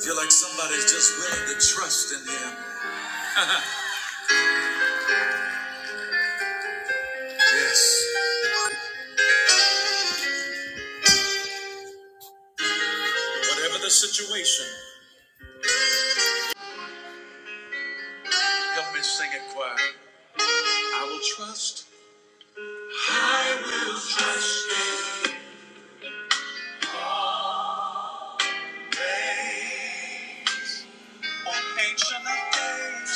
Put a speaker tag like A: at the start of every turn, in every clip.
A: Feel like somebody's just willing to trust in him. Yes. Whatever the situation, help me sing it choir. I will trust Hey, on ancient of days.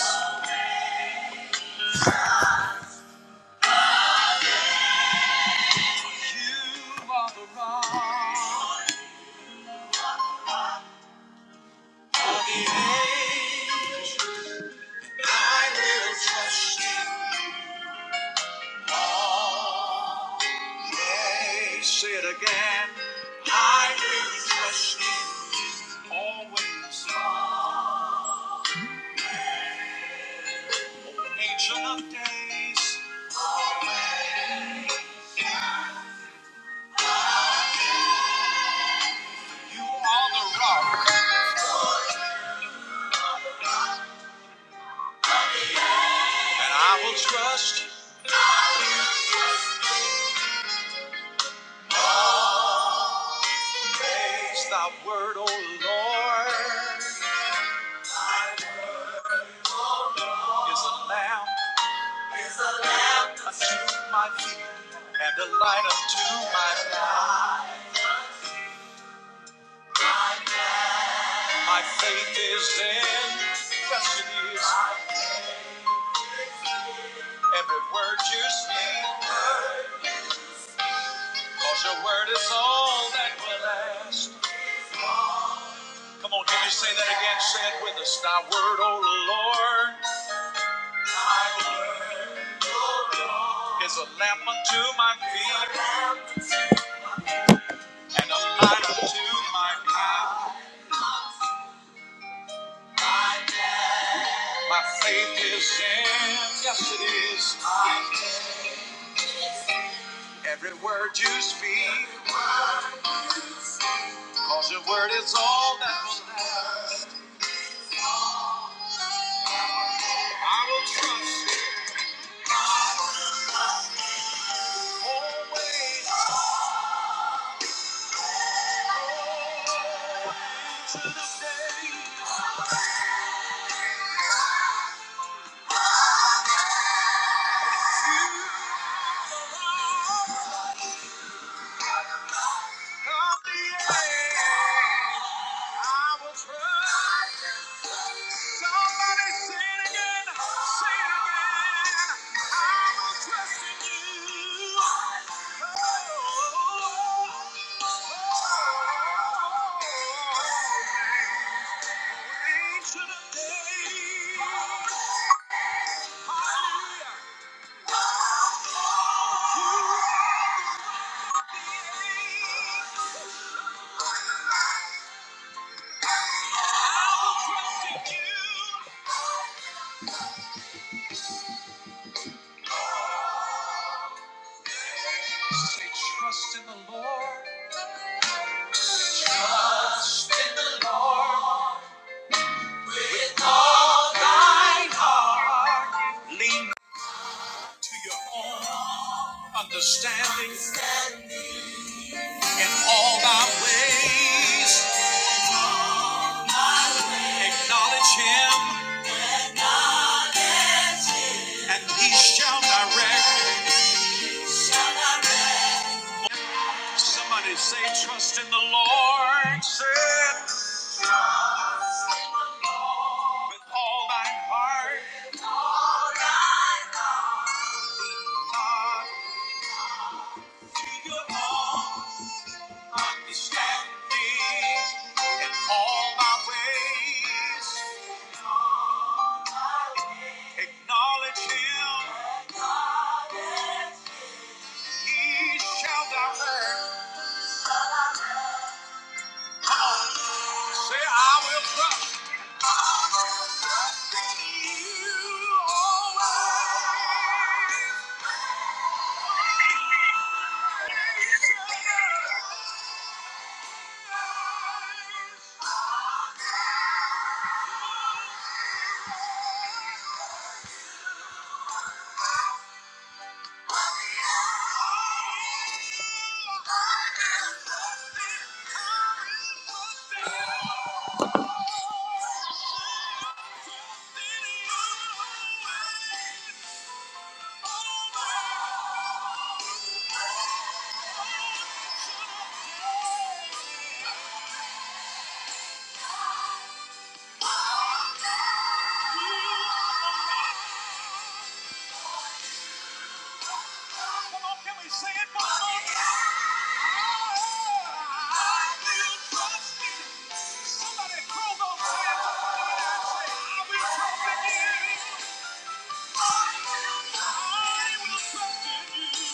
A: I will trust in Yea. Say it again. I will trust in always. on Ancient of days. You are the rock. And I will trust. Praise thy word, O Lord, is a lamp. unto my feet and a light unto my path. My faith is in, yes it is, every word you speak, cause your word is all that will last. Come on, can you say that again? Say it with us. Thy word, O Lord, is a lamp unto my feet and a light unto my path. My faith is in, yes it is, every word you speak, cause your word is all that will last. I will trust. Hallelujah. Trust in the Lord. Trust in the Lord. To your own understanding in all thy ways. Acknowledge him and he shall direct. Somebody say, trust in the Lord. Say it. With all thine heart. Not your own. standing in all my ways. Acknowledge him, he shall direct. Say, I will trust. I will trust in you always. Yeah. Come on, can we sing it one more I will trust you. Somebody throw those hands up in the air and say, I will trust in you. I will trust in you.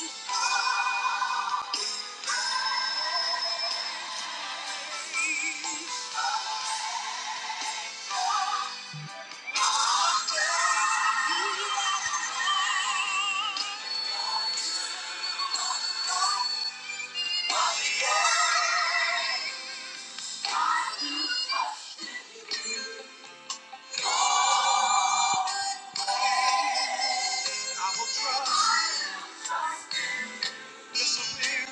A: I will trust. disappear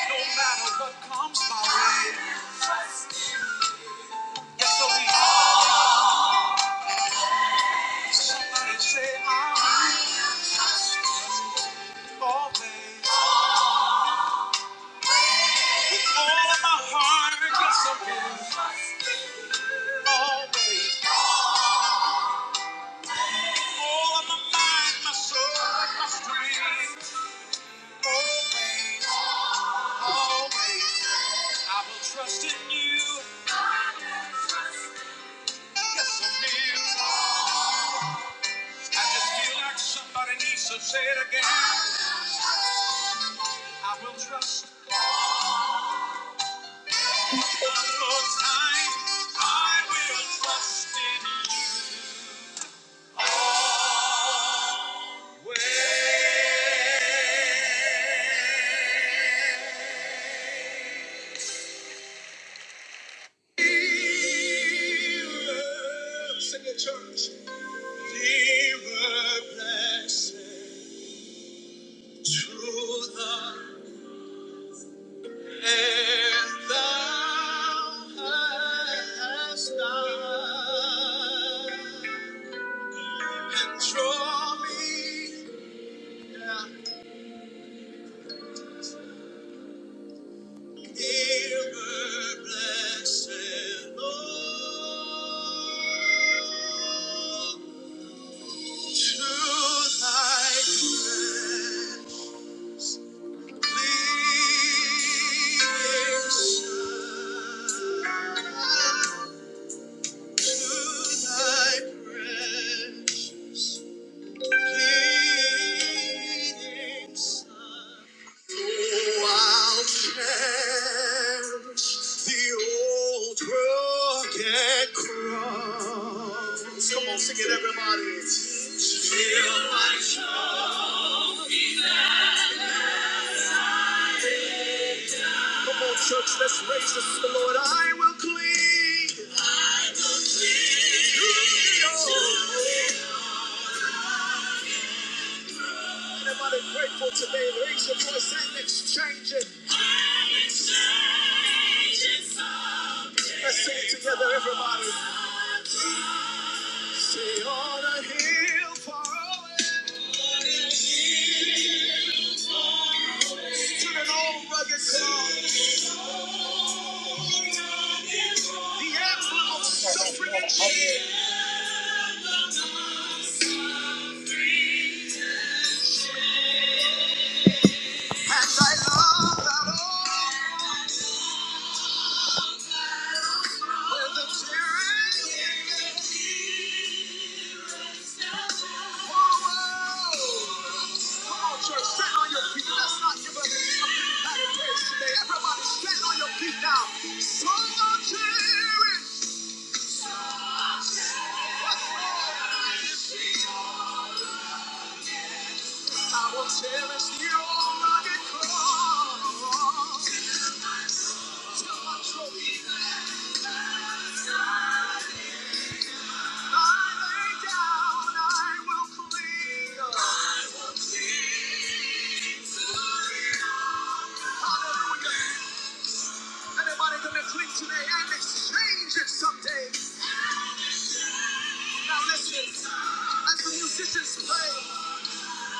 A: no matter what comes my way. Yes, so we are. Somebody say I'm always. all of my heart, yes, I will. Always. all of my mind, my soul, my strength. Always, always. I will trust in you. Yes, I will. I just feel like somebody needs to say it again. I will trust. Draw me down. Thank you. Oh, I'll cherish the old rugged cross. Come on, sing it, everybody. Come on, church, let's raise this to the Lord. I will cling. Oh, everybody grateful today. Raise your voice and exchange it. I'm exchanging something. Let's sing it together, everybody. Say on a hill far away. The emblem of suffering and shame. Come on, church, sit on your feet. Let's not give us a big patty today. Everybody speak now. So much I will clean. Now listen, as the musicians play,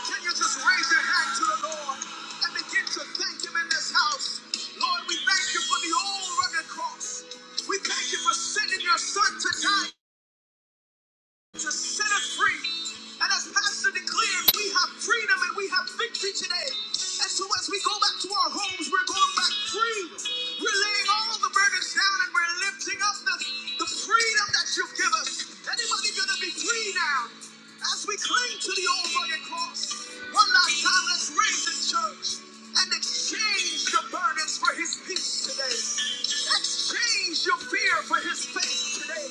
A: can you just raise your hand to the Lord and begin to thank Him in this house? Lord, we thank you for the old rugged cross. We thank you for sending your son to die. to set us free. And as Pastor declared, we have freedom and we have victory today. And so as we go back to our homes, we're going back free. We're laying all the burdens down and we're lifting up the, the freedom that you've given us. Anybody gonna be free now? As we. come Cling to the old rugged cross. One last time, let's raise this church and exchange your burdens for his peace today. Exchange your fear for his faith today.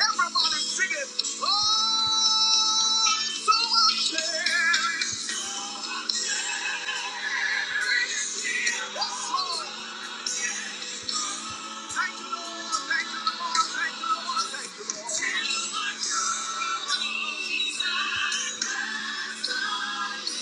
A: Everybody sing it. Oh, so much there. Yes, Lord. Thank you, Lord. Thank you, Lord. Thank you, Lord. Thank you, Lord. Thank you, Lord.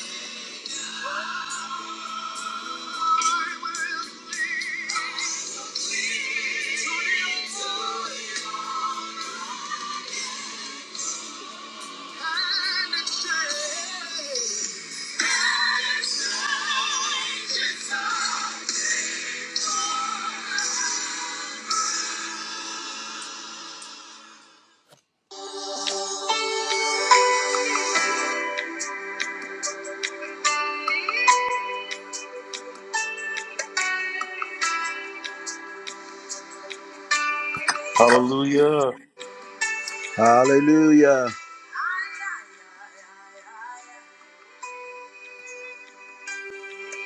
B: Hallelujah.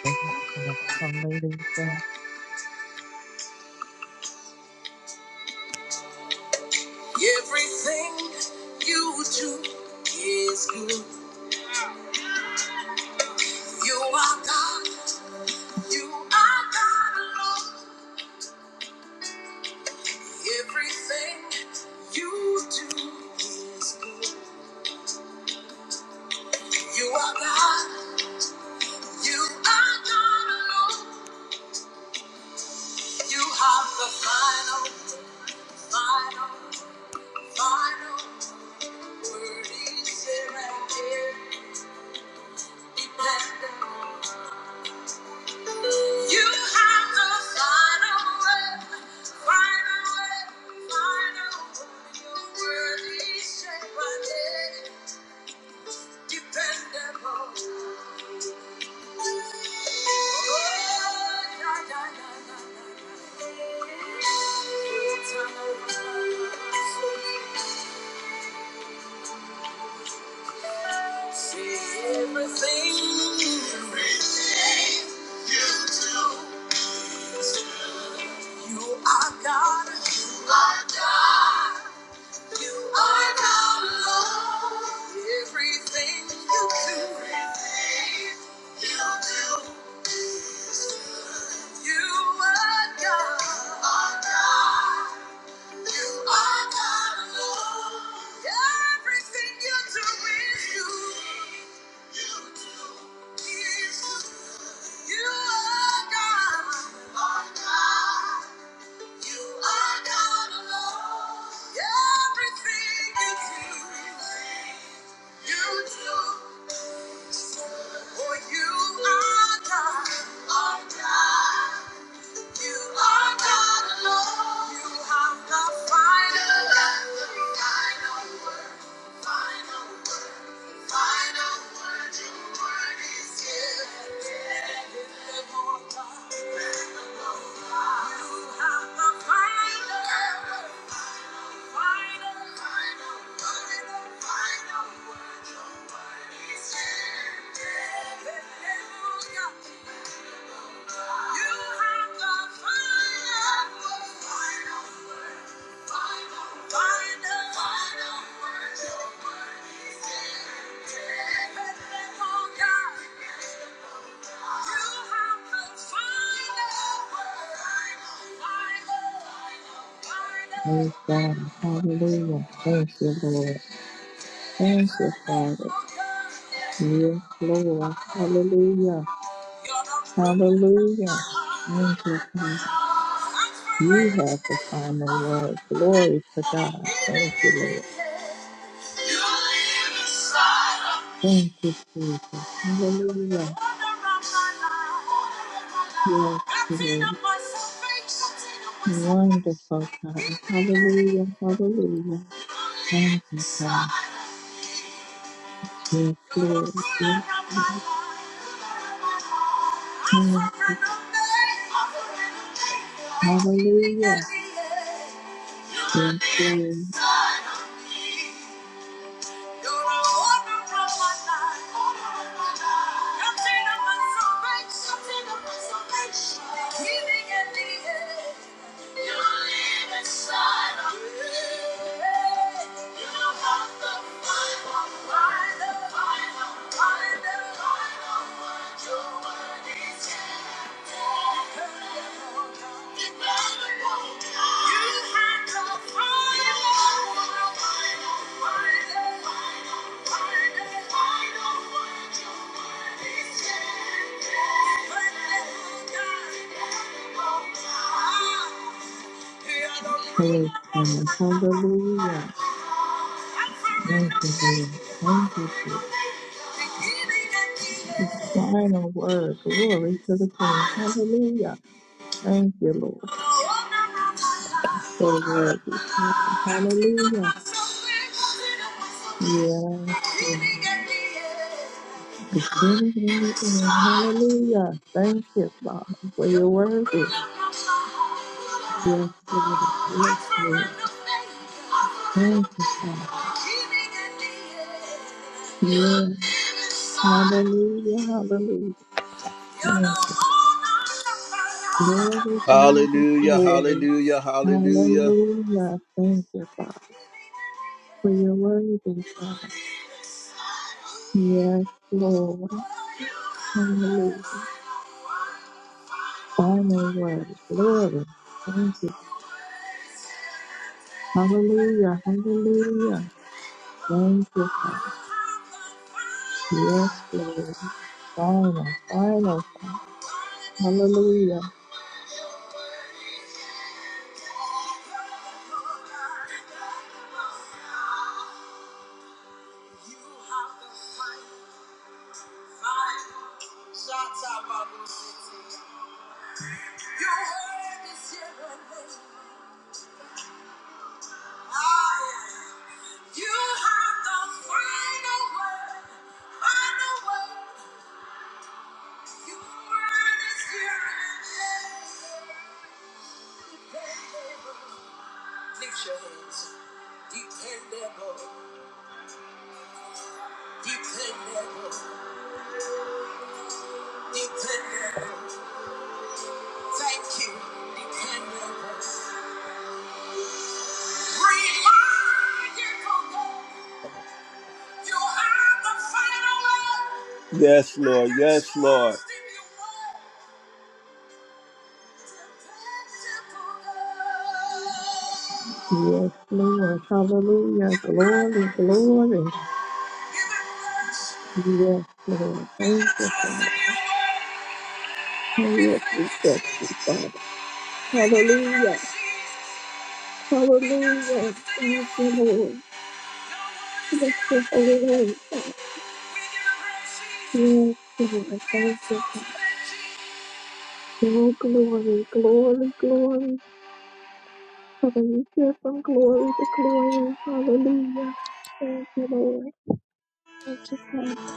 C: Yes, Lord. Hallelujah.
A: Everything you do is good. You are God, you are God alone. Everything you do is good. You are God. You are God alone. You have the final, final, final word. Is here and here. Dependent. You have the final word. Final word. Final word. Your word is here and here. Dependable. Everything you do, you are God. You are God. You are not alone. Everything you do, is good. You are God. You are God alone. Everything you do is good. You do is good. You are God. Are God. You are God alone. Everything you do, you do. For you are God, are God. You are God alone. You have the final, You the final word. Final word. Final word. Your word is yes. Yes. Lord God. You have the final. word. Final, final, final, final.
D: Praise God. Hallelujah. Thank you, Lord.
A: salvation. Thank
D: Thank
A: you.
D: you, Father. Yes, Lord. Hallelujah. Hallelujah. Thank you, Father. You have the final word. Glory to God. Thank you, Lord. Thank you, Jesus. Hallelujah. Yes, Lord. Wonderful God. Hallelujah. Hallelujah.
A: live
D: Thank you, God.
A: inside of me.
D: Yes,
A: You're the owner
D: Lord.
A: of
D: Yes,
A: my
D: Lord.
A: life.
D: Yes. Hallelujah. Yes, Lord.
A: You live inside of me. You got the final, final, final, final, final word. Your word is yeah. Dependable. You have the final, final, final, final, final, final word. Your word is yeah. Dependable God. Dependable God are the living
D: Praise God. Hallelujah. Thank you, Lord. Thank you, Jesus. Final word. Glory to the King. Hallelujah. Thank you, Lord. So worthy. Hallelujah. Yes. Lord. Beginning
A: You're living
D: and the end.
A: inside.
D: Hallelujah. Thank you, Father, for your worthy. Lord, Yes, Lord. Thank you, Father. Yes. Hallelujah. Hallelujah. Thank you. Glory, glory,
A: Hallelujah,
D: glory.
A: hallelujah, hallelujah.
D: Hallelujah. Thank you, Father. For your worthy,
A: Oh,
D: Father.
A: you.
D: Yes, Lord. Hallelujah. Final word. Glory. Thank you. Hallelujah. Hallelujah. Thank you, Father. Yes, Lord. Final, final. Hallelujah.
A: You have the final fight. Shout out Bible City. Your word is here and You have the final word. Final word. Your word is here and Lift your hands. Dependable. Dependable. Dependable. Thank you. Dependable. Yes, Lord. Yes, Lord.
D: Yes, Lord. Hallelujah. Glory, glory. Yes, Lord. Thank you, Father. Oh, yes, we trust you, Father. Hallelujah. Hallelujah. Thank you, Lord. Bless your holy name, Father. Yes, Lord. Thank you, Father. Oh, glory, glory, glory. Hallelujah. From glory to glory. Hallelujah. Thank you, Lord. Thank you, Father.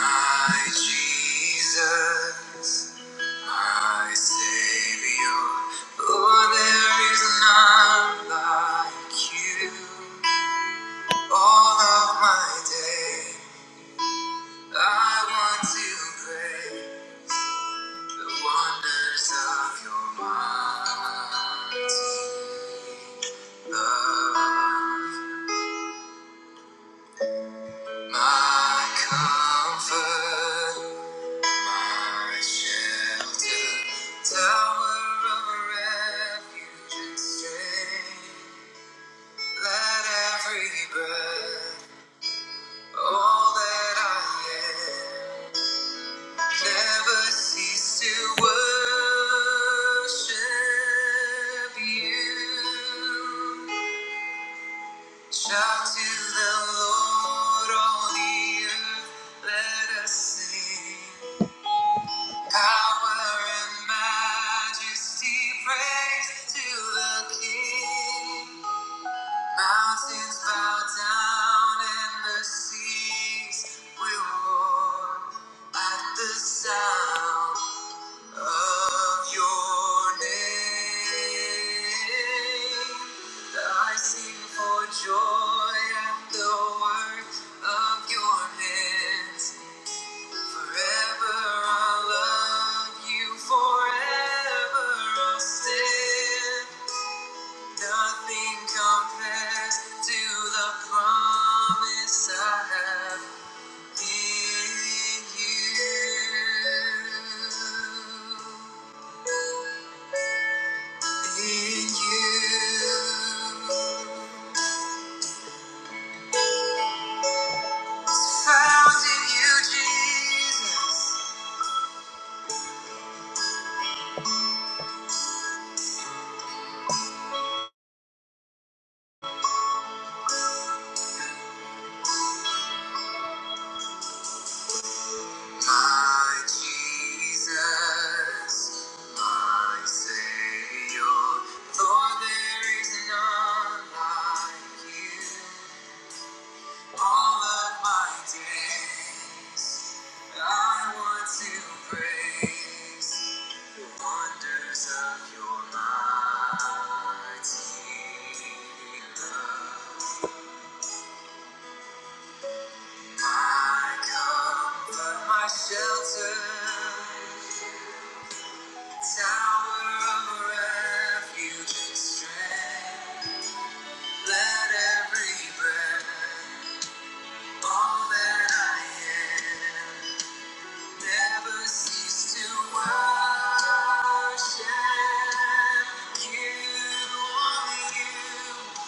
A: My Jesus, my Savior, oh, there is none like you. All of my day, I want to pray the wonders of your mighty love. My comfort, my shelter, tower of refuge and strength. Let every breath, all that I am, never cease to worship you. Shout to the Lord, all the earth, let us sing. Power and majesty, praise to the King. Mountains bow down and the seas will roar at the sound of your name. I sing for joy at the work of your hands. Forever I'll love you, forever I'll stand. Nothing compares to the promise I have in you. In you. Found in you, Jesus. My Jesus. My Savior. Lord, there is none like you. All of my days. I want to praise the wonders of your mighty love. My comfort, my shelter, tower of refuge and strength. Let every breath, all that I am, Never cease to worship you, only you.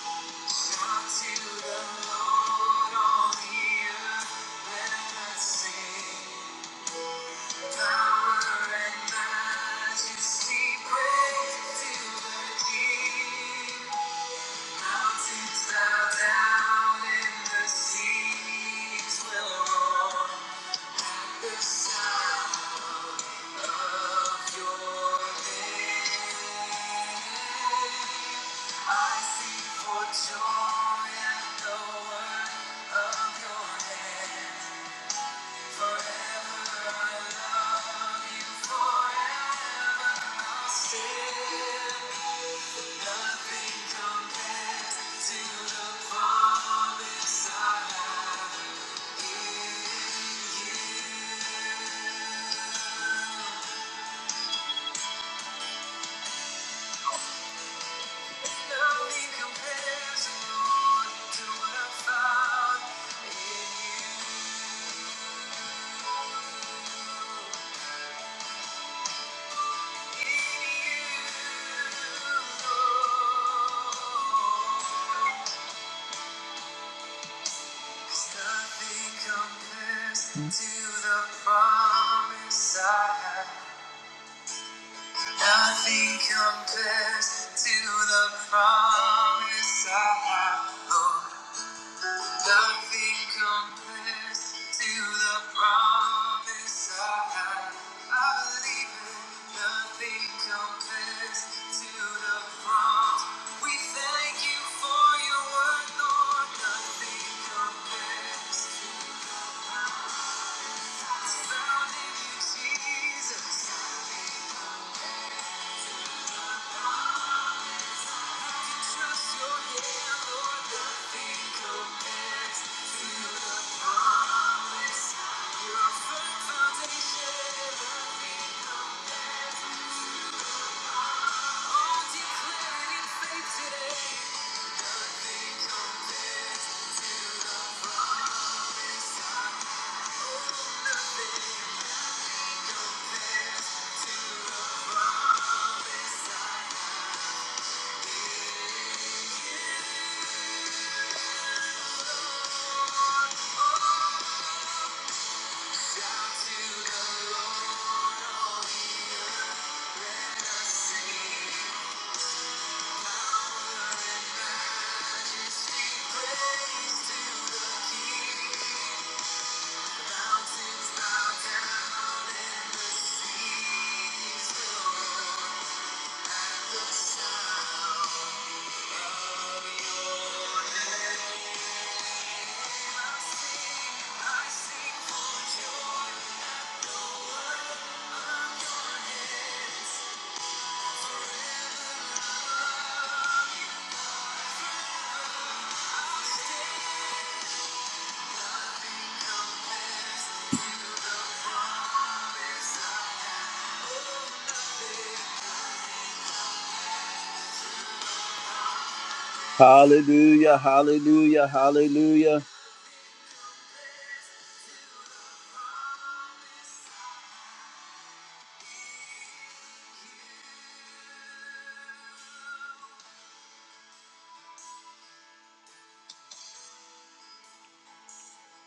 A: Unto the Lord, all the earth, let us sing. Power and majesty, praise to the King. Mountains bow down and the seas will roar. The sound. Nothing compares, Lord, to what I found in you. to the promise I have. Nothing compares to the promise I have, Lord. Nothing compares to the promise I have. I believe it. Nothing compares to the promise. We thank you for your word, Lord. Nothing compares. Found in you, Jesus. Trust your hand, Lord. Nothing compares to the promise. You're a firm foundation. Nothing Hallelujah, hallelujah, hallelujah.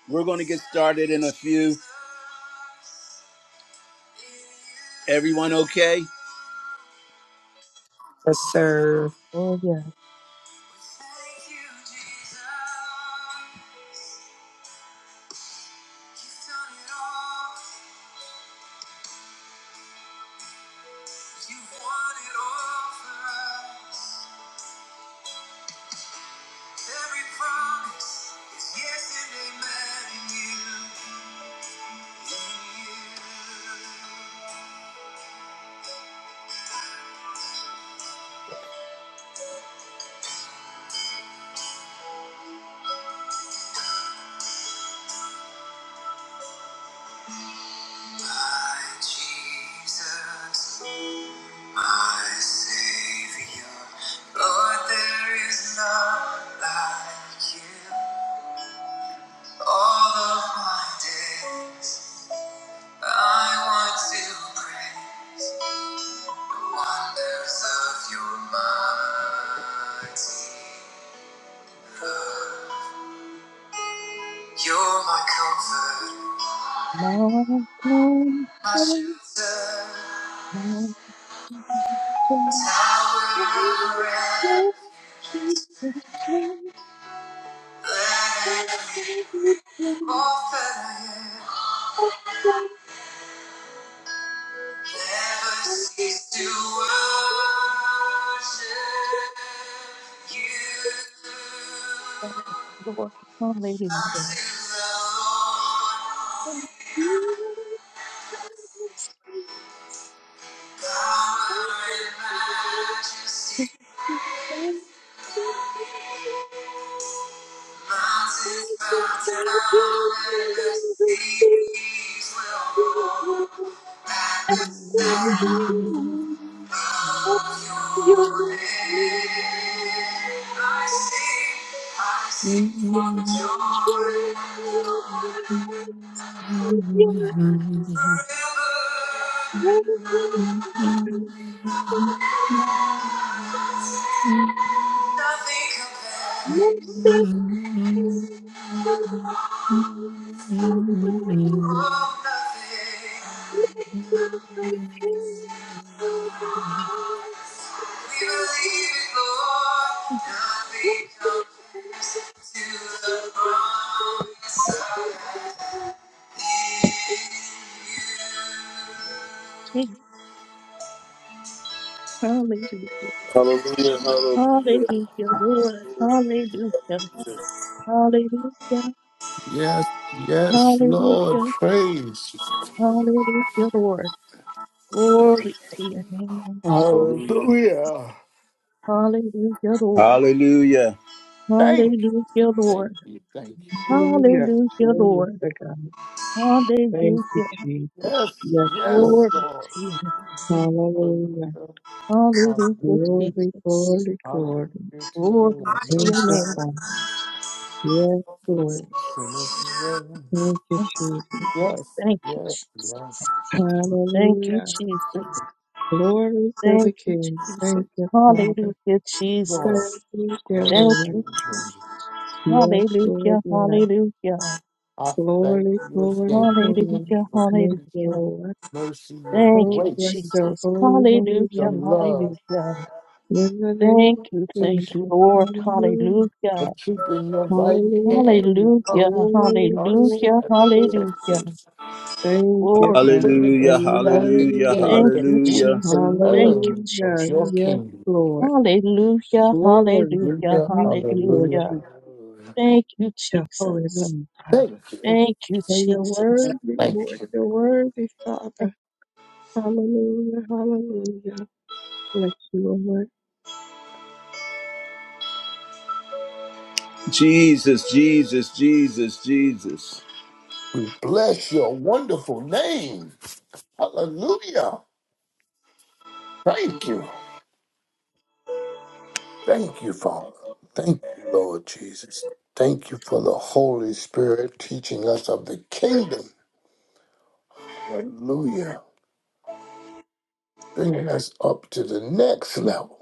A: We're going to get started in a few. Everyone okay?
E: Yes, sir.
C: Oh, yes.
A: My Jesus. My Savior, Lord, there is none like you. All of my days, I want to pray the wonders of your might. You're my comfort,
C: My God,
A: my shelter,
C: my strength.
A: tower of
C: Yes,
A: refuge.
C: He's the strength of every
A: all that I am.
C: Oh, Yes, Lord.
A: Never cease to
C: Hallelujah.
A: worship
C: Oh,
A: you
C: He is the strength of every
A: unto the Lord,
C: To the strength,
A: power and
C: the strength,
A: majesty.
C: to
A: Mountains
C: the
A: bow
C: strength,
A: down and the
C: to the strength.
A: seas will roar at the sound of your name. I see, I
F: Yes,
A: see for joy forever. Nothing compares. Oh, nothing. We believe it, Lord. Nothing comes to the promise
C: Thank you. Hallelujah.
B: Hallelujah. Hallelujah.
C: Hallelujah, Lord. Hallelujah. Hallelujah.
F: yes, Lord,
C: Hallelujah.
F: praise.
C: Hallelujah, Lord. Glory to your name.
B: Hallelujah.
F: Hallelujah.
C: Hallelujah, Lord.
A: Hallelujah.
F: Thank you,
C: Hallelujah,
F: thank
C: Lord.
F: you, thank you.
D: Hallelujah.
C: Hallelujah,
D: Glory
C: Lord.
D: to God. Thank you,
C: Hallelujah.
D: Jesus.
F: Yes,
D: Yes, Lord.
F: yes,
C: Glory
F: Lord.
C: to your name.
D: Hallelujah.
F: Hallelujah,
C: Hallelujah,
F: hallelujah,
D: Glory,
C: Jesus.
D: glory,
F: hallelujah
D: glory.
F: to the
C: Glory
F: Lamb
C: to your
F: of
D: Thank you,
C: name.
F: God.
D: Father. Yes,
F: The way
D: Lord.
F: the sinner
D: Thank you,
C: Thank you,
D: Jesus.
F: Yes,
C: Jesus. Thank you,
F: yes,
C: Jesus.
F: yes.
C: Thank you,
D: Hallelujah.
C: Jesus.
D: Glory to the
C: Thank you,
D: King. Thank
C: Jesus.
D: you, Father.
C: Hallelujah,
F: Lord,
D: Thank
C: Jesus.
D: you, dear
F: glory
C: Thank
D: Lord.
F: to
C: you,
F: you. name.
C: Jesus.
D: Yes, Lord,
C: Hallelujah,
D: yes.
C: hallelujah.
F: I thank
D: Glory,
F: you
D: glory,
F: again, Lord,
D: glory.
C: Hallelujah,
D: Thank
F: for
D: you,
F: your
C: hallelujah.
D: Lord.
F: mercy, your
C: Thank
D: Oh,
C: you,
D: bless
F: grace,
D: your
C: Jesus.
D: holy, holy
F: your
C: Hallelujah,
D: name.
F: love,
C: hallelujah.
D: In the name
C: Thank
D: of
C: you, thank
F: protection,
C: you,
D: Jesus.
C: Lord.
D: Hallelujah.
C: Hallelujah.
F: for keeping your right hand
D: Hallelujah.
F: on
C: Hallelujah,
D: Glory,
F: us
D: glory,
C: hallelujah,
F: and
D: glory.
C: hallelujah.
F: protecting us,
D: Thank you,
C: Glory
D: Father,
C: to
F: bringing
C: you.
D: for
A: Hallelujah.
F: us
D: your
F: back
A: Hallelujah.
F: again
D: word.
F: as
C: Thank
F: a
C: you,
F: group
A: Hallelujah.
F: to
C: Jesus. Thank you,
F: learn of
D: Hallelujah.
F: your
C: Jesus.
D: Yes,
F: kingdom.
D: Lord.
C: Hallelujah,
D: Glory.
C: hallelujah,
F: Hallelujah,
D: Thank you, Lord
F: hallelujah,
C: hallelujah.
D: Jesus.
F: hallelujah.
C: Thank you,
D: Your holy
C: Jesus.
D: name, Father.
F: Thank you,
C: Thank you,
D: For your
C: Jesus.
D: worthy,
F: thank
D: Lord,
F: you.
D: your worthy, Father. Hallelujah, hallelujah. Bless you, O Lord.
A: Jesus, Jesus, Jesus, Jesus.
F: We bless your wonderful name. Hallelujah. Thank you. Thank you, Father. Thank you, Lord Jesus. Thank you for the Holy Spirit teaching us of the kingdom. Hallelujah. Bringing us up to the next level.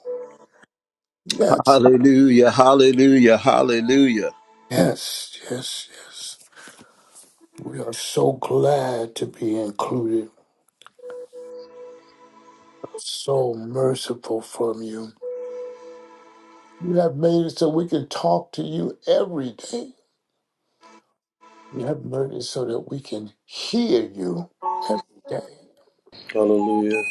F: Yes,
A: Hallelujah. Hallelujah. Hallelujah.
F: yes, yes, yes. We are so glad to be included. So merciful from you. You have made it so we can talk to you every day. You have made it so that we can hear you every day.
B: Hallelujah.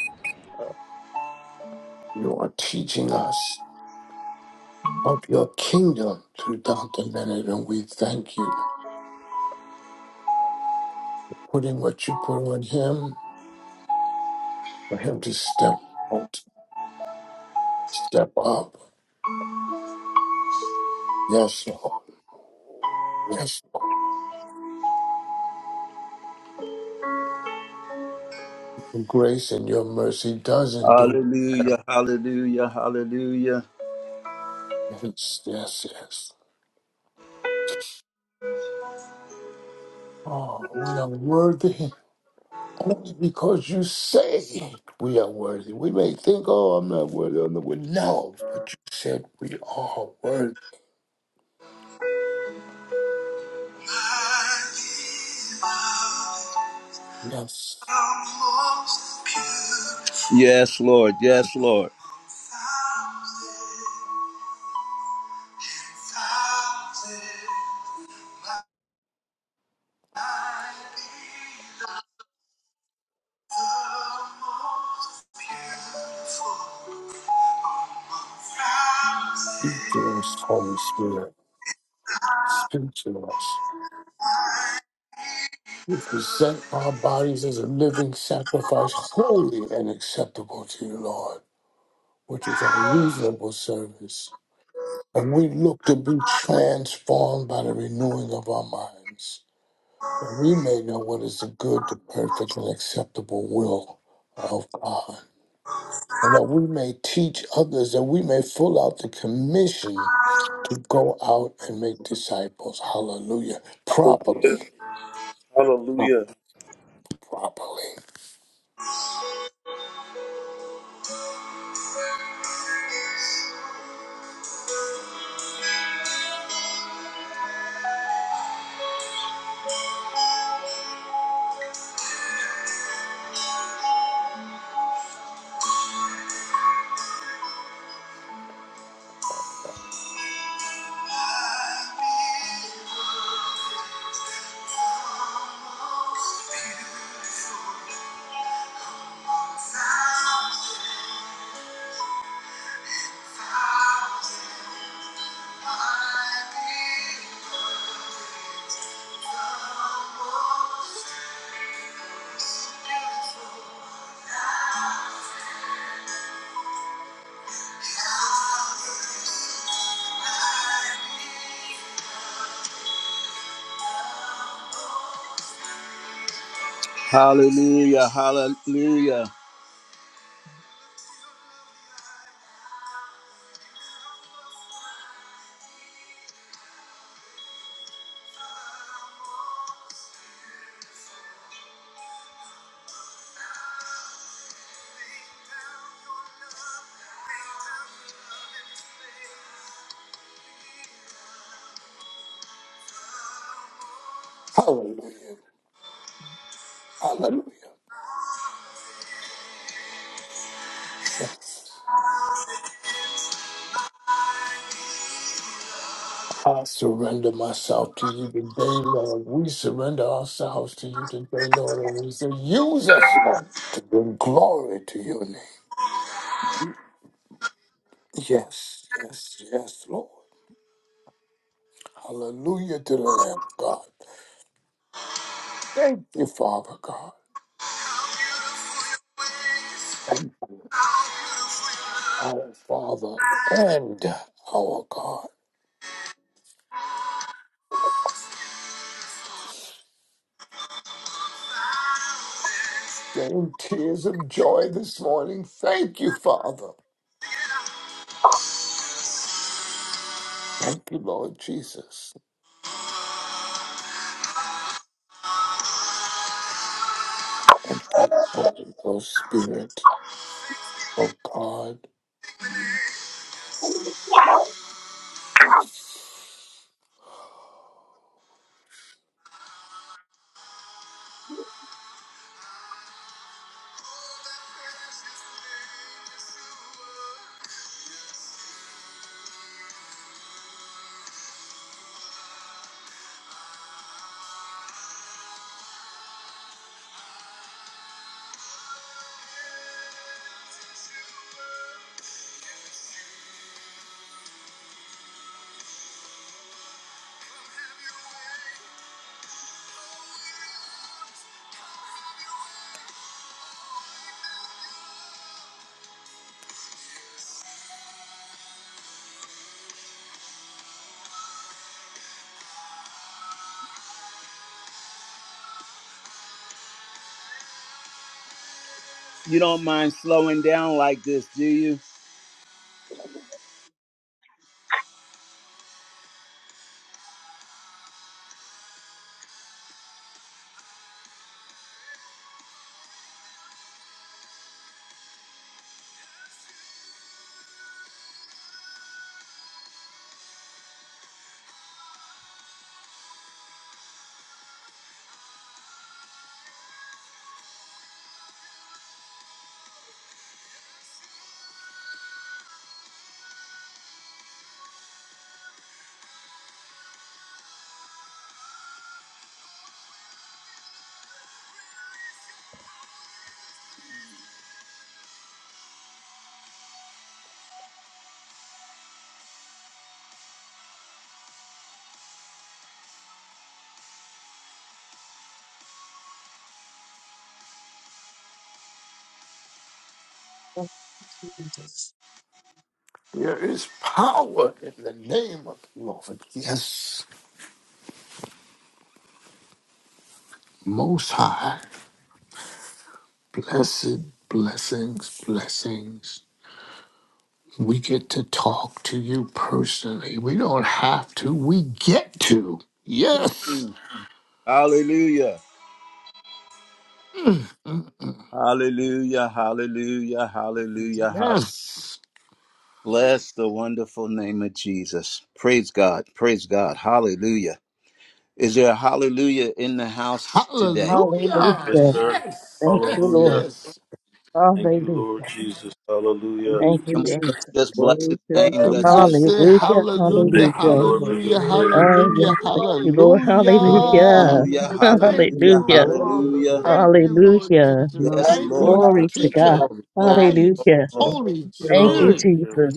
F: You are teaching us. of your kingdom through Dr. Leonard, and we thank you for putting what you put on him, for him to step out, step up. Yes, Lord. Yes, Lord. Your grace and your mercy does endure.
A: Hallelujah. Hallelujah. Hallelujah.
F: Yes, yes, yes. Oh, we are worthy only because you say we are worthy. We may think, oh, I'm not worthy. I'm not worthy. No, but you said we are worthy. Yes.
A: Yes, Lord. Yes, Lord.
F: Speak to us, Holy Spirit. Speak to us. We present our bodies as a living sacrifice, holy and acceptable to you, Lord, which is our reasonable service. And we look to be transformed by the renewing of our minds, that we may know what is the good, the perfect, and acceptable will of God. And that we may teach others, that we may fill out the commission to go out and make disciples. Hallelujah.
B: Hallelujah.
F: Properly.
B: Hallelujah.
F: Properly.
A: Hallelujah. Hallelujah.
F: Hallelujah. Hallelujah. I surrender myself to you today, Lord. We surrender ourselves to you today, Lord. And we say, use us, Lord, to bring glory to your name. Yes, yes, yes, Lord. Hallelujah to the Lamb of God. Thank you, Father God. Thank you, our Father and our God. In tears of joy this morning, thank you, Father. Thank you, Lord Jesus. Thank you, Holy Ghost Spirit. Oh God,
A: You don't mind slowing down like this, do you?
C: Thank you, Jesus.
F: there is power in the name of the Lord. Yes, Most High. Blessed blessings, blessings. We get to talk to you personally. We don't have to. We get to. Yes.
A: Mm. Hallelujah.
F: Mm,
A: Hallelujah. Hallelujah. Hallelujah. Hallelujah.
F: Yes.
A: Bless the wonderful name of Jesus. Praise God. Praise God. Hallelujah. Is there a hallelujah in the house today?
F: Hallelujah.
B: Yes,
C: Hallelujah.
B: sir.
F: Yes.
C: Thank you,
F: Yes.
B: Hallelujah.
C: Lord.
F: Yes.
B: Thank you, Lord
C: Hallelujah.
B: Jesus. Hallelujah.
C: Thank you,
A: Come on,
D: Hallelujah.
A: let's
C: Jesus.
A: just bless his
D: Glory to the
A: name.
F: And
A: Let's
D: King.
F: we
A: just give
F: say
C: Hallelujah.
A: glory.
D: Glory
F: hallelujah,
B: Thank you,
D: you
C: Hallelujah.
D: the
B: Lord, for
D: Lord.
B: your
F: hallelujah,
D: Thank you,
B: presence.
C: Oh,
F: hallelujah,
C: yes.
D: Jesus.
C: Thank you, Lord.
D: Glory,
F: hallelujah.
C: Hallelujah.
D: glory
A: Hallelujah.
D: to the
F: Thank
D: King.
A: Hallelujah.
F: you,
C: Hallelujah.
D: Glory to
F: Father.
D: the
A: Hallelujah.
D: King.
F: Thank you, Lord
C: Hallelujah.
F: Jesus.
A: Yes,
F: Thank
A: Lord.
F: you,
D: Hallelujah.
A: Glory,
C: Glory to
D: Hallelujah.
C: God.
F: teacher,
D: Thank
A: glory, glory,
F: guidance,
C: Hallelujah.
A: glory.
F: Holy
B: Lord.
D: you,
C: Thank you,
D: Lord.
F: Spirit.
B: Hallelujah.
C: Jesus.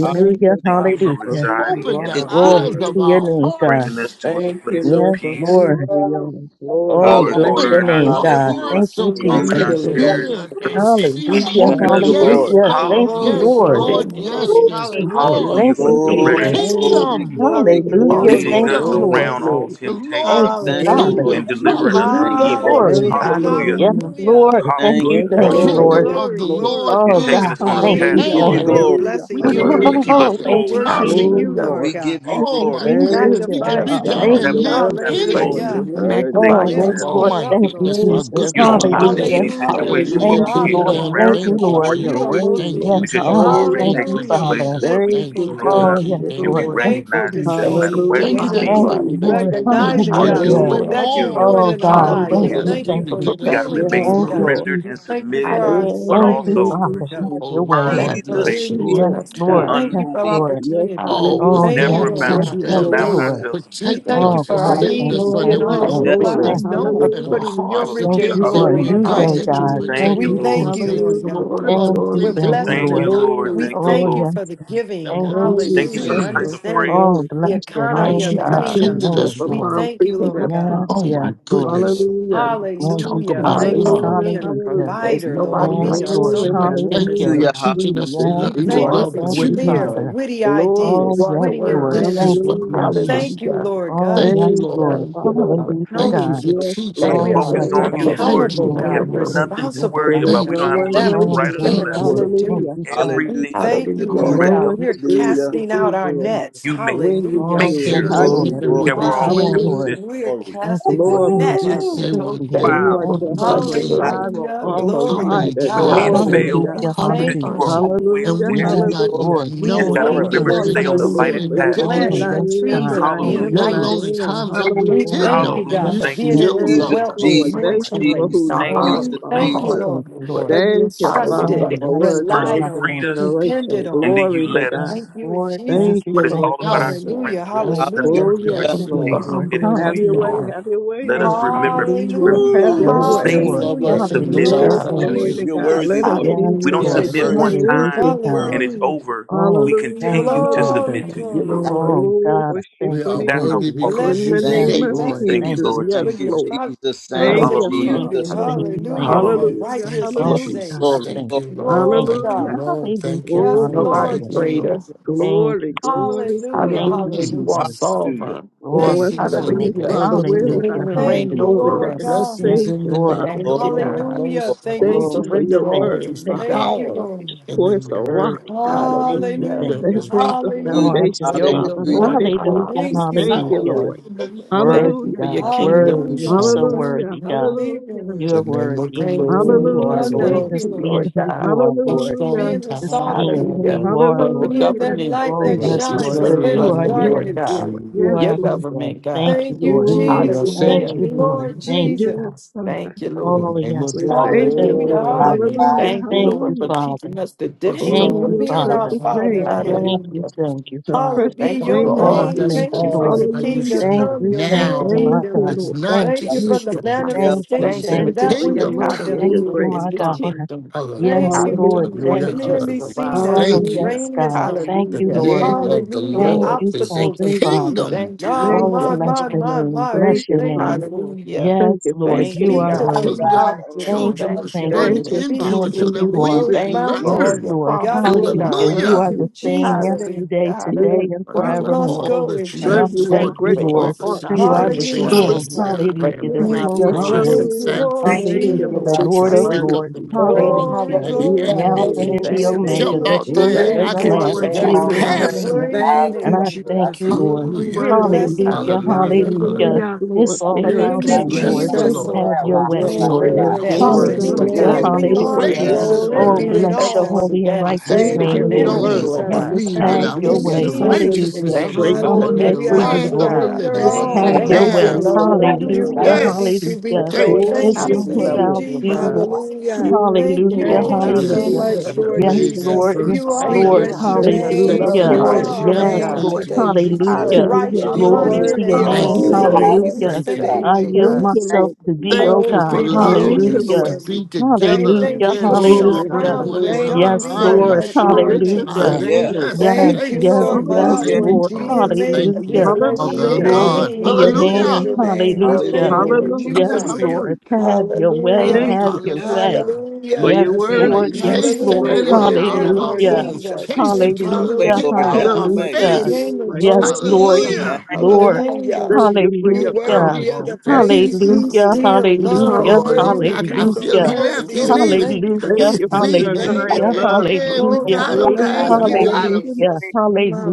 A: Hallelujah.
D: Thank you,
B: Thank you for
D: Father, for
C: Hallelujah.
D: who you
B: residing
F: open
B: in
F: the
A: It's
D: are.
B: us,
A: good
C: Glory
F: eyes
C: to
A: to
B: Lord,
F: of our
C: your
D: Hallelujah.
C: name, God.
B: bringing us
F: hearts.
B: to a
D: Thank you,
B: place of
D: Lord,
C: Yes,
D: for
B: peace,
D: who
C: Lord.
D: we are. Glory,
C: Oh,
B: Lord,
A: Hallelujah.
C: bless
F: Open
D: glory,
C: your
B: ordering our
C: name,
F: our
D: glory.
C: God.
B: steps,
A: Hallelujah.
F: hearts
C: Thank
B: Lord,
F: so
C: you,
F: we
B: calming
D: Thank
C: Jesus.
B: our
D: you,
F: can
A: Hallelujah.
D: Lord.
B: spirits,
D: Jesus.
F: hear and see
C: Hallelujah,
F: you.
B: walking
A: Thank you,
B: us through.
A: Lord.
F: Yes,
D: Hallelujah.
C: hallelujah.
F: Lord.
D: Bless,
C: Thank you,
E: Glory,
D: bless,
B: Hallelujah.
F: Yes,
C: Lord.
E: glory,
D: bless.
F: Lord. Yes,
E: glory.
C: Ooh,
F: yes,
C: Jesus,
E: Hallelujah.
D: Bless
F: Lord.
B: Hallelujah
C: thank
B: for the
D: your
C: you,
E: We
A: Glory,
D: holy
B: direction,
E: bless
C: Jesus.
B: Lord.
E: you.
D: name.
A: glory,
D: Lord.
F: Kingdom,
A: glory, glory,
E: Hallelujah.
C: Hallelujah,
E: We
D: Glory,
G: Awesome.
B: leading
C: thank
A: glory.
B: us
E: praise
C: you,
E: you,
F: kingdom,
D: glory,
C: Lord.
B: around all
D: glory.
E: Jesus.
F: The
C: Thank
B: temptation
F: Lord's
C: you,
A: Thank you,
D: Thank
C: Father.
E: Hallelujah.
A: Lord
B: and
D: you,
F: kingdom,
B: delivering
A: Jesus.
B: us
D: Jesus.
B: from
A: Thank
C: Hallelujah,
A: you,
F: hallelujah.
B: evil.
A: Lord
C: glory.
D: Thank
E: Hallelujah.
D: you,
A: Jesus.
D: Lord
B: Hallelujah.
C: Yes,
G: Hallelujah.
D: Jesus.
E: Hallelujah.
C: Lord. Thank
A: Thank
C: you,
A: you,
B: Hallelujah.
D: Yes,
F: The
C: thank
A: Lord
G: Thank
C: you,
A: Jesus.
E: Glory,
D: Lord.
F: kingdom
C: Lord.
D: Yes,
G: you.
F: of
E: glory,
F: the
D: Lord.
E: glory,
F: Lord
B: You're
C: Oh,
E: glory
B: taking
F: is
C: God.
E: to
B: us
E: the
B: on a
F: at
C: Thank
B: path,
A: We
C: you,
E: King.
D: Hallelujah,
A: give you
C: thank
B: Lord,
E: We
F: hand.
C: you.
E: are
A: glory.
D: hallelujah,
F: We
E: blessing
G: The
E: you,
F: can
B: to
G: word.
E: God.
F: reach
D: hallelujah.
B: keep us
F: out
C: Oh,
E: We're
F: and
C: thank
B: whole.
C: you,
F: touch
E: worshiping
F: it.
D: Oh,
C: Jesus.
E: you,
G: Hallelujah.
E: Lord
A: We
D: glory.
E: God.
A: give you
C: Thank
F: Oh
C: you,
F: my
E: We
A: glory. We
C: Jesus.
D: Thank
F: goodness, we
D: you,
F: can
E: magnify
G: Yes,
F: reach
D: Father,
E: you.
F: out
B: You
D: for
C: Thank
A: love-
G: God.
B: have
F: and
B: us
D: your
C: you,
B: on
F: live in
B: the path
C: Jesus.
D: worthy,
B: of
G: Praise
D: Lord.
F: it.
D: Your
B: wholeness,
E: Hallelujah.
G: and
B: Lord.
D: worthy,
E: We're
B: Thank you
G: magnify
C: Oh,
F: We,
G: your
B: for
F: can-
D: Father.
C: yes,
B: that,
E: lifting
F: oh
G: name.
C: Lord.
B: Lord.
E: you
F: my
E: up,
C: Thank you,
E: Lord.
F: goodness, my
D: Thank
C: Jesus.
D: you,
B: You
F: goodness,
B: don't
F: my
B: leave
D: Father.
B: us in
F: goodness.
B: any
C: Hallelujah.
G: Hallelujah.
D: May
E: Hallelujah.
D: we
B: situation where
E: You
F: Hallelujah
C: Thank
B: we
A: Hallelujah.
F: to
E: are
C: you,
B: can't
D: continue
F: the
C: Lord.
B: come
D: to
F: Lamb.
E: beloved.
C: Thank
B: around it,
C: you,
F: Thank you,
B: over
D: magnify
C: Lord.
B: it,
D: your
E: You are
B: through it,
F: Jesus.
E: most
D: name,
F: Thank you,
D: Lord.
C: Yes,
B: because
E: beautiful.
B: you've
G: Thank
C: God.
F: Jesus.
G: you.
B: already
C: Thank
D: Hallelujah.
F: Thank
B: taken
C: you,
F: you,
B: us to
E: Hallelujah. We
B: places
C: Father.
B: where
F: Jesus.
E: thank
B: we
E: you
B: can
D: Thank
B: be
F: Thank
E: for
D: you,
F: you,
E: it,
B: grown
G: Thank
D: Lord
E: God.
B: up
C: Oh,
F: thank
G: you,
F: you,
C: yes,
D: Jesus.
G: dear
B: and
F: thank
B: we
E: We're
F: you,
C: Lord.
G: Lord.
C: Thank
F: thank
C: you,
E: thankful
B: recognize
F: you.
B: that
E: this
B: no
G: Thank
C: Jesus.
B: matter
G: you
E: morning,
G: for
B: what
G: the
F: Thank
B: we
D: Hallelujah,
F: you,
G: mind of
F: thank you,
B: see,
E: Jesus,
C: Thank
F: thank
G: Christ.
C: you,
F: you,
D: hallelujah.
F: thank you,
C: Lord.
F: thank you, thank you,
B: you
E: recognizing,
B: are
E: God,
F: Jesus,
E: for
C: Hallelujah.
F: for
E: what
B: doing
D: Glory,
G: Hallelujah.
E: that you're
B: you.
F: all
D: glory.
E: doing
C: Oh,
E: in
F: that
E: our
F: you
C: God.
F: have
D: Thank
E: lives.
C: Thank
E: We
D: you,
F: brought
B: Hallelujah.
F: us
C: you.
G: Thank
E: thank
G: you
F: to
E: you
C: Thank
D: Father.
F: to
G: for
E: for
C: you.
F: get
B: We
F: us
B: got to
F: here
E: revealing
G: perfecting
E: to
D: Yes,
B: remain
G: us,
E: us,
C: Thank
F: today.
C: you,
G: Lord.
E: God.
D: Lord.
B: surrendered and
E: We
C: Jesus.
E: thank you
B: submitted,
E: for our
G: Hallelujah.
B: but
D: Yes,
C: Thank you,
E: assignments,
D: thank
B: also
C: Father.
D: you,
E: Lord God.
C: Have
F: Oh
C: your
D: Jesus.
C: way,
F: Lord,
B: firm
E: Thank
B: in
E: you
C: Lord.
F: have
G: Thank
B: the
E: for
G: you for
A: Jesus,
B: faith,
F: mercy.
E: vision.
B: Lord,
G: choosing
C: Yes,
D: Yes,
G: us,
C: Lord.
D: King.
G: God.
E: Thank you
C: Yes,
E: for
A: Jesus,
B: unmovable,
C: Lord.
D: Yes to
E: opportunities.
D: your
F: All
G: Hallelujah.
F: the
D: will,
C: Oh,
E: Thank
B: never
E: you,
C: yes,
D: Father.
F: things
E: Lord
D: Yes
F: that
C: God.
B: abounding,
F: you
E: God, for
D: to
B: just
C: Thank
F: have
D: your
C: you,
B: allowing
D: way,
F: s-
E: shelter.
C: Lord.
D: Father.
B: ourselves to be
E: We
F: protected
E: thank
G: Thank
E: you
B: saturated
C: Oh,
F: us
E: for
B: in
F: or
G: you,
B: what
E: our
D: There's
C: God. I
B: you're
G: God.
F: saved
C: Thank
D: no
B: doing.
E: needs
F: us
C: you.
F: from
D: other
E: being
F: that
C: Thank you.
F: we
D: way.
E: all
G: Thank
F: don't
C: Thank
G: you for
C: you.
F: we
D: Glory.
E: supplied,
C: Thank
G: choosing
C: you,
G: us.
F: know in
C: Jesus.
F: our
D: Hallelujah.
E: according to your
F: hearts the
E: rich
C: Thank
B: Hallelujah,
E: and
C: you
F: things that
C: for
D: You
C: a
E: glory
F: we
D: are
B: hallelujah.
E: in
D: the
C: new
F: did
C: day,
E: Christ
F: that you
C: God.
G: Hallelujah.
E: Jesus.
D: beginning and
B: Thank
C: Thank
B: you,
E: We
D: the
C: you,
F: protected
D: end.
F: us
B: Lord.
E: thank
F: and
C: Jesus.
E: you,
F: saved us
E: Lord
F: from.
E: God.
D: Hallelujah,
F: But what
G: Glory,
F: about
C: Thank
F: the
D: Father.
C: you.
E: We're
G: glory,
F: things that
C: Thank you,
F: we
G: glory.
E: blessing
B: Thank
F: do
B: you,
C: Lord.
E: us.
F: not
B: Lord.
F: know
D: Glory,
E: We
B: Thank
D: Father.
B: you,
C: Oh,
E: thank you
B: Lord.
C: yes,
E: for the
C: God.
F: that
E: giving,
C: Thank
F: were
C: you,
D: Oh, you
B: Thank you
E: hallelujah,
B: for the
E: and
D: bless
C: Jesus.
B: place
D: your
F: unseen
B: of
D: holy
E: understanding
B: praise.
C: Oh,
D: name,
E: the
D: Father.
C: bless your
G: Mighty
E: economy
F: that
E: of
F: you
C: name.
E: the
C: Bless
G: God,
C: your
E: kingdom.
F: protected us
D: Precept
C: name,
F: from?
E: We
C: Lord.
D: upon
E: thank you,
G: King
E: Lord
D: precept,
G: of
E: God.
D: Father.
G: Kings.
C: Yes,
F: Oh my
C: yes, Lord.
F: goodness.
D: Hallelujah.
C: Thank you,
F: Talk
E: Hallelujah.
F: about
G: Hallelujah.
E: Thank you
C: Jesus.
E: for
F: love.
D: Hallelujah.
E: being a
D: Hallelujah.
C: Hallelujah.
G: There's
E: provider, Lord.
F: Lord,
G: nobody
F: you're
E: We
C: Yes,
G: like
E: are
D: Oh,
C: Lord.
E: so
F: teaching
D: in
F: us.
D: the
E: grateful
C: Hallelujah.
F: Thank
E: this
F: you
D: name
F: for
A: hallelujah.
D: of
E: morning.
A: Hallelujah.
F: teaching us to
D: Jesus,
C: Yes,
E: We
F: learn
G: you
F: to
G: You
E: thank
C: Lord.
D: Jesus,
E: you
G: are
F: love
G: the
E: for
F: the
C: Thank
F: way
C: you,
D: Jesus.
G: truth.
F: you
E: clear, for
C: Father.
F: love.
E: witty
D: Glory.
C: Oh,
G: You
E: ideas,
G: are
C: yes,
G: the
E: witty
C: Lord.
G: word.
F: This
C: Thank
F: is
E: inventions.
F: what
C: you,
F: we
D: Hallelujah,
C: thank
F: need.
D: Father.
C: you.
E: Thank you,
G: Hallelujah.
E: Lord
C: Oh,
E: God,
F: Thank
C: yes,
F: you,
D: Thank you,
F: Lord.
C: Lord.
G: Thank you,
D: Father.
E: for
G: Lord.
C: Hallelujah,
F: Thank you
C: God.
E: accounting.
F: for
A: Nobody
D: Yes,
E: And
F: teaching
A: Like
G: Thank
D: Lord.
E: We
C: Oh,
G: you
A: you,
E: are
F: us.
G: for
A: Lord.
C: yes,
B: Focused
G: the
E: being
D: Thank
B: on you,
D: you,
C: Lord. We
D: Jesus.
F: Thank
B: Lord.
C: can
F: you,
E: accountable,
G: manifestation of
B: We
F: Lord.
B: have
G: your
C: wait
E: God,
G: word.
B: nothing
C: quickly,
B: to
C: Lord
E: responsible,
D: For
B: worry
C: God.
E: Lord
D: there's
B: about. We
F: Thank
D: no
B: don't
E: God,
F: you,
B: have
E: for
B: to
D: one
B: look to
E: that
B: the
F: thank
D: greater,
E: which
F: you,
C: Oh,
B: right
E: you've
B: or
C: yes,
B: the
D: Lord.
E: given
G: Thank
F: thank
B: left.
E: us
G: you,
C: Lord.
E: to
F: you.
G: Lord.
C: Thank
E: do.
D: Hallelujah,
C: you, Jesus.
D: Father.
E: We
B: Everything
A: Hallelujah.
B: is
E: thank you,
G: Hallelujah.
E: Lord
A: Hallelujah.
D: No
B: already
C: Thank
F: Oh,
E: God.
D: one
C: you,
E: We're
D: can do
B: available
C: Jesus.
D: what
A: Hallelujah.
B: to
D: you
E: casting
B: us.
C: Thank
E: out
D: do,
E: our
D: Lord.
C: you, Jesus.
E: nets.
B: You make
D: When
F: you
D: you
F: did
E: Hallelujah.
F: not
C: Oh,
B: make
D: do
F: say
D: it,
B: sure.
F: no
C: yes,
D: how
E: Glory
D: you
A: Glory,
E: to
C: Lord.
F: weapon
D: do
A: glory,
C: God,
D: it.
F: would
B: that
F: be
B: we're
G: God.
E: God.
C: thank
B: always
A: glory,
C: you,
B: in
A: glory,
F: formed,
C: Lord.
D: Hallelujah.
B: position,
E: We're
B: Lord. We,
A: glory.
C: Thank you
E: casting
C: for
F: but
E: the
F: you
C: bringing
D: Glory,
C: the
E: net
F: did
E: as
D: Father.
C: people
B: woo
E: you
F: say
E: told
C: quickly,
F: one
D: For
F: that
E: Peter.
G: Thank
C: Lord.
D: you
G: you
F: will
D: are
B: wow.
G: for
C: Thank
G: the
F: not
C: you, Jesus.
D: Jehovah
G: abundant
A: Ah,
F: succeed.
G: life,
D: Jireh,
E: Hallelujah.
D: our
G: Lord.
C: Thank you,
F: How
E: Glory to
C: thank
F: many
C: you,
D: provider.
B: We
A: Lord.
C: Lord.
E: God.
B: can't
F: times
D: Glory
F: have
D: to
B: fail
F: you
G: Hallelujah.
D: God.
E: We
C: Hallelujah,
F: covered
B: because
E: thank
B: you
E: you,
B: are
F: us
C: hallelujah.
E: Jesus.
B: always
F: and
D: Hallelujah,
F: we
A: Thank
B: there.
F: did
C: Yes,
A: you,
F: not
A: Lord.
D: hallelujah.
A: Thank
C: Lord.
F: even
B: We
E: We
B: just
A: you,
F: know
C: Thank
B: got
F: it?
B: to
C: you,
F: We
E: thank
A: Lord.
E: you,
B: remember
F: didn't
C: thank
B: to
E: Lord,
C: you,
F: even
D: Thank
E: for
B: stay
F: know
B: on
E: the
D: you,
C: Lord.
B: the
F: we
G: Lord.
F: were
D: Lord,
B: lighted
E: seed,
D: for
E: the
F: in
D: you're
B: path.
D: the great
C: Oh,
E: planting, the
D: I
F: danger
C: yes,
D: am,
E: trees
C: God.
D: that I
E: of
A: Mm-mm.
C: Thank
E: being
D: am,
C: you,
B: Hallelujah.
F: let
D: that
F: alone
E: righteous
F: the
C: Jesus.
D: I am.
F: times that we
E: we
F: did
D: Hallelujah.
E: thank
C: Yes,
E: you,
F: know, and
B: Hallelujah.
E: God,
C: yes,
F: you
E: for
B: Thank you,
E: being
A: Jesus,
C: yes,
E: in
B: Lord.
F: still
E: this
C: Lord.
D: Yes,
F: loved
E: well
C: Thank
D: Lord.
A: Jesus,
E: and
F: us.
C: you,
G: For
C: Lord.
D: Thank
E: moist
D: you for
G: changing
A: Jesus,
D: who
E: place.
G: our
D: you
B: Thank you,
C: Thank
D: are,
G: minds
E: We
C: you,
A: Jesus,
B: Lord.
G: and our
B: Thank
C: thank
D: Father.
E: thank
B: you,
E: you,
C: you,
G: hearts,
A: Jesus.
B: Lord.
C: thank
E: Lord,
C: you,
G: Lord.
C: Lord.
E: for being
D: Thank you,
F: Still
D: Father,
E: trusted,
C: Oh,
G: Hallelujah.
F: loved
D: for
C: yes,
F: us.
D: word
B: First,
C: God.
B: you
E: relied
C: I
D: chosen
E: on,
B: freed
C: thank you,
B: us,
C: Jesus.
E: depended
D: generation.
B: and
E: on.
B: then you
D: Glory
E: We
D: to
B: led
C: Yes,
D: God.
B: us.
E: thank you in
C: Lord. Thank
D: Thank
E: Jesus'
C: you,
D: you,
B: But it's
C: thank
D: Lord.
E: name.
B: all
C: you,
B: about our
C: Lord.
F: Yes,
E: Hallelujah,
B: surrender,
F: Lord.
B: Lord. So
C: Thank
F: Yes,
C: you,
B: let us
F: Lord.
E: hallelujah,
D: Oh,
C: thank you
B: remember
D: yes,
A: Hallelujah.
B: to
C: for
F: Yes,
G: Thank you
C: me,
B: remain
G: for
D: Lord.
F: Lord.
C: Lord.
B: submitted
G: humbling
B: to
D: Have
G: us,
D: your
B: you,
G: God.
D: way,
B: Lord.
C: Hallelujah.
D: have your way,
B: Let
C: Thank
B: us
D: Lord.
C: you,
B: remember
C: Jesus.
B: to
D: Just
G: Hallelujah.
B: rem-
D: have
E: hallelujah,
G: For
F: And
D: your
A: Woo.
F: you
C: Yes,
D: way.
G: making
F: still
G: us
B: stay
G: in
C: Lord.
F: love
E: hallelujah.
G: your
F: us and look
G: image,
C: Hallelujah.
B: submitted
F: out
D: Oh,
E: Rejoice
F: for
G: God.
E: in
C: Thank
B: to
D: glory
C: you.
B: you.
E: you
F: us.
D: to
E: and
A: You're
E: be
D: God.
A: worthy,
D: Let us
A: Lord.
E: exceedingly
C: Yes,
B: We don't
D: increase
G: Hallelujah.
A: You're
D: that
C: Lord.
E: glad.
F: Bless
D: you
B: submit
A: worthy.
D: may
B: one
F: us.
A: You're worthy.
B: time
C: Hallelujah,
D: increase,
A: You're
C: God.
A: worthy.
B: and
D: Father.
B: it's
E: Hallelujah.
B: over.
C: Oh,
B: We
D: Hallelujah,
C: thank you,
B: continue to
D: hallelujah.
C: Father.
E: Glory,
B: submit to
G: Thank you,
B: you,
E: glory,
B: Lord.
G: Lord.
C: Oh,
E: glory.
D: Oh,
C: God, I
D: worship
C: thank
F: We
D: for
C: you,
F: are
D: the
B: That's
C: thank
B: how we
D: King.
F: worthy
C: you.
B: walk in the
F: because
D: In
F: you
E: Blessed
D: the
A: Thank
B: fullness.
E: you
C: Yes,
E: are,
D: name
F: say
A: you,
D: of
F: we are
C: Lord,
E: blessed.
B: Thank
F: worthy.
B: you,
C: thank
D: Jesus.
A: Jesus.
C: you,
B: Lord
D: Yes,
A: Thank
E: when
A: you,
E: you're
B: Jesus.
C: Jesus.
D: Lord.
E: pro-
A: Jesus. Thank
D: Thank
A: you,
C: Thank you,
D: you,
B: Hallelujah.
G: Hallelujah.
C: thank
D: Father.
E: persecuted,
A: Jesus.
C: you, thank you,
G: Hallelujah.
C: thank
E: hallelujah,
C: you.
F: Oh,
E: for
G: Hallelujah.
B: Hallelujah.
D: Hallelujah,
F: thank you,
C: Oh,
A: Glory,
E: righteousness'
D: hallelujah,
E: sake.
C: God, I
F: Jesus.
A: glory,
C: thank
F: Thank
A: glory.
F: you,
C: you.
F: Lord.
C: Thank
E: Your
C: you.
F: Thank you,
D: hallelujah.
E: God,
F: Lord. Thank you,
C: Hallelujah,
E: yes,
D: Oh,
F: Lord.
G: Nobody
D: glory,
E: Lord
F: Thank
C: hallelujah.
F: you, Lord.
G: greater.
E: Jesus.
C: Thank
D: glory,
C: you, Jesus.
D: glory,
E: Hallelujah,
C: Thank
D: glory.
G: Hallelujah.
C: you,
F: Mm,
G: You are
E: hallelujah.
F: mm.
C: Jesus.
A: Hallelujah.
G: sovereign.
D: If it
E: Thank
C: Glory
D: was
E: you,
D: not
C: to
F: Blessings
D: for
C: your
F: in
E: God.
F: the
C: name.
D: you,
G: Hallelujah.
F: name
D: Father,
F: of the
G: You
D: where would I
F: Lord.
G: rule
C: Hallelujah,
G: and
D: be?
E: Thank
G: reign
E: you,
D: Glory
C: hallelujah.
D: to
G: over
E: Lord
D: God.
G: us.
E: God.
C: Yes,
F: Blessings
D: Thank
F: in
D: you,
F: the
A: Thank
C: Lord,
F: name
A: you,
D: Father.
F: of
C: yes,
F: the
G: Thank
A: Lord,
G: you,
C: Lord.
F: Lord
G: God.
E: Hallelujah.
A: Lord.
F: Most High.
E: Thank
G: We
E: you,
D: Thank
C: Oh,
D: you for
E: Jesus.
D: your
G: surrender
C: thank
G: all
D: word,
G: to
C: you,
F: There's
G: you,
C: thank
D: Father.
G: God.
C: you,
E: Thank you,
C: thank
F: power
C: you.
E: Lord.
F: in
D: For
F: the
D: it's a
F: name of the
D: rock,
F: Lord.
C: Worthy God.
D: Father,
C: Thank you,
G: Hallelujah.
C: thank
F: There
D: that
E: Hallelujah,
F: is
C: you.
D: brings us
F: power
C: Oh,
A: Hallelujah.
C: I
F: in the
E: hallelujah.
C: just
D: foundation,
G: Your
F: name
C: thank
G: will
F: of
D: Father.
C: you.
F: the
G: be
A: Hallelujah.
D: Lord,
G: done in
D: it can
G: our
F: Lord.
C: Hallelujah,
D: be.
E: Thank you,
G: lives.
D: Thank you,
E: Lord
F: Power
C: hallelujah.
D: Lord.
F: in
E: Jesus.
F: the name of
G: Thank
F: the
G: you
C: Worthy
G: for
D: Hallelujah,
G: your
F: Lord.
C: God, worthy,
G: kingdom.
F: There is
C: you
E: Hallelujah. I
F: power.
C: so
E: trust
D: hallelujah,
E: you.
C: worthy,
E: I
C: God.
E: believe your
D: hallelujah.
E: word,
F: The
C: You're
E: God.
F: name of the
C: worthy for
G: Thank you for
C: who you
G: making
C: are,
E: I
F: Lord
G: us
F: is
C: Lord.
D: Hallelujah.
E: thank
G: loyal to
E: you,
C: Just
E: Lord
C: being
G: Lord
C: who
E: Jesus
G: God.
C: you are,
F: a
C: Lord.
E: for
D: Hallelujah.
F: strong
E: being the
C: Just
E: salt of
C: being
E: the earth.
C: who
G: Hallelujah.
F: tower.
C: you are,
G: For the
C: Lord.
E: Being
D: Hallelujah.
E: that
G: government
E: light
F: The
C: Oh,
E: that
D: Thank you,
G: that
C: yes,
D: Father.
G: we
F: righteous
E: shines,
C: Lord,
F: run
C: because
G: serve
C: you
E: dispels
C: are
G: under,
D: Yes,
G: Lord
C: daddy.
E: darkness,
G: God,
D: Lord.
E: Lord.
C: You
D: Yes,
F: into
G: your
C: are my
D: Lord.
C: God.
G: government,
C: Thank
G: God.
C: you,
E: Thank you,
C: Lord.
D: Lord,
F: we are
E: Jesus.
D: Father.
C: Thank
E: Thank
G: Hallelujah.
F: saved.
C: you,
E: you,
C: Lord.
E: Lord
F: The
C: Thank you,
D: Yes,
C: God.
E: Jesus.
D: Father.
G: Thank you, Lord.
C: Oh,
F: name of
C: yes,
D: We
F: the
C: God.
D: thank you,
C: Thank
E: Hallelujah.
C: you,
D: Lord.
F: Lord
C: Father.
E: Hallelujah.
D: Hallelujah.
F: is
G: Thank you,
C: Thank you,
G: Lord, for
D: Hallelujah.
C: Father.
G: teaching us the
F: a
E: Thank
D: Oh,
E: you
G: difference.
C: Thank
E: for
D: in
C: you,
F: strong
D: your
E: being our
C: Father.
D: precious
E: Father
F: tower.
D: name,
E: in
D: Father.
E: heaven.
C: Thank you,
G: Hallelujah.
C: thank you,
D: The
C: Father.
E: Hallowed be
D: precious
G: Thank you
E: your
F: Father
G: for
D: name of
C: Oh,
G: all
F: God,
C: I
G: your
E: name.
F: that's
C: thank
E: Thank
D: Jesus.
C: you,
E: you for
F: all
G: teachings.
E: your
C: Lord.
F: I used to
D: Hallelujah.
E: kingdom
C: Thank
F: know.
E: come,
C: you,
E: your
C: thank
E: will
C: you,
F: Now
E: be
C: my
D: Thank you,
E: done.
C: God.
F: it's
D: Lord.
F: not
C: Thank
E: Thank you
C: you,
F: just a
E: for
D: Thank
E: the
D: you,
F: strong
D: Father.
A: Yeah,
C: thank
F: tower,
A: Lord.
C: you,
F: it
G: Thank
F: is
E: manifestation
G: you
F: a
G: for
C: thank
E: of
D: Thank you
C: you,
E: that
D: for
G: teaching
E: which
D: your
G: us
F: kingdom
E: you
D: mercy
G: how
E: have
G: to
D: and
E: done
F: tower.
D: your
C: thank
G: live
E: for
C: you,
D: grace,
E: us.
G: in
C: my
G: this
C: God.
D: Father.
G: kingdom,
E: Thank
C: Yes,
F: Hallelujah,
G: how
E: you,
G: to
C: Lord,
G: do
E: God. We
D: Hallelujah.
G: more
C: thank
F: hallelujah,
G: than
C: you.
G: just
E: clearly
F: hallelujah.
E: see now
G: survive.
C: Oh,
E: the
F: Thank
D: Hallelujah.
F: you.
C: yes,
E: rain is
C: God.
E: gone.
C: Thank
F: The
C: you,
G: Hallelujah.
C: Lord.
F: name
D: Yes,
F: of the
E: Hallelujah.
C: Thank
D: Father.
F: Lord
C: you,
F: is a
C: thank
E: Obstacles are
C: you,
D: Thank you,
E: gone.
G: We
D: Jesus.
C: Father.
F: kingdom
G: thank you,
F: tower,
E: My,
D: Thank
G: Lord,
C: Oh,
D: you.
E: my,
G: for
C: bless
E: my,
G: heaven
C: your
G: and
E: my,
G: earth.
C: name,
E: my.
D: Thank
C: bless
E: We
D: you,
C: your
E: thank
D: Father.
E: you
C: name.
E: for it.
G: Hallelujah.
C: Yes,
D: Thank you for the
E: We
C: Lord,
G: Thank
C: you
G: you,
F: and
E: speak
C: are
F: the
D: kingdom.
E: to
G: God.
D: Father.
E: those
C: worthy.
F: kingdom
C: Thank
E: obstacles.
F: children
C: you,
G: Thank
F: must
G: you,
C: thank
F: run
C: you,
D: Thank
E: We
G: Lord.
D: you,
C: just
E: speak
D: Father,
F: into
C: being
F: it
E: to
D: that
F: so
C: who
E: it,
D: we
F: that
E: God.
C: you
D: may
F: we
C: are.
E: Those
D: live
F: may
G: Thank you for
C: Yes,
G: all your
E: mountains
F: learn.
C: Lord,
E: gotta
G: promises,
D: full
E: go.
C: hallelujah.
D: and
G: God.
C: You
D: serve
C: are
F: Hallelujah.
D: you,
C: the
E: In
D: Father.
C: same
E: Jesus'
G: Hallelujah.
E: name.
C: yesterday,
G: Hallelujah.
C: today,
D: Yes,
C: and
F: But
E: You
D: Father.
F: for
E: must
C: forevermore.
F: all
E: go in
F: that you
C: And I
D: Serve
F: have
D: you
E: Jesus'
D: with a
C: thank
F: taught
G: Thank
E: name.
G: you
C: you,
F: me,
G: for
D: grateful
C: Lord.
F: Father,
G: answering
D: heart,
G: our
F: since
C: You
F: you
H: Thank
D: Father.
C: are
H: you,
F: have
C: the
G: prayers,
F: brought
E: Hallelujah.
G: God,
C: King,
F: me
D: Hallelujah.
H: Jesus.
F: here,
C: hallelujah,
F: I
G: for
E: Hallelujah.
F: am
C: the
G: hearing our
H: Thank
C: King
H: you,
C: of
F: grateful. I am
C: kings.
G: prayers.
E: Thank
H: Jesus.
E: you,
D: Hallelujah.
F: thankful.
E: Lord
H: Thank
D: Thank
H: you,
D: you,
C: Hallelujah,
H: Lord
E: Jesus.
C: the
F: I
D: Lord.
C: Lord
F: can
C: of
H: Jesus.
D: Thank
G: Hallelujah.
F: wake
D: you,
F: up
C: lords.
F: in
D: Jesus.
F: the
H: Oh,
F: morning
C: Hallelujah,
E: Glory,
F: and the
D: Yes,
E: glory,
C: the
H: hallelujah.
F: enemy
C: Alpha
E: glory.
H: Thank
D: Lord.
H: you,
F: can
C: and
E: In
C: the
E: the
G: Thank you,
H: Jesus.
C: Omega,
E: name
F: jump
E: of
C: the
G: Lord.
F: out
C: first
F: there
D: Oh,
G: Thank
F: and
C: and
G: you
D: we
F: I
H: Thank
C: the
H: you,
E: Jesus.
F: can
D: bless
G: for our
C: last,
F: just
D: your
H: Lord
C: the
D: holy,
F: walk
G: family,
H: Jesus.
D: holy
C: beginning
E: We
G: God.
C: and
D: name.
F: past
C: the end.
F: him.
E: praise your
H: Thank
C: And
H: you,
C: I
E: name, Lord
C: thank
E: God.
H: Jesus.
C: you, Lord.
H: You
D: Yes,
E: We
F: Hallelujah.
E: are
H: worthy.
D: Lord.
E: blessing
C: Hallelujah,
E: you, God.
F: Hallelujah.
G: Hallelujah.
D: Yes,
C: hallelujah.
F: Hallelujah.
H: Hallelujah.
D: Lord,
C: It's
D: for
C: all
G: Thank
D: you are
G: you
E: We're
H: Thank
C: about
H: you,
G: for
D: God
C: you,
D: and
E: lifting
F: Bless
D: one,
C: Lord.
E: you
F: the
E: up,
C: Just
D: Father.
H: Jesus.
F: Lord,
E: Lord
C: have
F: oh
G: the
C: your
E: God.
C: way,
F: my
G: Daily
H: Thank
C: Lord.
H: you,
F: soul,
D: The
G: Bread
F: and
H: Lord
F: all
D: things
G: Network,
H: Jesus.
F: that's
D: of the
G: Lord
E: Hallelujah.
C: Hallelujah,
G: God.
E: Here
A: Yes,
D: world,
F: within
H: Glory.
G: Thank
F: me.
E: we
G: you
A: Lord.
G: for
E: are.
D: glory
C: hallelujah.
D: to
E: We're
F: Praise
A: Yes,
D: God,
F: his
A: Lord.
H: Glory
G: Ambassador
C: Oh,
F: holy
H: be
D: Father.
G: and
H: to
E: surrendering
F: name.
C: bless your
G: everyone
E: all
H: Jesus.
G: that
C: holy and
F: I
G: gathers here
C: righteous
F: had
D: Thank you
G: in
H: Thank
G: your
F: not
H: you,
D: for
C: name,
E: to
D: your
G: name,
H: Lord
C: Lord.
F: known
E: you,
F: or
D: word.
G: Lord
E: God.
C: You
H: Jesus.
G: God.
C: just
F: believed that
C: have
F: I
H: Thank
F: would
C: your
H: you,
E: In
F: see
G: Hallelujah.
F: the
C: way.
D: Thank
H: Jesus.
D: you
E: Jesus'
D: for
F: righteousness
D: your
C: Hallelujah.
G: Thank
F: of
E: name.
F: the
G: you
D: grace
G: for
C: I'm
D: and
F: Lord in
C: here
F: the
C: for
G: connecting
D: mercy,
H: Hallelujah.
E: I
G: us,
C: you,
D: God.
F: land of
C: Lord.
F: the
G: God.
E: surrender
F: living,
C: Just
F: but
H: Thank
E: all,
C: have
H: you,
F: I
E: my
G: Thank
A: Mm.
C: your
D: Thank
G: you
D: you
G: for
C: way.
D: for
F: have.
E: God.
H: Jesus.
D: your
G: loving
D: love,
G: on us,
H: You're
D: God.
C: Hallelujah,
G: God.
E: Hallelujah.
H: worthy to
F: Yes.
H: be
G: but
C: hallelujah.
F: Thank
G: showing
F: you.
G: us
H: praised,
D: Oh,
E: Thank
C: It's
G: how to
D: yes,
E: you,
F: Thank
G: be
F: you.
C: all
H: Jesus.
F: Thank you.
E: King
G: lovers
C: about
D: Lord.
G: for
C: you,
E: Jesus.
G: God.
C: Lord.
H: Hallelujah.
D: Yes,
E: Thank you,
C: Hallelujah,
D: Lord.
F: Oh,
H: Thank you
E: King
H: so
D: Hallelujah.
C: hallelujah.
F: yes,
E: Jesus.
H: much,
G: Hallelujah.
F: you have
H: Lord
C: Yes,
D: Glory
F: made
D: to
F: that
C: Lord.
H: Jesus.
E: For
F: verse
E: you
D: God.
C: Yes,
E: are
G: Thank
H: We
E: the
G: you
C: Lord.
F: made
G: for
H: bless
E: rock.
H: your
F: more
D: Thank
G: teaching us
D: you
G: to
D: for the
H: name.
F: sense
G: love
F: than
C: Hallelujah.
H: We
G: for
E: You
F: it
G: our
E: are
D: pouring,
H: bless
F: has
H: your
E: our
G: enemies,
D: God.
F: ever
C: Yes,
H: name
E: fortress.
G: God.
F: made
C: Lord.
F: to
H: today,
F: me
E: The
F: before.
H: Jesus.
D: Thank
C: Hallelujah.
D: you
A: Hallelujah.
D: for
G: Hallelujah.
E: righteous
D: the
H: You
E: run
C: Glory
A: Hallelujah.
D: seed,
E: in
C: to
F: Hallelujah.
E: and
C: your
H: worthy
D: God.
H: of
E: are
D: The
G: Thank
F: Thank
C: name.
F: you,
G: the
H: all
D: Holy
A: Hallelujah.
E: safe.
F: Father.
G: Lord.
D: Spirit.
E: We
H: praises
C: Hallelujah.
F: Thank you,
E: thank
H: today,
E: you,
G: Thank
F: Lord.
C: I
G: you,
E: Lord.
C: yield
D: Thank
G: God.
H: Jesus.
D: you,
C: myself
D: Lord
C: to thee,
D: Jesus.
C: O
F: Thank you for
C: God.
H: Glory be
E: In
H: to
D: Thank
F: allowing
D: you,
F: us
C: Hallelujah.
D: Lord
F: to
E: Jesus'
H: Jesus.
D: Jesus.
F: be
E: name.
H: Thank
F: together
H: you,
E: Thank
C: Hallelujah.
E: you
F: again,
E: for
D: Oh,
E: being
H: Jesus.
D: we
G: Praise
C: Hallelujah.
D: honor
F: sharpening
G: the
D: you,
E: crowned
F: one
E: with
G: Lord.
H: Thank
F: another.
D: God.
H: you
C: Yes,
H: so
E: dominion
F: Iron
C: Lord.
E: and
H: much,
D: We
H: Lord
D: lift
F: sharpens
E: honor.
D: up the
A: Oh,
C: Hallelujah.
H: Jesus.
F: iron.
A: yeah.
D: name of
F: Yes.
A: Okay.
C: Yes,
H: Thank
E: Thank
H: you
E: you,
F: Thank
D: Jesus.
F: you,
C: yes,
H: so
E: Lord
F: Father.
C: yes,
H: much,
E: God,
A: Okay.
F: Thank
D: Hallelujah.
F: you,
H: Lord
C: Lord.
F: Father.
E: being
H: Jesus.
E: made
F: Thank
E: a
F: you,
H: We
C: Hallelujah.
E: little,
H: bless
G: Glory,
H: your
F: Father
D: Hallelujah.
E: created a
G: glory,
C: Glory
F: God.
E: little
C: to
H: name.
E: lower
G: glory.
C: your
H: We
E: than
D: Thank
E: the
D: you.
H: bless
C: name.
F: Hallelujah.
H: your
E: angels.
G: We
H: name
E: We
G: love the
C: Hallelujah.
H: today,
E: thank
A: Hallelujah.
E: you to
G: Lord.
H: Lord
E: you,
D: Hallelujah.
C: Yes,
H: Jesus.
E: God.
F: Hallelujah.
D: Hallelujah.
C: Lord. Have your way.
E: Thank you
H: Hallelujah.
D: Thank
C: Have
E: to
D: you.
C: your
G: Hallelujah.
C: way.
F: Hallelujah.
D: For
H: Hallelujah.
C: Yes,
D: you're
F: That's
A: Mm.
F: right.
D: worthy,
C: Lord.
E: you.
D: but
C: Yes,
F: Chase
D: you're
E: We
F: the
C: Lord.
D: so
E: live,
H: Hallelujah
F: enemy
E: move,
D: worthy.
F: out
H: today,
F: of
E: have our
F: our
H: Lord
C: Hallelujah.
D: Hallelujah.
E: being,
F: homes.
E: God.
H: Jesus.
F: Chase him.
E: Thank you,
F: Tell
A: your
E: Lord.
F: him to
A: way,
C: Hallelujah.
F: get
A: Lord. Have
F: out
H: Hallelujah.
D: No
F: our
A: your
D: one
A: way.
D: can
E: In the
C: Hallelujah.
D: do it
F: face.
E: name of
D: like
C: Yes,
E: Jesus.
D: you do.
C: Lord.
D: Father.
C: Yes,
H: Glory.
A: Have
F: Hallelujah.
A: your
E: In
A: way.
E: the
C: Lord.
E: name of
H: Hallelujah.
D: Thank
E: Jesus.
D: you for
H: You
D: your
F: Get out
C: Hallelujah.
D: thousand
H: worthy
F: of
H: of
F: our
H: the
F: faces,
D: compassion.
E: Peace
H: praises,
E: be
D: Father.
F: Lord.
C: Hallelujah.
H: Lord.
E: still,
F: He's
H: You
C: Hallelujah.
E: love,
F: gone. He,
E: joy,
D: Hallelujah.
H: worthy.
F: I,
H: You
F: I
C: Hallelujah.
E: peace
H: so
D: Father.
E: in
F: feel
E: the
F: he
E: Holy
F: left.
H: worthy,
F: He's
E: Ghost.
H: Lord
F: leaving.
E: Thank you, Lord.
D: Thank
C: Hallelujah.
F: He's
H: Jesus.
D: you for your
F: leaving.
H: Thank
D: undying
C: Hallelujah.
H: you,
D: love.
F: we
H: Jesus.
D: Father.
E: Glory,
C: Hallelujah.
F: got him,
E: glory,
F: guys.
H: Thank
D: Hallelujah.
E: glory.
F: We
H: you,
D: Oh, the
F: got him.
C: Hallelujah.
H: Jesus.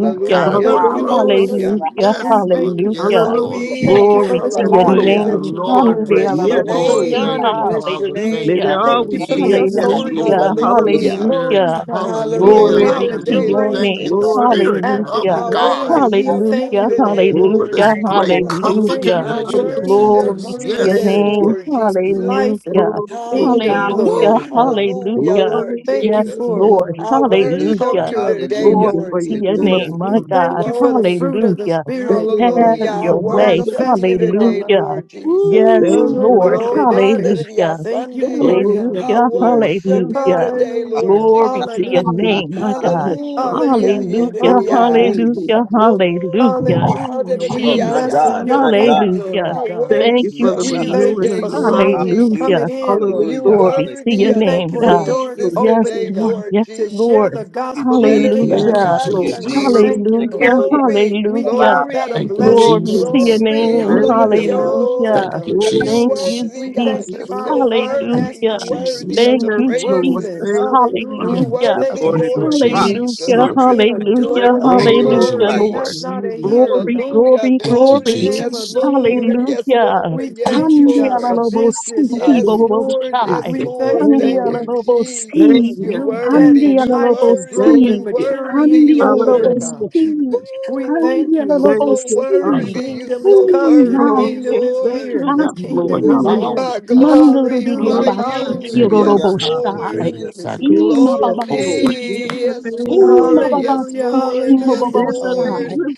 F: We got him on
E: Thank
F: the
E: you,
D: Hallelujah.
E: Lord.
F: ropes.
H: Hallelujah.
D: Hallelujah.
C: Hallelujah.
F: Yes,
E: We
F: Lord.
E: thank you.
F: Yes,
C: Hallelujah.
F: Lord.
D: Hallelujah.
E: Thank
H: Glory.
E: you for
C: Glory
E: the
C: to
D: Yes,
C: your
D: Lord.
E: dominion
F: Praise the
H: Hallelujah.
E: that
C: name.
E: you've given
F: Lord.
E: us.
C: Hallelujah.
F: Praise
H: Bless
F: the
H: your
D: Yes,
E: Thank you for
F: Lord.
E: the
D: Lord.
F: Thank
E: honor.
H: name.
F: you,
E: You
H: Bless your
F: Father.
D: May
F: Thank
C: Hallelujah.
F: you,
D: there
H: name,
E: Thank
F: Lord
E: you
D: always
E: for
D: be
E: the
D: a
H: Jesus.
F: Jesus.
A: Jesus,
D: yes,
F: Thank you,
E: authority.
D: Lord.
C: Hallelujah.
A: Jesus,
F: Holy Ghost
D: Hallelujah.
A: Jesus.
H: Hallelujah.
F: Spirit.
C: Hallelujah.
E: Glory, God. We
F: Hallelujah.
D: Glory to
C: Glory
H: Hallelujah
D: God.
E: acknowledge
C: to
E: your
H: today,
F: Hallelujah.
C: your
H: Lord
F: Thank
C: name.
F: you,
E: reign,
F: the
H: Jesus.
D: Glory to
F: Spirit
D: God.
E: actively
C: Hallelujah.
F: of
H: I
D: Thank you.
F: God,
E: reigning. We
D: Jesus.
H: worship
E: thank
H: you
C: Hallelujah.
E: you, Lord
H: today,
E: God.
D: Oh,
F: for
H: Lord
D: yes,
C: Hallelujah.
F: this great
D: Lord.
H: Jesus.
D: Hallelujah.
E: Thank
C: Hallelujah.
E: you
F: comforter
H: I
E: for
F: that
E: your
F: you
D: Hallelujah.
F: have sent
H: worship
E: kingdom.
C: Glory
F: us.
H: you
C: to your
H: today,
F: Yes.
D: Thank
E: Hallelujah.
C: name.
D: you.
H: Lord Jesus.
E: Life
C: Hallelujah.
E: and
D: Oh, glory,
E: kingdom.
D: Father.
E: Glory
H: Hallelujah,
C: Hallelujah.
E: to
F: Woo.
E: God.
H: hallelujah,
C: Hallelujah.
D: Glory,
H: Lord
E: Thank
C: Yes,
E: you
D: glory,
H: Jesus.
E: for it,
C: Lord.
E: Lord
D: glory,
H: I
E: God.
D: Father.
E: The
H: worship
A: Hallelujah,
C: Hallelujah.
E: culture
H: you
E: of the
H: today,
D: Thank
A: hallelujah,
E: kingdom.
D: you
C: Glory
D: for
H: Lord
D: your
C: to your
A: hallelujah.
H: Jesus.
C: name,
D: glory,
C: my
E: We
D: Father.
C: God.
E: thank you for the
H: Glory,
E: fruit of the
C: Hallelujah.
E: Spirit.
D: Thank
C: Have
D: you,
E: Glory to
H: hallelujah. I
C: your
D: Father.
E: God.
C: way.
H: worship
D: Hallelujah.
H: you
E: Manifested in our
H: today,
E: lives.
C: Hallelujah.
H: Lord Jesus.
C: Yes,
E: No
D: Thank you,
A: Woo!
C: Lord.
H: Glory,
E: remarque
D: Father.
E: de que-
C: Hallelujah.
H: hallelujah,
E: Thank you,
H: Sunday.
E: Lord
D: Oh, yes,
E: God.
H: I
C: Hallelujah.
D: Lord.
H: worship
D: Thank
H: you
D: you,
C: Hallelujah.
D: Father.
H: today, Lord
E: Hallelujah.
C: Glory to
D: Sweet
C: your
H: Jesus.
E: Hallelujah.
D: Jesus,
C: name, my
D: the
C: God.
D: lips, Father.
H: Hallelujah, yeah,
E: Hallelujah.
H: yeah,
C: Hallelujah,
D: Oh,
E: Humbling
H: yeah.
E: to
D: thank
E: you,
D: you.
C: hallelujah,
E: God.
C: hallelujah.
H: Woo!
E: Hallelujah. We are
A: oh,
H: Hallelujah,
D: Hallelujah.
A: my
C: Jesus,
H: yeah,
E: blessing
D: Father.
A: God,
E: your
A: my
H: Lord.
E: name,
A: God,
E: glory
C: hallelujah.
E: to
H: I
E: God.
D: Thank
C: Thank
D: you
A: my
C: you,
D: for the
H: worship
E: We
H: you
A: God.
E: thank you
D: renewing
C: Jesus.
D: of
H: today,
E: for
D: the
H: Lord
D: mind.
E: souls coming
A: Hallelujah,
C: Hallelujah.
H: Jesus.
E: in,
D: Hallelujah.
H: You
E: Lord
A: hallelujah,
E: God.
C: Glory to
H: worthy
C: your
E: We
H: of
A: hallelujah.
H: the
E: thank
C: name,
E: you for
C: God.
D: Yes,
E: doors
H: praises
D: Lord.
C: Yes,
H: today,
E: opening,
C: Lord.
E: God,
H: Lord
C: Yes,
E: to share
C: Lord.
E: the
H: Jesus.
A: Thank you,
E: gospel of the
A: Jesus.
H: Hallelujah,
F: Thank
E: kingdom.
D: Yes,
F: you,
C: Hallelujah.
H: yeah,
A: Thank you,
D: Lord.
E: We
H: Sunday.
F: Jesus.
A: Jesus.
E: thank you,
D: Hallelujah.
A: Thank you,
E: Lord.
C: Hallelujah.
D: Hallelujah.
A: Jesus.
H: Glory,
E: We
C: Hallelujah.
E: count that a
H: glory,
F: Thank you,
D: Thank
E: blessing,
C: Glory
D: you,
E: Lord
C: to your
F: Jesus.
E: God,
D: Jesus.
H: glory.
C: name.
E: to
D: Thank
E: be
A: Mm.
D: you, Lord.
H: Hallelujah,
E: chosen,
H: Lord.
C: Hallelujah.
F: Thank you,
E: God.
D: Yes,
H: You
E: God.
C: Thank
F: Jesus.
C: you,
H: worthy,
E: We
D: Lord.
E: thank
H: God.
E: you
H: You
C: Jesus.
E: for our
H: so
E: divine
F: Thank
H: worthy.
F: you,
E: destiny,
H: You
C: Hallelujah.
E: Lord.
H: worthy
F: Jesus.
H: of
C: Thank
H: the
D: Yes,
C: you,
F: Thank
D: Lord.
E: Workmen,
H: praises.
C: Jesus.
D: Thank you,
H: You
D: Father.
E: hallelujah.
F: you, Jesus.
C: Hallelujah.
A: The
H: worthy,
E: Thank
A: Lord
E: you
F: Thank
A: is
F: you,
E: for
H: Lord
E: it,
A: my
E: God.
A: rock,
D: Yes,
A: my
F: Jesus.
H: Jesus.
C: Hallelujah,
D: Father.
A: fortress,
E: Being a
A: my
H: Mm,
E: doer
C: hallelujah,
A: deliverer.
E: of the
H: glory,
A: In
D: Oh,
F: Thank you,
A: him
D: we
A: will
C: hallelujah,
E: word
A: I
D: thank
E: and
H: glory.
A: trust.
D: you
C: Lord.
E: that's
D: in
F: Jesus.
D: the
E: not a
D: name of
E: hearer,
D: Jesus.
C: Glory,
E: God.
H: Hallelujah.
C: glory,
F: Thank you,
E: In the
H: Glory.
C: glory.
E: name
H: Yes,
E: of
F: Jesus.
D: Jesus,
E: Jesus,
D: thank
H: Lord. Yes,
C: Hallelujah.
E: we
H: Lord. Yes,
F: Thank
E: thank
F: you,
E: you, God, for
H: Lord.
F: Jesus.
E: business
C: Handialalobosiki
H: Yes,
E: ideas.
H: Lord.
F: Thank
C: boboboshai.
H: Yes,
E: We
F: you,
D: Jesus.
F: Jesus.
H: Lord.
E: thank you,
D: Thank
H: Thank
D: you,
H: you,
E: Lord.
H: Jesus.
D: thank
C: Handialalobosi.
H: You
D: you,
E: New
F: Thank
E: depth
F: you,
H: worthy.
E: and
F: Jesus.
H: You
E: heights and
H: worthy.
E: growth
C: Handialalobosi.
H: You
E: and
D: thank you.
E: maturity in
H: worthy,
E: you, Lord
H: Lord.
F: Thank you,
D: Hallelujah.
E: God.
C: Handialalobosi.
F: Jesus.
E: We
H: Woo.
E: thank you,
H: You
E: Lord.
D: Thank
H: so
D: you,
E: The
F: Thank
C: Handialalobosi.
H: worthy.
D: Father.
F: you,
H: You
E: kingdom is
H: so
F: Jesus.
E: coming. The
C: Ima
D: Oh,
H: worthy,
E: kingdom
D: can't
E: is
D: thank
H: Lord.
E: here.
D: you
F: For
E: The
D: enough,
F: You
C: asi.
F: have
D: Lord.
E: kingdom is
H: Woo.
E: here.
F: allowed
D: Hallelujah.
H: I
F: us
C: Mandoro diria
H: glorify
D: Hallelujah.
E: Hallelujah.
C: bachi
F: to
H: you.
F: send
E: Hallelujah.
H: Yes,
A: Hallelujah,
D: Hallelujah.
F: us now
E: The
F: a
H: Lord.
C: kiroroboshai.
F: living
A: hallelujah.
E: kingdom is here.
D: Oh,
F: sacrifice.
C: Ima
D: yes,
F: Holy
D: Lord.
F: and
C: babasi.
H: Glory.
F: acceptable
D: In the
H: Yes,
F: to
D: name
F: you,
D: of
F: God.
H: Lord.
D: Jesus.
H: Yes,
E: Hallelujah.
H: Lord. Yes,
E: Hallelujah.
D: In the
H: Lord.
C: Imababasikimababoshai.
D: name
E: Hallelujah.
D: of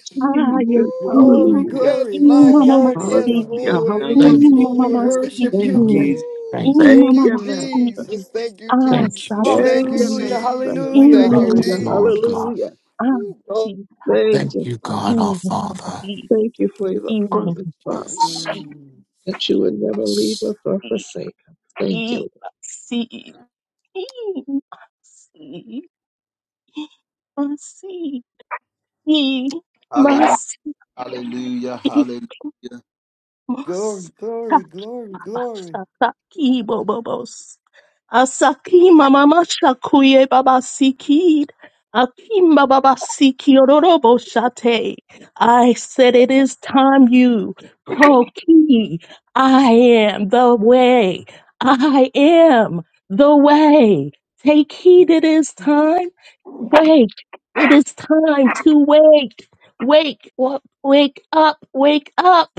D: Jesus.
H: Ooh,
E: Glory,
C: Ayekim.
D: Hallelujah.
H: Yes,
E: glory. My
H: Lord.
E: God, my
H: Yes,
C: Imamamasi.
E: God.
D: Hallelujah,
H: Lord.
A: Thank you,
D: hallelujah,
H: Yes,
F: Thank you,
A: Jesus.
E: We
H: Lord.
E: worship
D: Thank
E: you,
F: thank
C: Imamamasikim.
D: you.
F: you,
E: King.
H: Ooh,
F: thank you,
H: Thank
D: Thank
H: you,
D: you, Master.
C: Imamamasi.
H: Jesus. Thank you,
F: thank you,
H: Jesus.
C: Asati.
D: Thank
H: Thank you,
D: you,
F: Jesus.
E: Hallelujah.
D: Master.
H: Jesus.
E: Hallelujah.
H: Thank you,
F: Thank us,
D: Hallelujah.
E: Hallelujah.
F: Lord
C: Imamamasi.
H: Jesus.
F: God.
D: Hallelujah.
H: Ooh, Oh,
C: Asita.
D: Thank
F: Thank
D: you,
F: you,
D: Father.
F: God, our Father.
C: Imamasi.
D: Thank you for the promise, Father,
C: Imamasi.
F: Yes.
E: Mm.
D: that you would never
F: yes.
D: leave us or forsake us. Thank
C: Imasi.
D: you.
C: Imasi. Imasi.
A: Hallelujah. Hallelujah. Hallelujah.
C: Imasi.
E: Glory, glory, glory, glory.
C: Sakaki Bobos. Asakima mama shakuye baba sikid. Akimba baba siki ororobo shate. I said it is time you koki. I am the way. I am the way. Take heed it is time. Wake. It is time to wake. Wake. wa- Wake up. Wake up.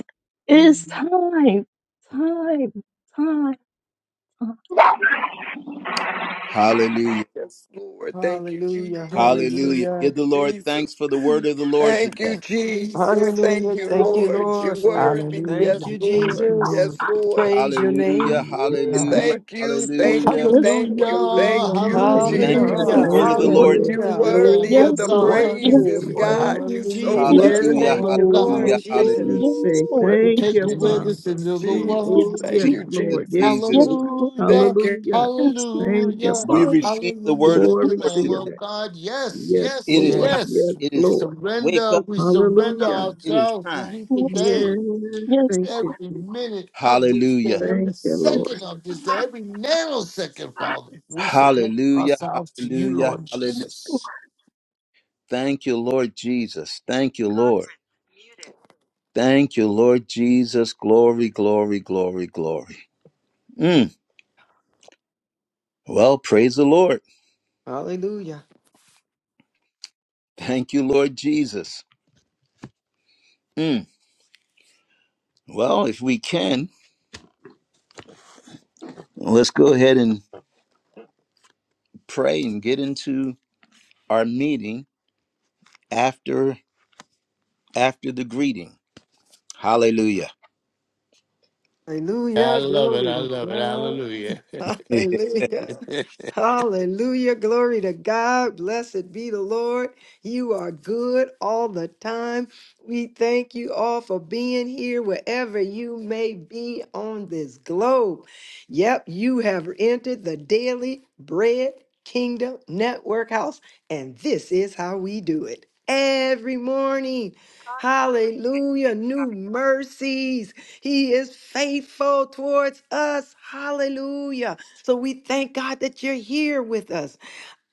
C: It is
E: Mm.
C: time. Time. Time.
A: Hallelujah.
H: yes, Lord. Thank you, Je-
E: Hallelujah.
A: Hallelujah.
H: Jesus. Thank
E: Hallelujah.
A: Give the
H: you,
A: Lord thanks
H: Jesus.
A: for the word of the Lord
H: Thank you,
A: today.
H: Jesus. Thank
E: Hallelujah.
H: you,
E: Thank you,
H: Lord. You
E: Lord, for it.
H: worthy.
E: Thank
H: Yes,
E: you,
G: Hallelujah. Thank
H: Lord.
G: you,
E: Jesus.
G: Lord.
H: Yes,
E: We
H: Lord.
E: praise your
A: Hallelujah.
E: name.
G: Thank you,
H: Ooh,
C: Yes,
G: God.
A: Hallelujah.
H: Thank you,
C: Lord.
H: thank you,
A: Hallelujah.
C: Yes,
H: thank
C: Lord.
H: you,
F: Hallelujah,
H: thank
D: Hallelujah.
H: you,
C: Yes,
A: Thank
G: Hallelujah.
A: you
D: Hallelujah.
A: for
F: hallelujah,
A: the
E: Hallelujah.
H: Jesus.
A: word
D: Thank
A: of the
C: Lord.
A: Lord
F: hallelujah
D: you,
H: You
D: Lord.
A: today.
F: to
E: Hallelujah.
F: the Lamb
H: worthy
D: Glory,
H: of
F: of
H: the
C: Yes, Lord.
D: glory,
F: God.
C: Yes,
G: Thank you,
H: praises,
D: glory.
C: Lord.
G: God.
E: Thank
H: God. You
E: you,
F: Hallelujah
H: so
F: to
C: Yes,
F: the
E: Jesus.
D: Yes,
C: Lord.
F: Lamb
A: Hallelujah.
H: worthy.
E: Thank you,
F: of
D: Lord.
E: Lord
F: God
A: Hallelujah.
D: Oh,
A: Hallelujah.
D: sickly
E: Jesus.
C: Yes,
D: say.
C: Lord.
F: who
H: Ooh,
D: Thank
F: take
D: you,
F: away
D: Father.
F: the
G: Hallelujah.
F: sins
H: Jesus,
F: of the
H: Jesus.
C: Yes,
D: Oh,
F: world.
D: yes,
H: Thank
C: Lord.
H: you,
E: Mm.
A: Jesus,
D: Lord. Yes,
H: Jesus.
A: Jesus.
C: Yes,
D: Lord.
C: Lord.
F: Hallelujah,
H: Thank you,
D: Hallelujah.
C: Yes,
D: Thank you,
F: hallelujah,
A: We
C: Lord.
D: Father.
A: receive the
F: hallelujah
A: word of
F: to
A: the
F: the
D: Glory
A: Lord
D: to
F: Lamb
A: today.
D: you.
F: of God. Yes,
D: Yes,
A: It
F: yes,
A: is
D: Lord.
A: time.
G: Yes.
D: Yes,
F: yes.
A: It
F: We
A: is time.
D: Lord.
A: Wake
F: surrender,
A: up
F: we surrender
A: time.
D: Hallelujah.
A: It is
F: ourselves to
A: time.
F: you
C: Yes, Lord. Yes, Lord.
F: today
D: Yes.
C: Yes, Lord. Yes, Lord. Yes,
D: Thank
C: Lord.
D: you.
F: every
D: Jesus.
F: minute of this day,
A: Hallelujah.
F: every
D: Thank you,
C: Yes,
D: Lord.
F: second of this day, every nanosecond, Father. We surrender
A: Hallelujah.
F: ourselves to you,
A: Hallelujah.
F: Lord
C: Lord.
A: Hallelujah.
C: Yes, Lord.
F: Jesus.
A: Thank you, Lord Jesus. Thank you, Lord. Thank you, Lord Jesus. Glory, glory, glory, glory. Mm. Well, praise the Lord.
E: Hallelujah.
A: Thank you, Lord Jesus. Mm. Well, if we can, let's go ahead and pray and get into our meeting after after the greeting. Hallelujah.
F: I
E: Hallelujah,
F: love it.
E: glory
F: I
E: to
F: love it.
E: God.
F: Hallelujah.
E: Hallelujah. Hallelujah, glory to God. Blessed be the Lord. You are good all the time. We thank you all for being here wherever you may be on this globe. Yep, you have entered the Daily Bread Kingdom Network House, and this is how we do it every morning. Hallelujah, new mercies. He is faithful towards us. Hallelujah. So we thank God that you're here with us.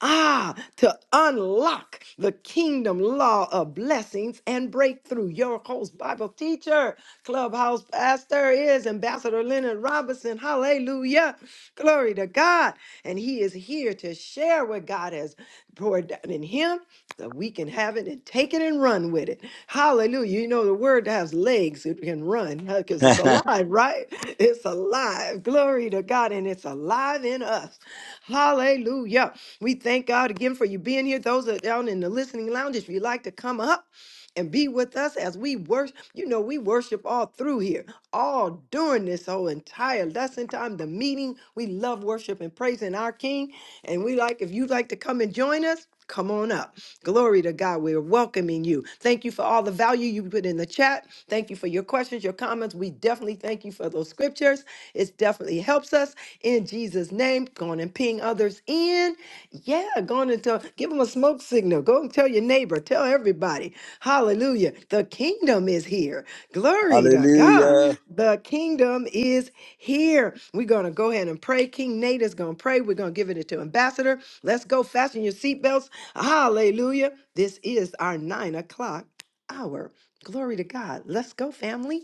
E: Ah, to unlock the kingdom law of blessings and breakthrough. Your host, Bible teacher, clubhouse pastor is Ambassador Leonard Robinson. Hallelujah. Glory to God. And he is here to share what God has poured down in him so we can have it and take it and run with it. Hallelujah. You know, the word has legs, it can run because it's alive, right? It's alive. Glory to God. And it's alive in us. Hallelujah. We thank God again for you being here. Those that are down in the listening lounge, if you'd like to come up, and be with us as we worship. You know, we worship all through here, all during this whole entire lesson time, the meeting. We love worship and praising our King. And we like, if you'd like to come and join us, come on up. Glory to God. We're welcoming you. Thank you for all the value you put in the chat. Thank you for your questions, your comments. We definitely thank you for those scriptures. It definitely helps us in Jesus' name. Go on and ping others in. Yeah, go on and tell, give them a smoke signal. Go and tell your neighbor, tell everybody. Hallelujah. The kingdom is here. Glory to God. Mhm.
A: Hallelujah.
E: The kingdom is here. We're going to go ahead and pray. King Nate is going to pray. We're going to give it to Ambassador. Let's go. Fasten your seatbelts. Hallelujah. This is our nine o'clock hour. Glory to God. Let's go, family.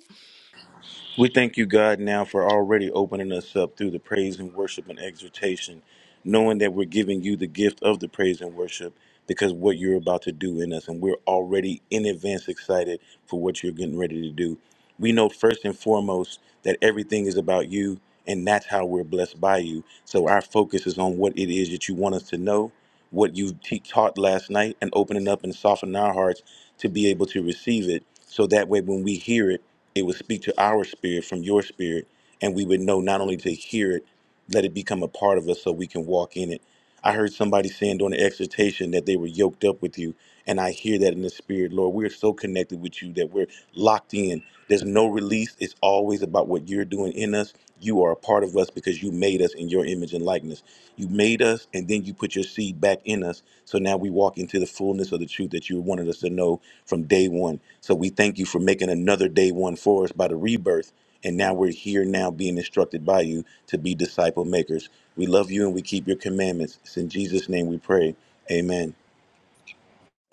B: We thank you, God, now for already opening us up through the praise and worship and exhortation, knowing that we're giving you the gift of the praise and worship because what you're about to do in us, and we're already in advance excited for what you're getting ready to do. We know first and foremost that everything is about you, and that's how we're blessed by you. So our focus is on what it is that you want us to know, what you te- taught last night, and opening up and softening our hearts to be able to receive it. So that way, when we hear it, it would speak to our spirit from your spirit and we would know not only to hear it let it become a part of us so we can walk in it i heard somebody saying during the exhortation that they were yoked up with you and i hear that in the spirit lord we're so connected with you that we're locked in there's no release. It's always about what you're doing in us. You are a part of us because you made us in your image and likeness. You made us, and then you put your seed back in us. So now we walk into the fullness of the truth that you wanted us to know from day one. So we thank you for making another day one for us by the rebirth. And now we're here now being instructed by you to be disciple makers. We love you and we keep your commandments. It's in Jesus' name we pray. Amen.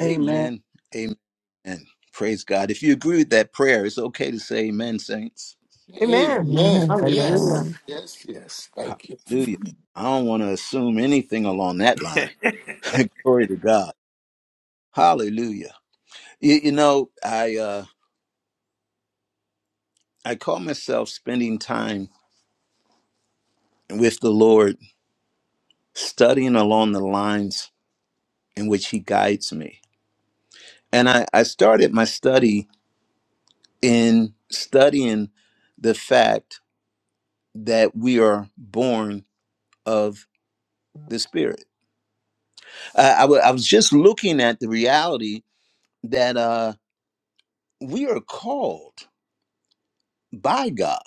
H: Amen.
A: Amen. Amen. Praise God. If you agree with that prayer, it's okay to say amen, saints.
E: Amen.
F: Amen.
C: Amen.
F: Yes.
E: Hallelujah.
G: Amen.
F: Yes. Yes. Thank you.
A: Hallelujah. I don't want to assume anything along that line. Glory to God. Hallelujah. You, you know, I uh, I call myself spending time with the Lord, studying along the lines in which He guides me. And I, I started my study in studying the fact that we are born of the Spirit. I I wa- I was just looking at the reality that uh, we are called by God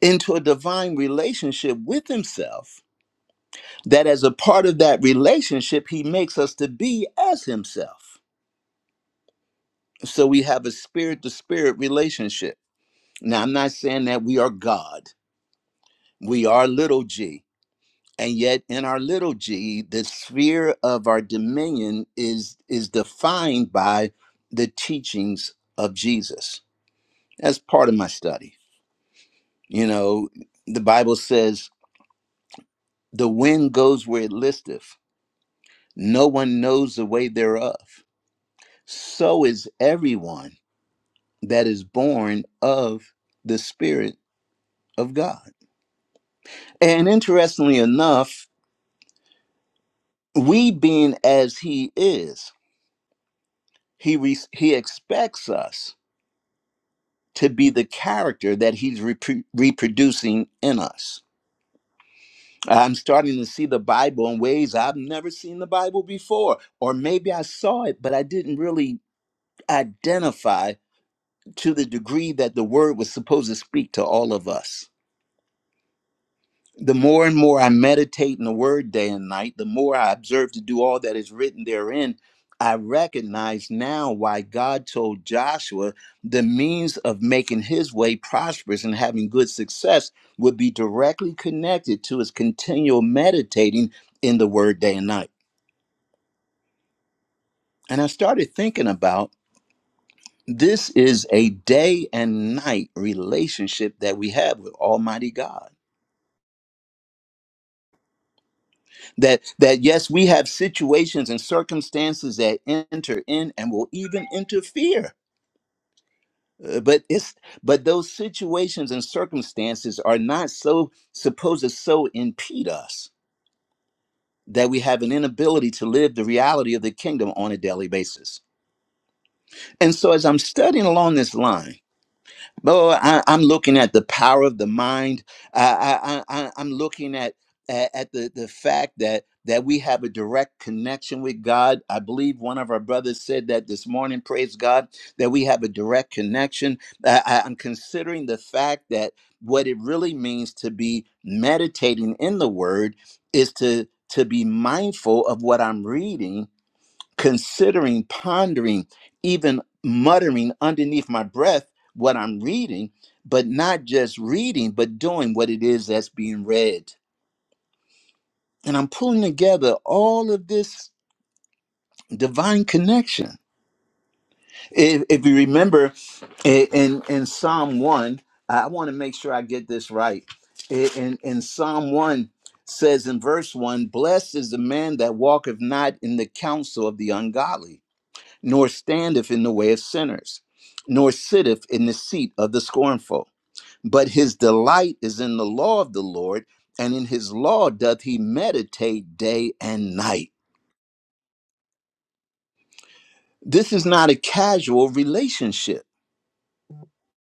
A: into a divine relationship with himself that as a part of that relationship he makes us to be as himself so we have a spirit to spirit relationship now i'm not saying that we are god we are little g and yet in our little g the sphere of our dominion is is defined by the teachings of jesus that's part of my study you know the bible says the wind goes where it listeth No one knows the way thereof. So is everyone that is born of the Spirit of God. And interestingly enough, we being as He is, He, re- he expects us to be the character that He's repro- reproducing in us. I'm starting to see the Bible in ways I've never seen the Bible before. Or maybe I saw it, but I didn't really identify to the degree that the word was supposed to speak to all of us. The more and more I meditate in the word day and night, the more I observe to do all that is written therein, I recognize now why God told Joshua the means of making his way prosperous and having good success would be directly connected to his continual meditating in the word day and night. And I started thinking about this is a day and night relationship that we have with Almighty God that that yes we have situations and circumstances that enter in and will even interfere Uh, but it's but those situations and circumstances are not so supposed to so impede us that we have an inability to live the reality of the kingdom on a daily basis and so as i'm studying along this line Oh, I, I'm looking at the power of the mind. I, I, I, I- am looking at at, at the, the fact that that we have a direct connection with God. I believe one of our brothers said that this morning. Praise God that we have a direct connection. I, I- I'm considering the fact that what it really means to be meditating in the Word is to to be mindful of what I'm reading considering, pondering, even muttering underneath my breath what I'm reading, but not just reading, but doing what it is that's being read. And I'm pulling together all of this divine connection. If, if you remember i- in, in Psalm 1, I want to make sure I get this right. I- In, in Psalm 1 says in verse 1 Blessed is the man that walketh not in the counsel of the ungodly nor standeth in the way of sinners, nor sitteth in the seat of the scornful. But his delight is in the law of the Lord, and in his law doth he meditate day and night. This is not a casual relationship.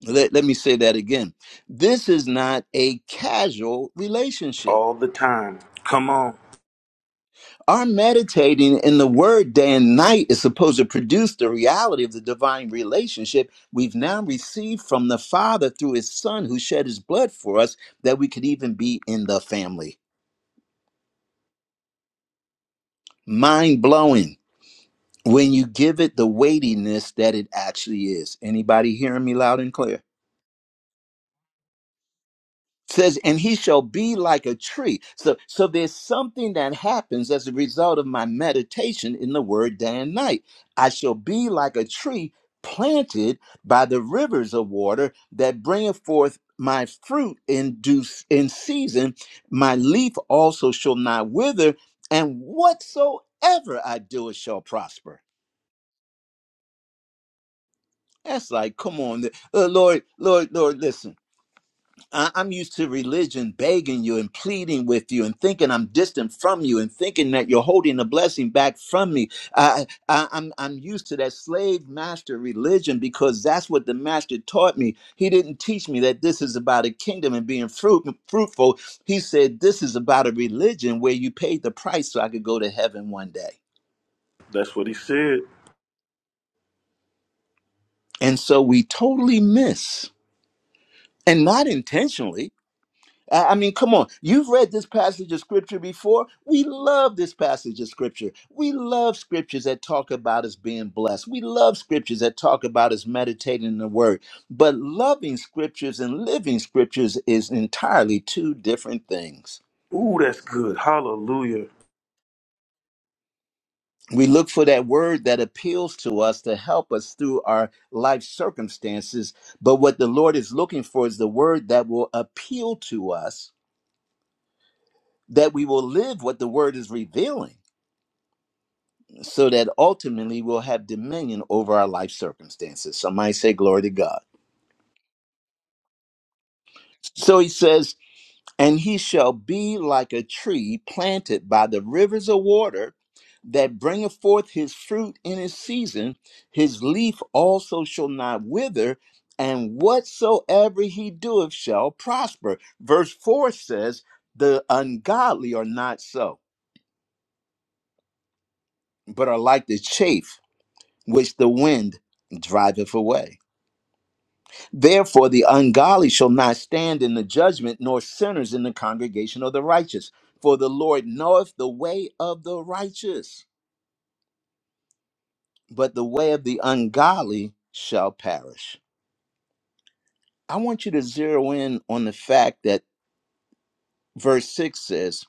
A: Let, let me say that again. This is not a casual relationship.
B: All the time. Come on.
A: Our meditating in the word day and night is supposed to produce the reality of the divine relationship we've now received from the Father through his Son who shed his blood for us that we could even be in the family. Mind blowing when you give it the weightiness that it actually is. Anybody hearing me loud and clear? says and he shall be like a tree so so there's something that happens as a result of my meditation in the word day and night i shall be like a tree planted by the rivers of water that bringeth forth my fruit in due in season my leaf also shall not wither and whatsoever i do it shall prosper that's like come on uh, lord lord lord listen I- I'm used to religion begging you and pleading with you and thinking I'm distant from you and thinking that you're holding the blessing back from me. I, I, I'm, I'm used to that slave master religion because that's what the master taught me. He didn't teach me that this is about a kingdom and being fruit, fruitful. He said, This is about a religion where you paid the price so I could go to heaven one day.
B: That's what he said.
A: And so we totally miss, and not intentionally I I mean, come on. You've read this passage of scripture before. We love this passage of scripture. We love scriptures that talk about us being blessed. We love scriptures that talk about us meditating the word. But loving scriptures and living scriptures is entirely two different things.
B: Ooh, that's good. Hallelujah.
A: We look for that word that appeals to us to help us through our life circumstances. But what the Lord is looking for is the word that will appeal to us, that we will live what the word is revealing so that ultimately we'll have dominion over our life circumstances. Somebody say, Glory to God. So he says, And he shall be like a tree planted by the rivers of water that bringeth forth his fruit in his season. His leaf also shall not wither, and whatsoever he doeth shall prosper. Verse 4 says, The ungodly are not so, but are like the chaff which the wind driveth away. Therefore, the ungodly shall not stand in the judgment, nor sinners in the congregation of the righteous. For the Lord knoweth the way of the righteous, but the way of the ungodly shall perish. I want you to zero in on the fact that verse 6 says,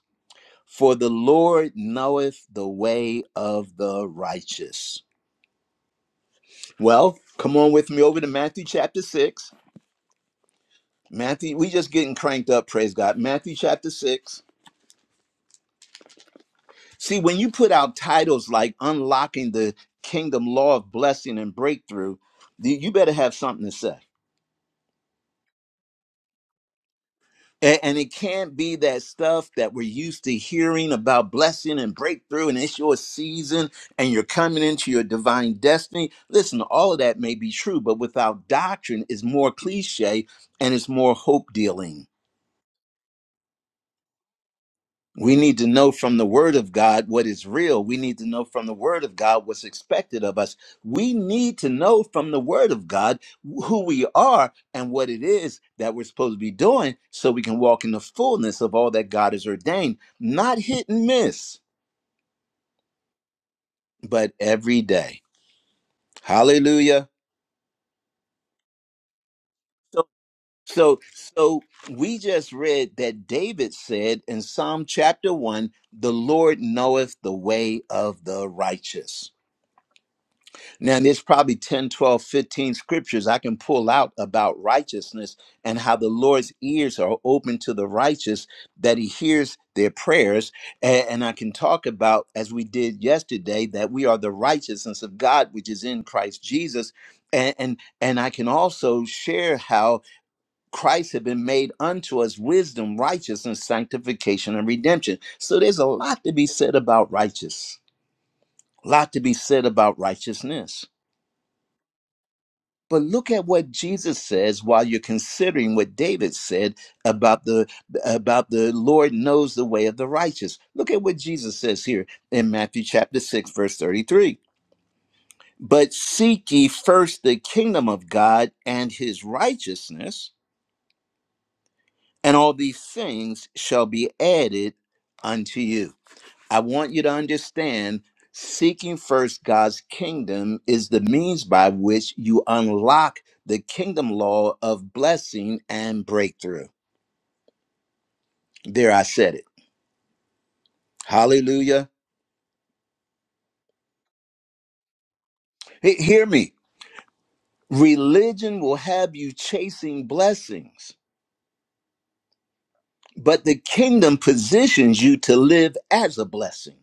A: For the Lord knoweth the way of the righteous. Well, come on with me over to Matthew chapter 6. Matthew, we just getting cranked up, praise God. Matthew chapter 6 See, when you put out titles like Unlocking the Kingdom Law of Blessing and Breakthrough, th- you better have something to say. A- And it can't be that stuff that we're used to hearing about blessing and breakthrough, and it's your season and you're coming into your divine destiny. Listen, all of that may be true, but without doctrine, is more cliche and it's more hope dealing. We need to know from the Word of God what is real. We need to know from the Word of God what's expected of us. We need to know from the Word of God who we are and what it is that we're supposed to be doing so we can walk in the fullness of all that God has ordained, not hit and miss, but every day. Hallelujah. So, so, so we just read that David said in Psalm chapter 1 the Lord knoweth the way of the righteous. Now, there's probably 10, 12, 15 scriptures I can pull out about righteousness and how the Lord's ears are open to the righteous, that he hears their prayers. A- And I can talk about, as we did yesterday, that we are the righteousness of God, which is in Christ Jesus. And, and, and I can also share how Christ had been made unto us wisdom, righteousness, sanctification, and redemption. So there's a lot to be said about righteous, a lot to be said about righteousness. But look at what Jesus says while you're considering what David said about the about the Lord knows the way of the righteous. Look at what Jesus says here in Matthew chapter 6 verse 33. But seek ye first the kingdom of God and his righteousness, and all these things shall be added unto you. I want you to understand seeking first God's kingdom is the means by which you unlock the kingdom law of blessing and breakthrough. There, I said it. Hallelujah. He- hear me. Religion will have you chasing blessings, but the kingdom positions you to live as a blessing.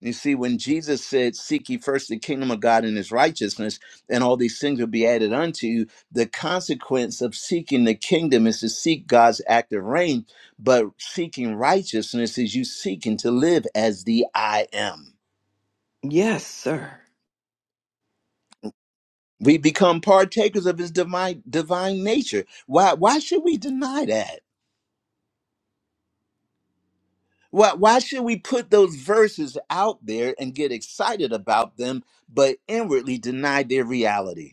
A: You see, when Jesus said, Seek ye first the kingdom of God and his righteousness, and all these things will be added unto you, the consequence of seeking the kingdom is to seek God's active reign, but seeking righteousness is you seeking to live as the I am.
E: Yes, sir.
A: We become partakers of his divine divine nature. Why why should we deny that? Why why should we put those verses out there and get excited about them, but inwardly deny their reality?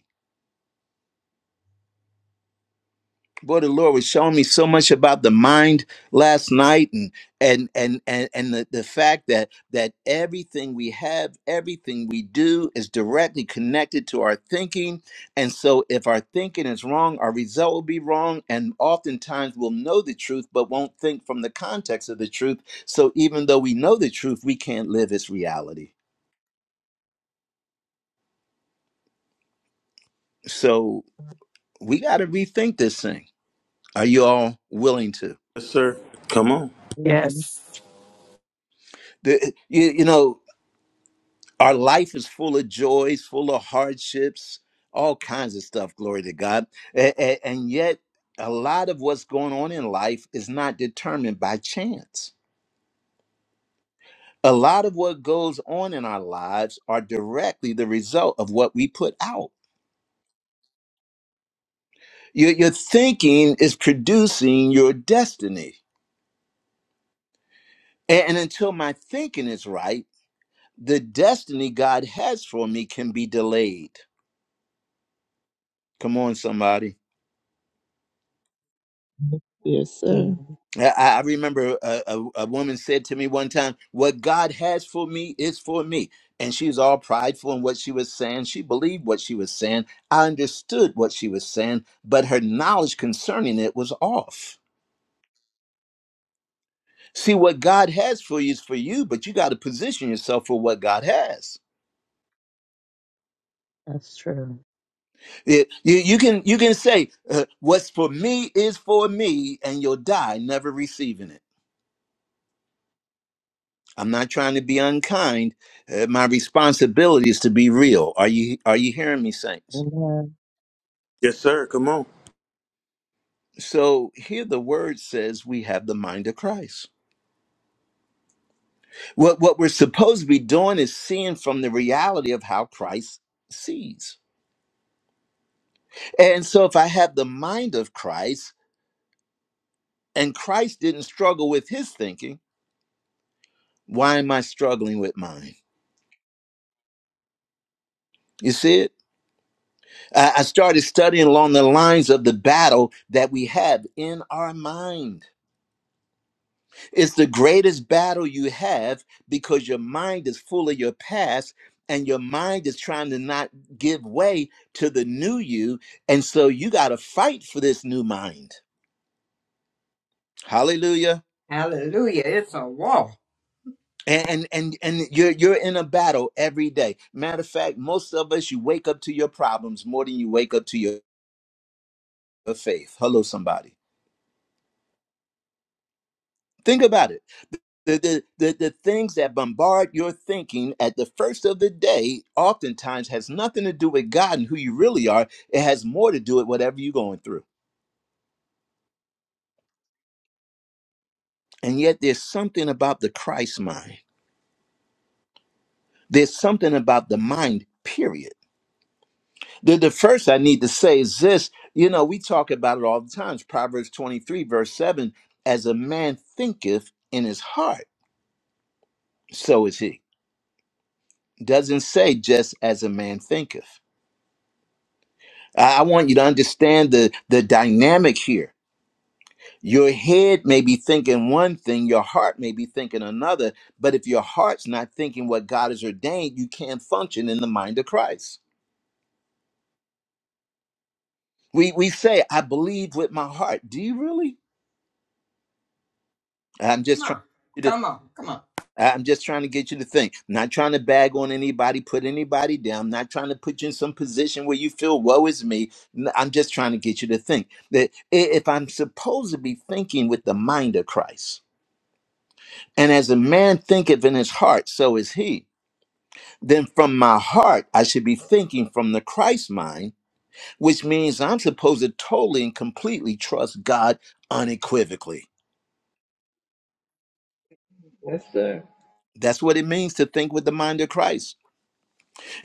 A: boy the lord was showing me so much about the mind last night and and and and, and the, the fact that that everything we have everything we do is directly connected to our thinking and so if our thinking is wrong our result will be wrong and oftentimes we'll know the truth but won't think from the context of the truth so even though we know the truth we can't live its reality so we got to rethink this thing are you all willing to
B: Yes, sir. Come on.
C: Amen.
G: Yes.
A: the, you, you know Our life is full of joys, full of hardships, all kinds of stuff, glory to God. A- a- And yet, a lot of what's going on in life is not determined by chance. A lot of what goes on in our lives are directly the result of what we put out. Your, your thinking is producing your destiny. A- And until my thinking is right, the destiny God has for me can be delayed. Come on, somebody.
D: Yes, sir.
C: Yeah,
A: I, remember a, a, a woman said to me one time, What God has for me is for me. And she was all prideful in what she was saying. She believed what she was saying. I understood what she was saying, but her knowledge concerning it was off. See, what God has for you is for you, but you got to position yourself for what God has.
C: that's true.
A: It- you, you can, you can say, uh, What's for me is for me, and you'll die never receiving it. I'm not trying to be unkind. Uh, my responsibility is to be real. Are you are you hearing me, saints?
C: Amen.
B: Yes, sir. Come on.
A: So here the word says we have the mind of Christ. What what we're supposed to be doing is seeing from the reality of how Christ sees. And so if I have the mind of Christ and Christ didn't struggle with his thinking, why am I struggling with mine? You see it? I I started studying along the lines of the battle that we have in our mind It's the greatest battle you have because your mind is full of your past and your mind is trying to not give way to the new you. And so you got to fight for this new mind. Hallelujah.
I: Hallelujah. It's a wall.
A: And, and and and you're you're in a battle every day. Matter of fact, most of us you wake up to your problems more than you wake up to your, your faith. Hello, somebody. Think about it The, the, the, the things that bombard your thinking at the first of the day oftentimes has nothing to do with God and who you really are. It has more to do with whatever you're going through. And yet there's something about the Christ mind. There's something about the mind, period. The, the first I need to say is this, you know, we talk about it all the times. Proverbs 23, verse 7, as a man thinketh in his heart, so is he. Doesn't say just as a man thinketh. I I want you to understand the the dynamic here. Your head may be thinking one thing, your heart may be thinking another, but if your heart's not thinking what God has ordained, you can't function in the mind of Christ. We we say, I believe with my heart. Do you really? I'm
I: Come
A: just trying
I: on.
A: to get you to
I: Come on. Come on.
A: I'm just trying to get you to think. I'm not trying to bag on anybody, put anybody down. I'm not trying to put you in some position where you feel woe is me. N- I'm just trying to get you to think that i- if I'm supposed to be thinking with the mind of Christ, And as a man thinketh in his heart, so is he. Then from my heart, I should be thinking from the Christ mind, which means I'm supposed to totally and completely trust God unequivocally.
D: Yes, sir.
A: That's what it means to think with the mind of Christ.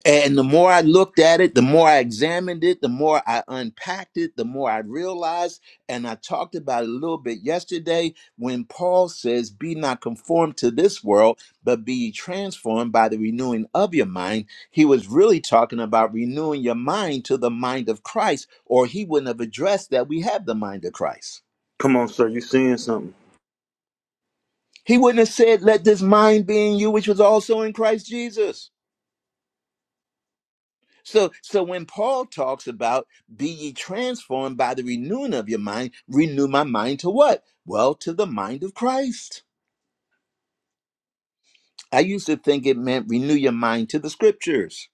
A: And the more I looked at it, the more I examined it, the more I unpacked it, the more I realized. And I talked about it a little bit yesterday when Paul says, Be not conformed to this world, but be ye transformed by the renewing of your mind. He was really talking about renewing your mind to the mind of Christ, or he wouldn't have addressed that we have the mind of Christ.
B: Come on, sir. You seeing something?
A: He wouldn't have said, Let this mind be in you, which was also in Christ Jesus. So, so when Paul talks about be ye transformed by the renewing of your mind, renew my mind to what? Well, to the mind of Christ. I used to think it meant renew your mind to the scriptures.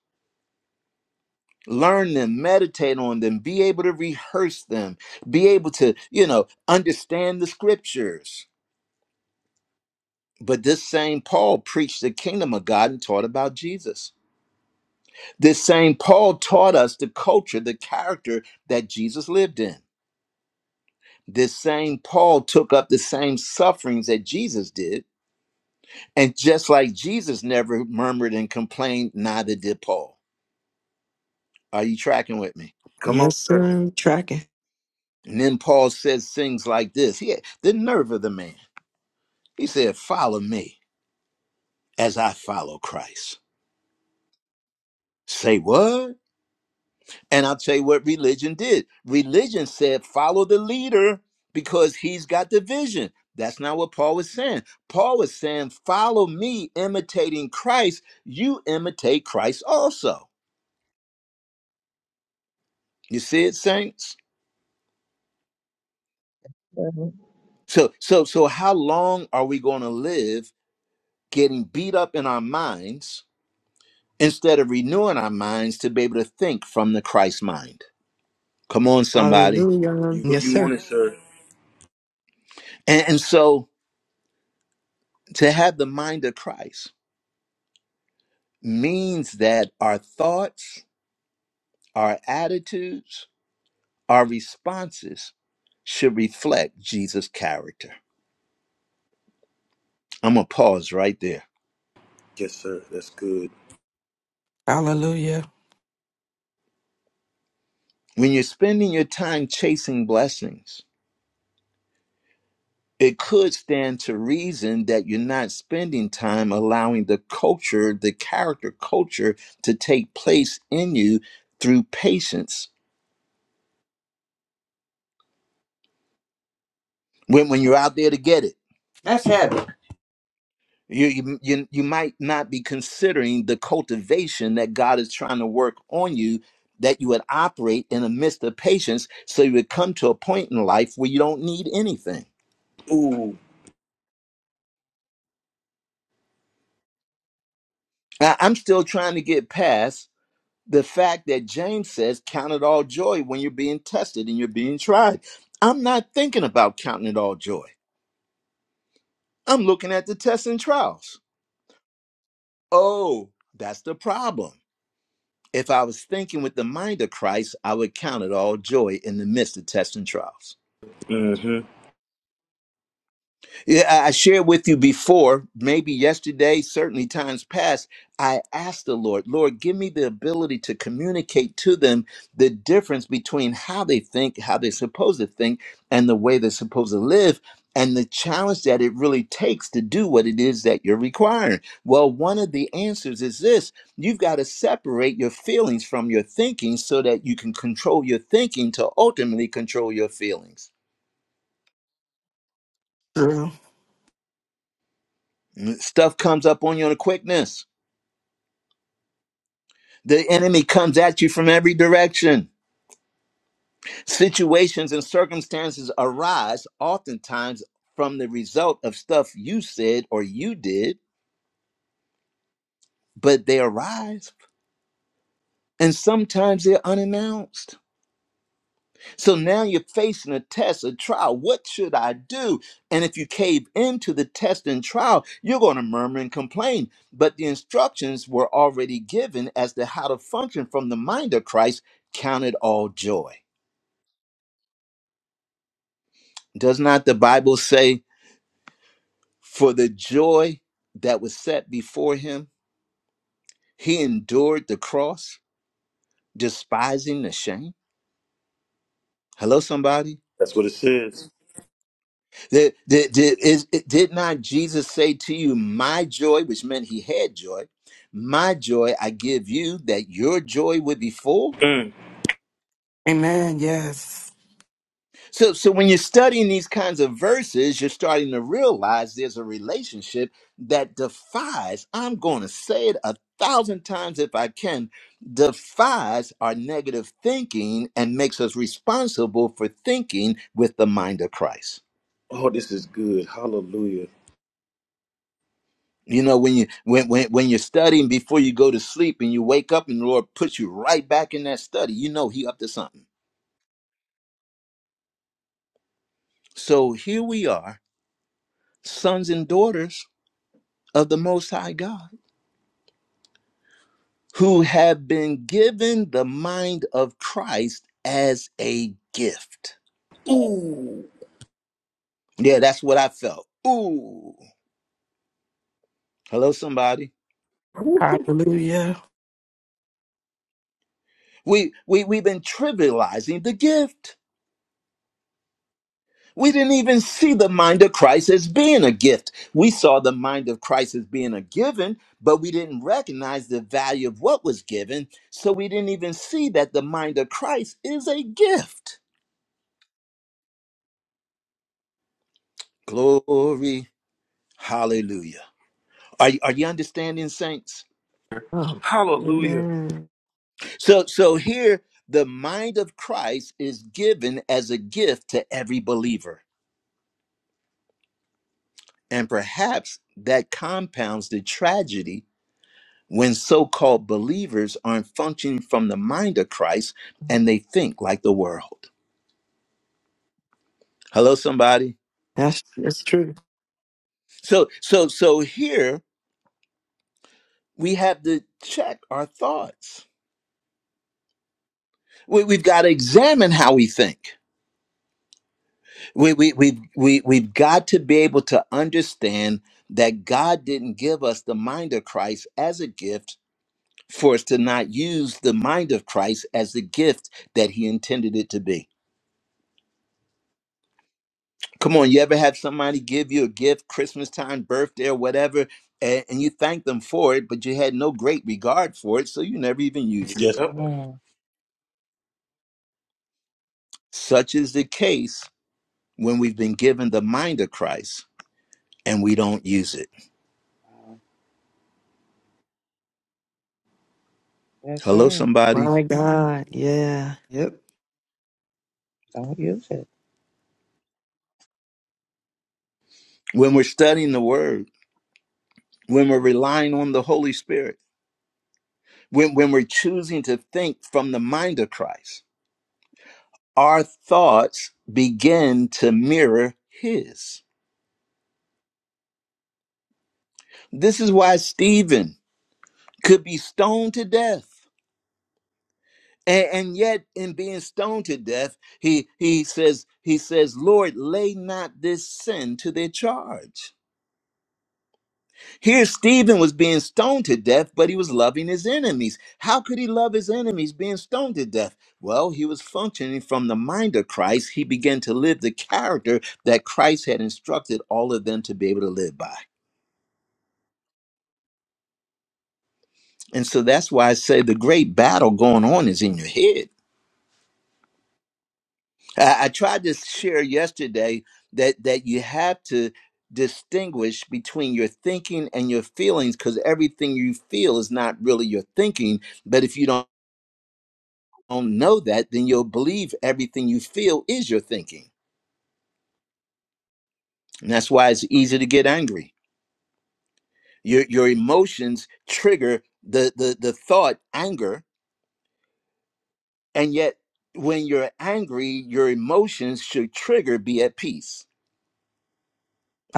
A: Learn them, meditate on them, be able to rehearse them, be able to, you know, understand the scriptures. But this same Paul preached the kingdom of God and taught about Jesus. This same Paul taught us the culture, the character that Jesus lived in. This same Paul took up the same sufferings that Jesus did. And just like Jesus never murmured and complained, neither did Paul. Are you tracking with me?
B: Come on,
E: Yes, sir.
B: sir.
E: I'm tracking.
A: And then Paul says things like this. He had the nerve of the man. He said, Follow me as I follow Christ. Say what? And I'll tell you what religion did. Religion said, follow the leader because he's got the vision. That's not what Paul was saying. Paul was saying, follow me, imitating Christ. You imitate Christ also. You see it, saints?
D: Thank
A: So, so, so how long are we going to live getting beat up in our minds instead of renewing our minds to be able to think from the Christ mind? Come on, somebody.
E: Hallelujah.
B: You go-
E: Yes,
B: you want
E: sir.
B: it, sir?
A: And, and so to have the mind of Christ means that our thoughts, our attitudes, our responses should reflect Jesus' character. I'm going to pause right there.
B: Yes, sir. That's good.
G: Hallelujah.
A: When you're spending your time chasing blessings, it could stand to reason that you're not spending time allowing the culture, the character culture, to take place in you through patience when, when you're out there to get it.
I: That's heaven.
A: You, you you you might not be considering the cultivation that God is trying to work on you that you would operate in the midst of patience so you would come to a point in life where you don't need anything.
B: Ooh.
A: I- I'm still trying to get past the fact that James says count it all joy when you're being tested and you're being tried. I'm not thinking about counting it all joy. I'm looking at the tests and trials. Oh, that's the problem If I was thinking with the mind of Christ, I would count it all joy in the midst of tests and trials.
B: Mm-hmm.
A: Yeah, I I shared with you before, maybe yesterday, certainly times past, I asked the Lord, Lord, give me the ability to communicate to them the difference between how they think, how they're supposed to think, and the way they're supposed to live, and the challenge that it really takes to do what it is that you're requiring. Well, one of the answers is this you've got to separate your feelings from your thinking so that you can control your thinking to ultimately control your feelings.
G: True.
A: Mm, Stuff comes up on you on a quickness. The enemy comes at you from every direction. Situations and circumstances arise oftentimes from the result of stuff you said or you did, but they arise. And sometimes they're unannounced. So now you're facing a test, a trial. What should I do? And if you cave into the test and trial, you're going to murmur and complain. But the instructions were already given as to how to function from the mind of Christ. Count it all joy. Does not the Bible say? For the joy that was set before him, he endured the cross, despising the shame. Hello, somebody.
B: That's what it says.
A: Did, did, did, is, did not Jesus say to you, My joy, which meant he had joy, my joy I give you that your joy would be full?
B: Mm.
G: Amen. Yes.
A: So, so when you're studying these kinds of verses, you're starting to realize there's a relationship that defies, I'm going to say it a thousand times if I can, defies our negative thinking and makes us responsible for thinking with the mind of Christ.
B: Oh, this is good. Hallelujah.
A: You know, when you when, when when you're studying before you go to sleep and you wake up and the Lord puts you right back in that study, you know he up to something. So here we are, sons and daughters of the most high God who have been given the mind of Christ as a gift. Yeah, that's what I felt. Ooh. Hello, somebody.
B: Woo.
G: Hallelujah.
A: We we we've been trivializing the gift. We didn't even see the mind of Christ as being a gift. We saw the mind of Christ as being a given, but we didn't recognize the value of what was given. So we didn't even see that the mind of Christ is a gift. Glory. Hallelujah. Are, are you understanding, saints?
E: Oh,
B: Hallelujah.
E: amen.
A: So so here the mind of Christ is given as a gift to every believer. And perhaps that compounds the tragedy when so-called believers aren't functioning from the mind of Christ and they think like the world. Hello somebody.
E: That's that's true.
A: So so so here we have to check our thoughts. We, we've got to examine how we think. we we we we we've got to be able to understand that God didn't give us the mind of Christ as a gift for us to not use the mind of Christ as the gift that he intended it to be. Come on, you ever have somebody give you a gift Christmas time, birthday or whatever and, and you thank them for it, but you had no great regard for it, so you never even used it.
B: Yes. Yep.
J: Mm.
A: Such is the case when we've been given the mind of Christ and we don't use it.
J: Wow. Yes,
A: Hello
J: sir.
A: somebody.
E: My God. Yeah. Yep.
J: Don't use it.
A: When we're studying the word, when we're relying on the Holy Spirit, when, when we're choosing to think from the mind of Christ, our thoughts begin to mirror His. This is why Stephen could be stoned to death. And, and yet, in being stoned to death, he, he says, he says, Lord, lay not this sin to their charge. Here, Stephen was being stoned to death, but he was loving his enemies. How could he love his enemies being stoned to death? Well, he was functioning from the mind of Christ. He began to live the character that Christ had instructed all of them to be able to live by. And so that's why I say the great battle going on is in your head. I, I tried to share yesterday that that you have to distinguish between your thinking and your feelings because everything you feel is not really your thinking but if you don't don't know that, then you'll believe everything you feel is your thinking. And that's why it's easy to get angry. Your your emotions trigger the the the thought anger, and yet when you're angry, your emotions should trigger be at peace.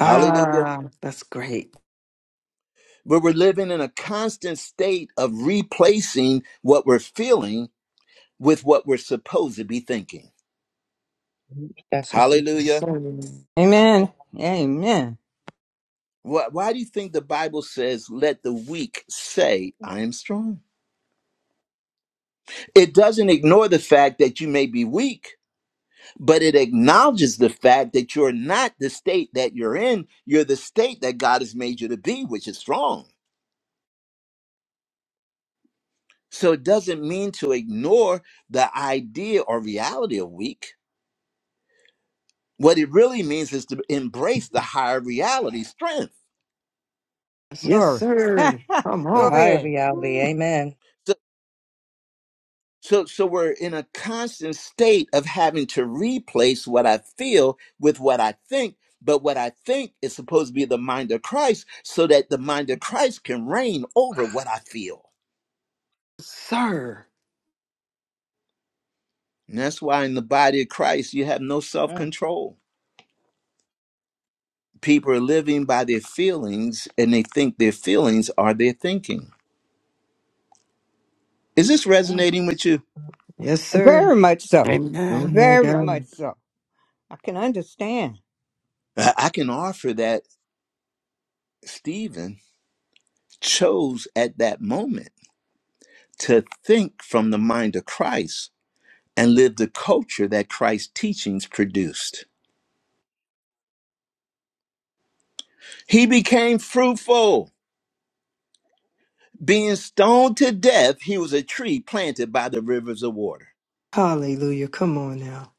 A: Hallelujah.
E: that's great.
A: But we're living in a constant state of replacing what we're feeling with what we're supposed to be thinking.
J: That's some good-
E: Yes,
A: Hallelujah.
E: sir.
I: Amen. Amen.
A: Why, why do you think the Bible says, let the weak say, I am strong? It doesn't ignore the fact that you may be weak, but it acknowledges the fact that you're not the state that you're in. You're the state that God has made you to be, which is strong. So it doesn't mean to ignore the idea or reality of weak. What it really means is to embrace the higher reality, strength.
E: Yes,
I: Glory.
E: sir. Come
J: the
I: Go
E: on.
J: higher
I: ahead.
J: reality.
E: Ooh,
J: Amen.
A: So, so we're in a constant state of having to replace what I feel with what I think. But what I think is supposed to be the mind of Christ so that the mind of Christ can reign over what I feel.
E: sir.
A: And that's why in the body of Christ, you have no self
J: Mm,
A: control. People are living by their feelings and they think their feelings are their thinking. Is this
J: mm.
A: resonating with you?
E: Yes, sir.
I: Very much so.
E: Oh,
G: Amen.
E: my
I: Very much
E: God.
I: so. I can understand.
A: I I can offer that Stephen chose at that moment to think from the mind of Christ and lived the culture that Christ's teachings produced. He became fruitful. Being stoned to death, he was a tree planted by the rivers of water.
E: Hallelujah. Come on now.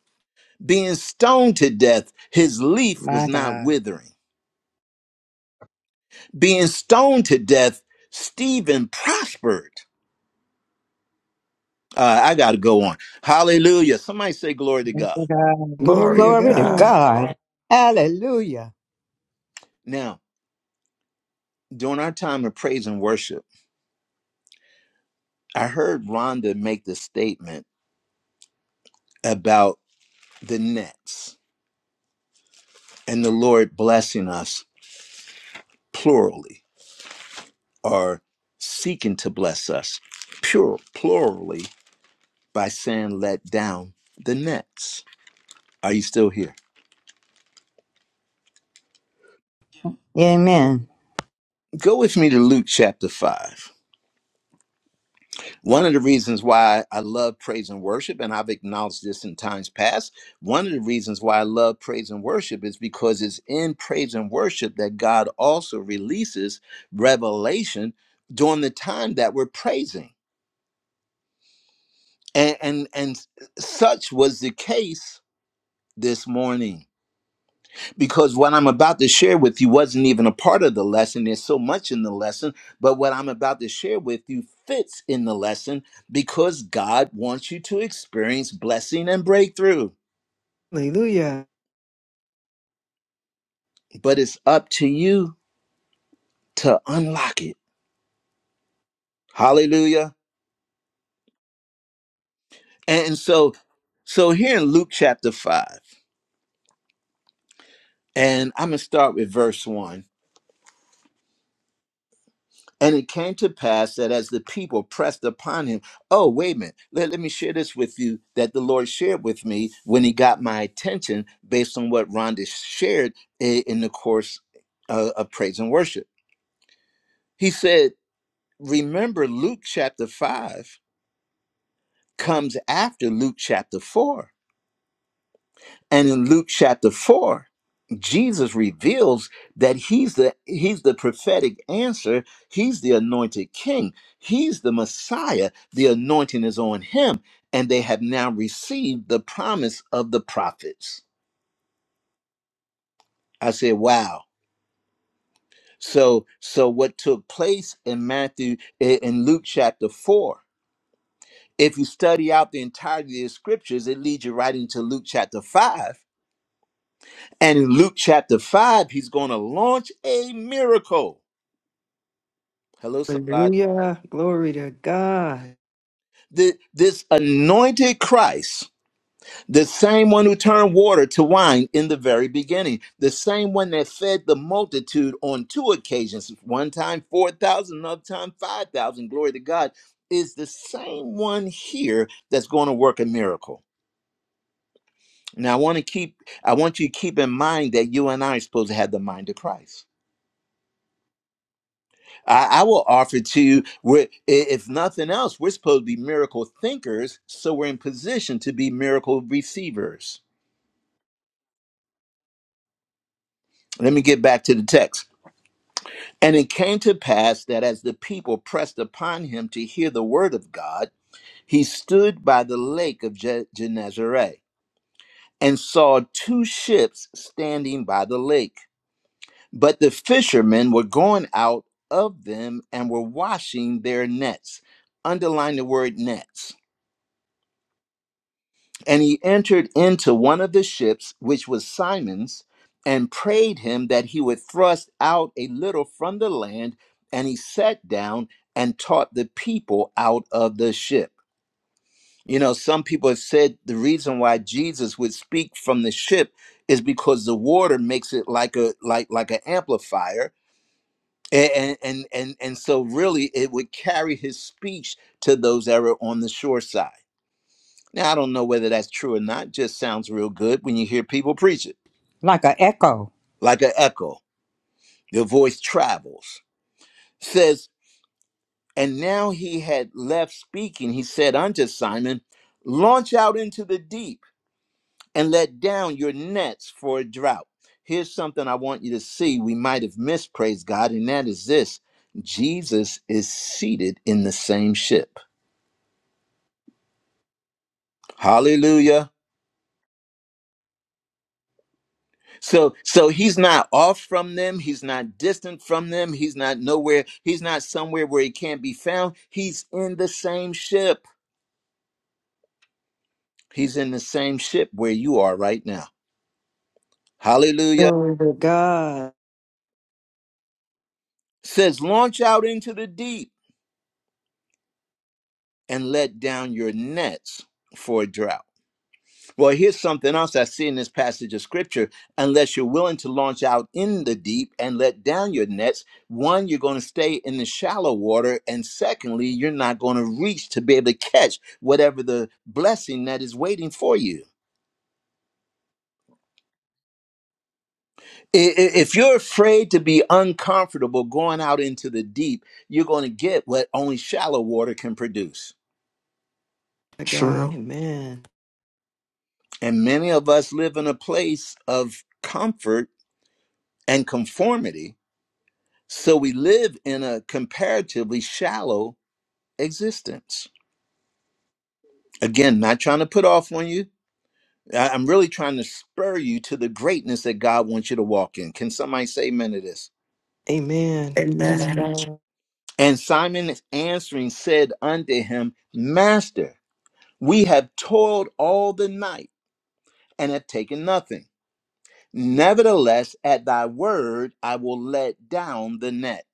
A: Being stoned to death, his leaf was
J: My
A: not
J: God.
A: withering. Being stoned to death, Stephen prospered. Uh, I got to go on. Hallelujah. Somebody say glory to
J: Yes,
A: God.
J: My God.
E: Glory
G: Glory
E: to
G: to
I: Glory to
E: God.
G: God.
I: God. Hallelujah.
A: Now, during our time of praise and worship, I heard Rhonda make the statement about the nets and the Lord blessing us plurally are seeking to bless us pure plurally by saying let down the nets are you still here
I: Amen.
A: go with me to luke chapter 5 one of the reasons why i love praise and worship and i've acknowledged this in times past one of the reasons why i love praise and worship is because it's in praise and worship that god also releases revelation during the time that we're praising and and, and such was the case this morning because what I'm about to share with you wasn't even a part of the lesson. There's so much in the lesson, but what I'm about to share with you fits in the lesson because God wants you to experience blessing and breakthrough.
E: Hallelujah.
A: But it's up to you to unlock it. Hallelujah. And so so here in Luke chapter 5, and I'm going to start with verse 1 And it came to pass that as the people pressed upon him, oh, wait a minute, let, let me share this with you that the Lord shared with me when he got my attention based on what Rhonda shared i- in the course of, of praise and worship. He said, Remember, Luke chapter 5 comes after Luke chapter 4 And in Luke chapter 4, Jesus reveals that he's the he's the prophetic answer, he's the anointed king, he's the Messiah. The anointing is on him and they have now received the promise of the prophets. I said, "Wow." So so what took place in Matthew i- in Luke chapter 4, if you study out the entirety of the scriptures, it leads you right into Luke chapter 5 And in Luke chapter 5, he's going to launch a miracle. Hello, somebody.
E: Hallelujah. Glory to God.
A: Th- This anointed Christ, the same one who turned water to wine in the very beginning, the same one that fed the multitude on two occasions one time 4,000, another time 5,000, glory to God, is the same one here that's going to work a miracle. Now, I want to keep, I want you to keep in mind that you and I are supposed to have the mind of Christ. I, I will offer to you, we're, i- if nothing else, we're supposed to be miracle thinkers, so we're in position to be miracle receivers. Let me get back to the text. And it came to pass that as the people pressed upon him to hear the word of God, he stood by the lake of Je- Gennesaret and saw two ships standing by the lake. But the fishermen were going out of them and were washing their nets. Underline the word nets And he entered into one of the ships, which was Simon's, and prayed him that he would thrust out a little from the land. And he sat down and taught the people out of the ship. You know, some people have said the reason why Jesus would speak from the ship is because the water makes it like a like like an amplifier. And and and and so really it would carry his speech to those that were on the shore side. Now, I don't know whether that's true or not, just sounds real good when you hear people preach it,
I: Like an echo.
A: like an echo. Your voice travels. Says, and now he had left speaking. He said unto Simon, Launch out into the deep and let down your nets for a drought. Here's something I want you to see we might have missed, praise God, and that is this Jesus is seated in the same ship. Hallelujah. So so he's not off from them, he's not distant from them, he's not nowhere, he's not somewhere where he can't be found. He's in the same ship. He's in the same ship where you are right now. Hallelujah.
E: Glory to God.
A: Says launch out into the deep and let down your nets for a drought. Well, here's something else I see in this passage of scripture. Unless you're willing to launch out in the deep and let down your nets, one, you're going to stay in the shallow water. And secondly, you're not going to reach to be able to catch whatever the blessing that is waiting for you. I- i- If you're afraid to be uncomfortable going out into the deep, you're going to get what only shallow water can produce.
E: To God.
G: True.
E: Amen.
A: And many of us live in a place of comfort and conformity So we live in a comparatively shallow existence. Again, not trying to put off on you. I- I'm really trying to spur you to the greatness that God wants you to walk in. Can somebody say amen to this?
E: Amen. Yes,
G: Amen.
E: God.
A: And Simon answering said unto him, Master, we have toiled all the night and have taken nothing. Nevertheless, at thy word, I will let down the net.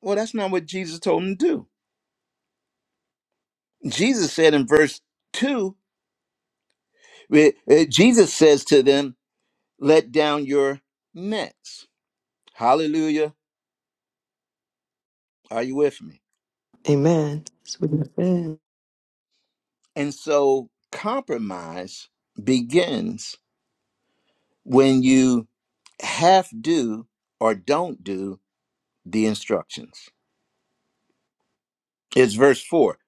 A: Well, that's not what Jesus told him to do. Jesus said in verse 2 Eh, eh, Jesus says to them, Let down your nets. Hallelujah. Are you with me?
E: Amen. That's what you said.
A: And so compromise begins when you half do or don't do the instructions. It's verse 4.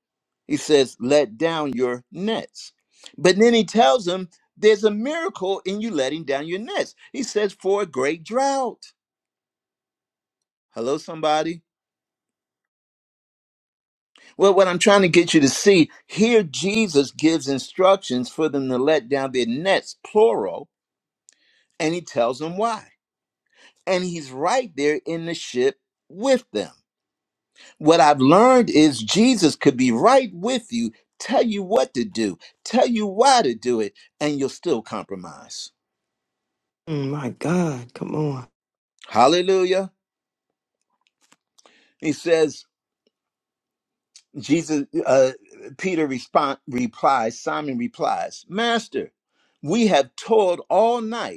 A: He says, Let down your nets. But then he tells them, There's a miracle in you letting down your nets. He says, For a great drought. Hello, somebody. Well, what I'm trying to get you to see here, Jesus gives instructions for them to let down their nets, plural, and he tells them why. And he's right there in the ship with them. What I've learned is Jesus could be right with you, tell you what to do, tell you why to do it, and you'll still compromise.
E: Mm, My God. Come on.
A: Hallelujah. He says, Jesus, uh, Peter respond, replies, Simon replies, Master, we have toiled all night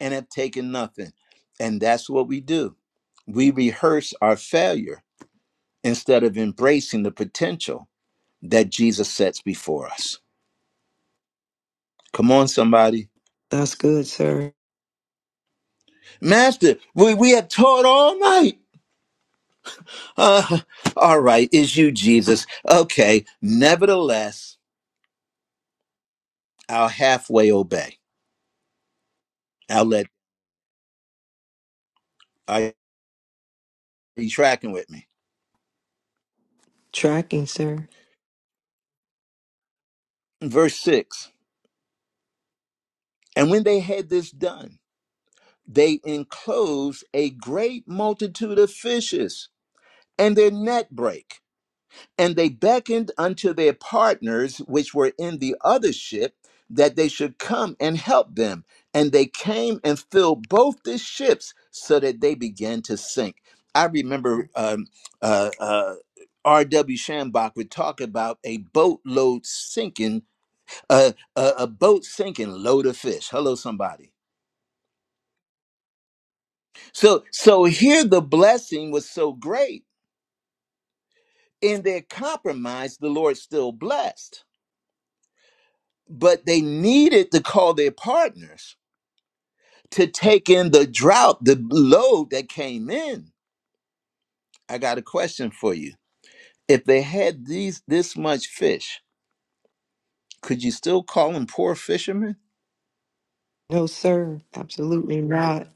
A: and have taken nothing. And that's what we do. We rehearse our failure instead of embracing the potential that Jesus sets before us. Come on, somebody.
E: That's good, sir.
A: Master, we, we have taught all night. Uh, all right, is you, Jesus. Okay, nevertheless, I'll halfway obey. I'll let, are you tracking with me?
E: Tracking, sir.
A: Verse 6 And when they had this done, they enclosed a great multitude of fishes and their net brake. And they beckoned unto their partners which were in the other ship that they should come and help them. And they came and filled both the ships so that they began to sink. I remember um, uh, uh, R.W. Shambach would talk about a boatload sinking, uh, a, a boat sinking load of fish. Hello, somebody. So, so here the blessing was so great in their compromise, the Lord still blessed but they needed to call their partners to take in the drought, the load that came in. I got a question for you. If they had these this much fish, could you still call them poor fishermen?
E: No, sir. Absolutely not.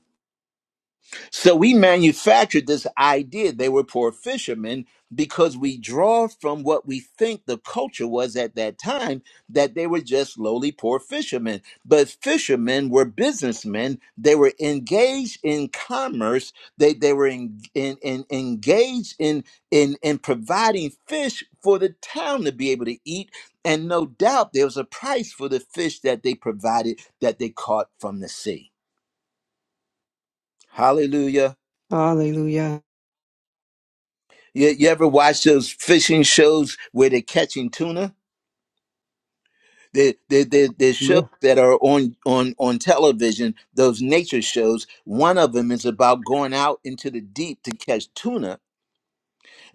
A: So we manufactured this idea they were poor fishermen because we draw from what we think the culture was at that time that they were just lowly poor fishermen. But fishermen were businessmen. They were engaged in commerce. They they were in, in, in- engaged in in in providing fish for the town to be able to eat. And no doubt there was a price for the fish that they provided that they caught from the sea. Hallelujah.
E: Hallelujah.
A: You, you ever watch those fishing shows where they're catching tuna? There, there, there, there's shows
I: Yeah.
A: that are on, on, on television, those nature shows. One of them is about going out into the deep to catch tuna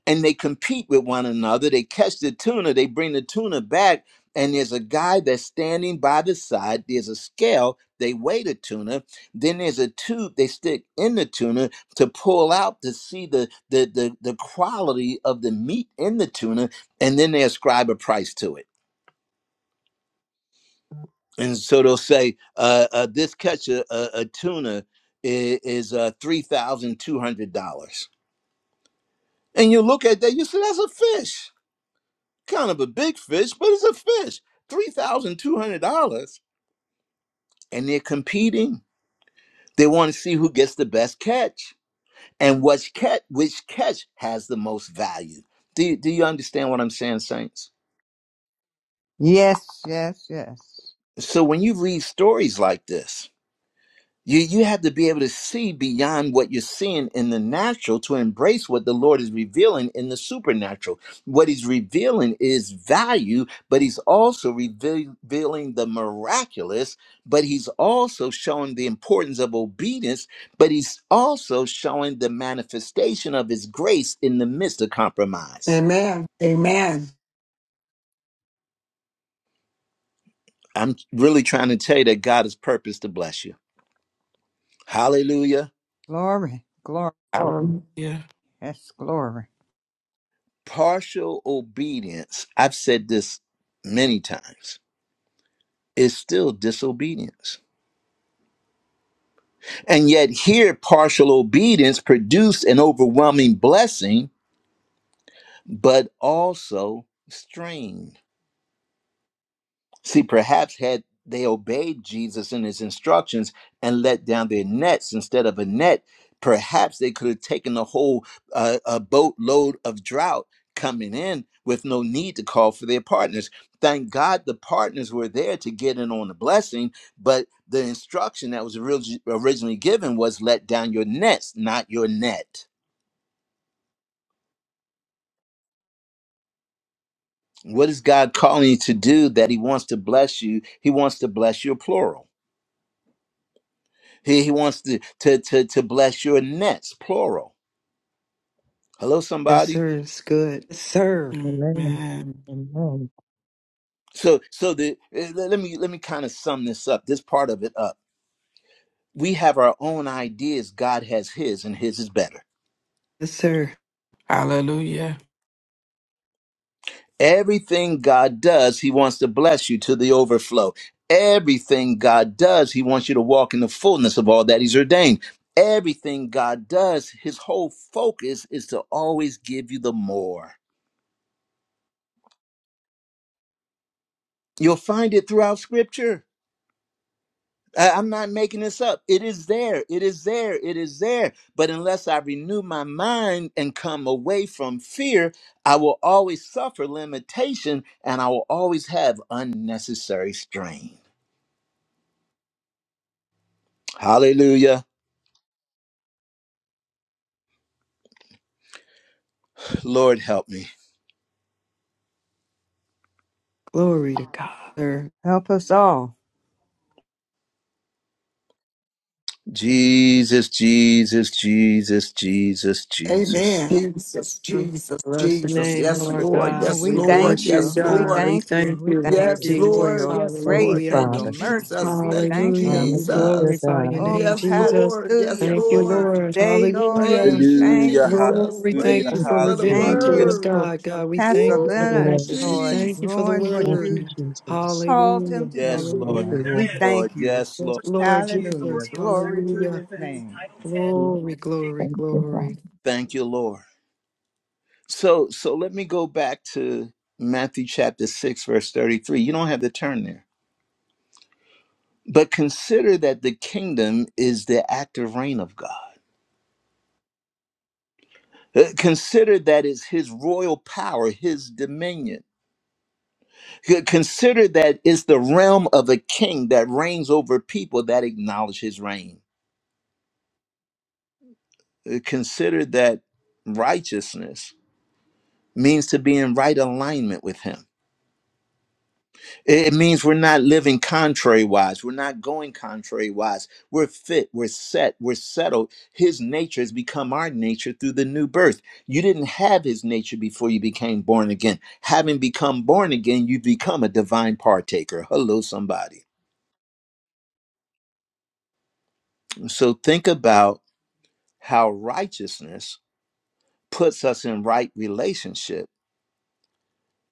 A: and they compete with one another. They catch the tuna, they bring the tuna back, and there's a guy that's standing by the side. There's a scale, they weigh the tuna. Then there's a tube they stick in the tuna to pull out to see the the the, the quality of the meat in the tuna, and then they ascribe a price to it. And so they'll say, uh, uh, this catch a, a, a tuna i- is uh, $3,200. And you look at that, you say, that's a fish kind of a big fish, but it's a fish. Three thousand two hundred dollars, and they're competing. They want to see who gets the best catch and which catch which catch has the most value. Do do you understand what I'm saying, Saints?
I: Yes, yes, yes.
A: So when you read stories like this, You you have to be able to see beyond what you're seeing in the natural to embrace what the Lord is revealing in the supernatural. What he's revealing is value, but he's also reveal- revealing the miraculous, but he's also showing the importance of obedience, but he's also showing the manifestation of his grace in the midst of compromise.
H: Amen. Amen.
A: I'm really trying to tell you that God has purpose to bless you. Hallelujah.
I: Glory, glory, glory.
G: Hallelujah.
I: Yes, glory.
A: partial obedience, I've said this many times, is still disobedience. And yet, here, partial obedience produced an overwhelming blessing, but also strain. See, perhaps had they obeyed Jesus and his instructions and let down their nets instead of a net, perhaps they could have taken a whole uh, a boatload of drought coming in with no need to call for their partners. Thank God the partners were there to get in on the blessing, but the instruction that was orig- originally given was let down your nets, not your net. What is God calling you to do that He wants to bless you? He wants to bless your plural. He, he wants to, to to to bless your nets, plural. Hello,
E: Yes,
A: somebody.
E: sir. It's good. Yes, sir.
C: Amen.
G: Amen.
C: Amen.
A: So so the eh, let let me let me kind of sum this up, this part of it up. We have our own ideas. God has His, and His is better.
E: Yes, sir.
G: Hallelujah.
A: Everything God does, He wants to bless you to the overflow. Everything God does, He wants you to walk in the fullness of all that He's ordained. Everything God does, His whole focus is to always give you the more. You'll find it throughout Scripture. I- I'm not making this up. It is there. It is there. It is there. But unless I renew my mind and come away from fear, I will always suffer limitation and I will always have unnecessary strain. Hallelujah. Lord, help me.
E: Glory to God. Sir.
I: Help us all.
A: Jesus, Jesus, Jesus, Jesus, Jesus.
H: Amen. Jesus, Jesus,
E: Bless the
H: Jesus.
E: name,
H: Yes,
E: Lord
H: Lord.
I: Oh,
E: God.
H: Yes,
I: we
E: We
H: Lord.
I: thank
E: bless you,
H: Yes,
I: you. We
E: God.
H: Lord.
E: We
I: thank you.
E: thank
I: We
E: you,
I: thank
E: Lord
H: Yes,
C: Jesus.
I: you for
E: Jesus.
H: Lord.
I: your
H: Yes,
C: Thank you,
H: Lord.
I: grace and
E: Hallelujah.
H: Thank
I: your
H: you,
C: Father.
I: mercy.
H: Jesus.
I: We
H: Thank you,
I: thank
E: Hallelujah.
I: you.
E: We
C: Hallelujah,
H: Jesus.
E: glorify your
C: God.
I: Oh,
E: name,
H: Yes,
E: Jesus.
H: Lord. Yes,
I: hallelujah
E: Thank you,
I: for this
H: Lord.
E: Lord.
I: day, Lord.
E: Hallelujah.
H: Praise you,
I: Thank
A: Hallelujah.
I: you.
H: Jesus.
E: Lord, we thank
A: Hallelujah.
E: you
H: Praise
C: Thank
H: you
E: for
C: you,
H: for the
C: Jesus.
E: revealing
I: Thank
E: to
A: Hallelujah.
E: us,
I: you
H: word.
I: for
E: God. God, we
I: Pastor
E: thank
C: Thank
E: you for
C: you,
E: the
I: Leonard,
H: Woo,
C: Lord.
E: message. We
I: Lord,
H: Jesus.
E: thank you for the
I: doing what
C: Thank you,
I: you
E: word.
C: Jesus.
I: called him
E: Hallelujah.
I: to
A: Yes,
I: do,
C: Thank
A: Lord.
E: Hallelujah.
C: you,
I: Lord.
A: Yes,
I: We
C: Lord.
A: Lord.
I: thank you.
A: Yes,
E: Yes,
A: Lord.
E: Lord Jesus.
I: Hallelujah. Glory to
E: Hallelujah.
I: his name.
D: you.
E: Glory, glory,
D: Thank you,
E: glory.
D: Father.
A: Thank you, Lord. So so let me go back to Matthew chapter 6 verse 33. You don't have to turn there. But consider that the kingdom is the active reign of God. Uh, Consider that it's his royal power, his dominion. C- Consider that it's the realm of a king that reigns over people that acknowledge his reign. Uh, Consider that righteousness means to be in right alignment with him It means we're not living contrary wise. We're not going contrary wise. We're fit. We're set. We're settled. His nature has become our nature through the new birth. You didn't have his nature before you became born again. Having become born again, you become a divine partaker. Hello, somebody. So think about how righteousness puts us in right relationship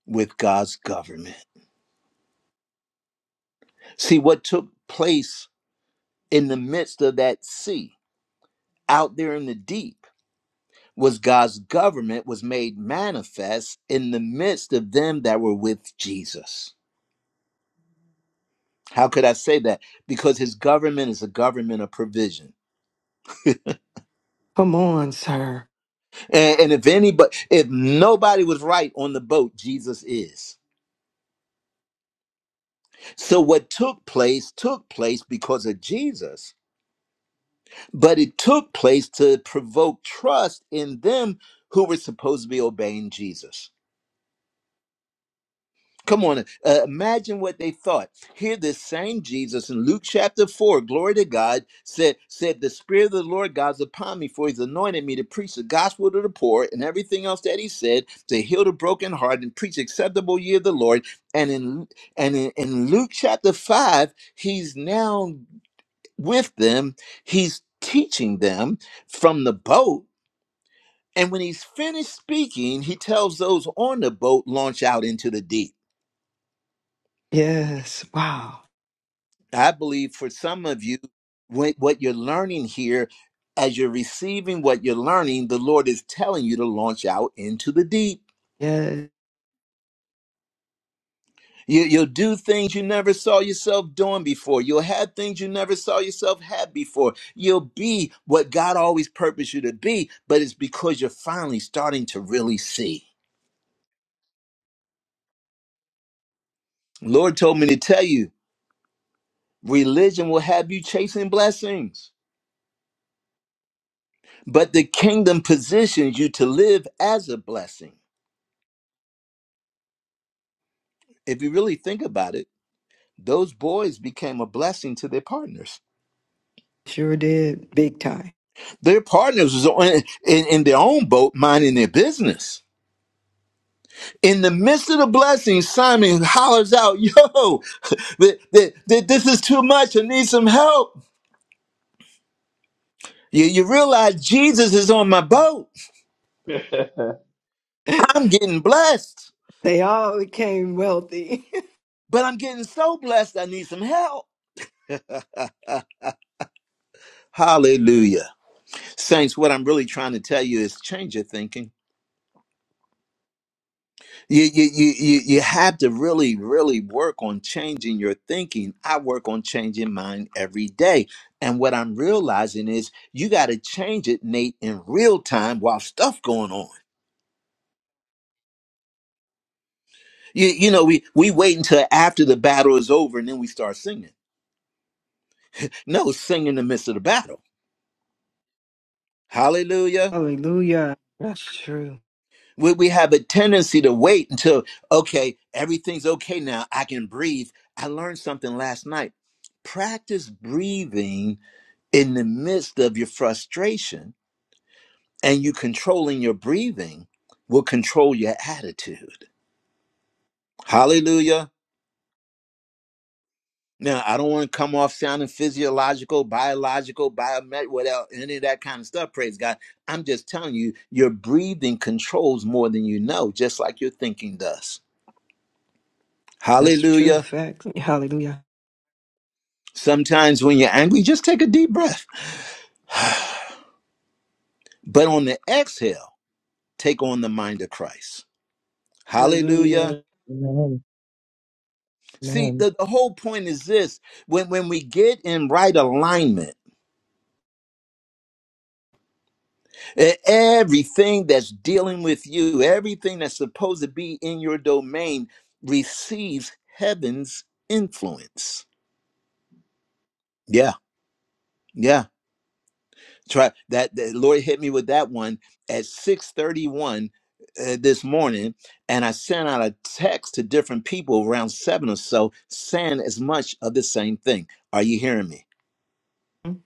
A: with God's government. See what took place in the midst of that sea out there in the deep was God's government was made manifest in the midst of them that were with Jesus. How could I say that? Because his government is a government of provision.
E: Come on, sir.
A: And, and if anybody, if nobody was right on the boat, Jesus is. So what took place took place because of Jesus, but it took place to provoke trust in them who were supposed to be obeying Jesus. Come on, uh, imagine what they thought. Here, this same Jesus in Luke chapter 4, glory to God, said, said, The Spirit of the Lord God is upon me, for he's anointed me to preach the gospel to the poor and everything else that he said, to heal the broken heart and preach acceptable year of the Lord. And in and in, in Luke chapter 5, he's now with them, he's teaching them from the boat. And when he's finished speaking, he tells those on the boat, launch out into the deep.
E: Yes. Wow.
A: I believe for some of you, when, what you're learning here, as you're receiving what you're learning, the Lord is telling you to launch out into the deep.
E: Yes.
A: You, you'll do things you never saw yourself doing before. You'll have things you never saw yourself have before. You'll be what God always purposed you to be, but it's because you're finally starting to really see. Lord told me to tell you, religion will have you chasing blessings, but the kingdom positions you to live as a blessing. If you really think about it, those boys became a blessing to their partners.
E: Sure did. Big time.
A: Their partners was on, in, in their own boat, minding their business. In the midst of the blessing, Simon hollers out, "Yo, th- th- th- this is too much. I need some help." You, you realize Jesus is on my boat. I'm getting blessed,
E: They all became wealthy.
A: but I'm getting so blessed. I need some help. Hallelujah, saints. What I'm really trying to tell you is change your thinking you, you you you you have to really really work on changing your thinking i work on changing mine every day and what i'm realizing is you got to change it nate in real time while stuff going on you, you know we we wait until after the battle is over and then we start singing no sing in the midst of the battle hallelujah
E: Hallelujah. That's true.
A: we, we have a tendency to wait until okay everything's okay now i can breathe i learned something last night practice breathing in the midst of your frustration and you controlling your breathing will control your attitude. Hallelujah. Now, I don't want to come off sounding physiological, biological, biomet, without any of that kind of stuff. Praise God. I'm just telling you, your breathing controls more than you know, just like your thinking does.
E: That's true.
A: Hallelujah.
E: Facts. Hallelujah.
A: Sometimes when you're angry, just take a deep breath. But on the exhale, take on the mind of Christ. Hallelujah.
E: Hallelujah.
C: Amen.
A: See,
C: Amen.
A: the, the whole point is this when, when we get in right alignment, e- everything that's dealing with you, everything that's supposed to be in your domain receives heaven's influence. Yeah, yeah. Try that. The Lord hit me with that one at 631 uh, this morning, and I sent out a text to different people around seven or so saying as much of the same thing. Are you hearing me?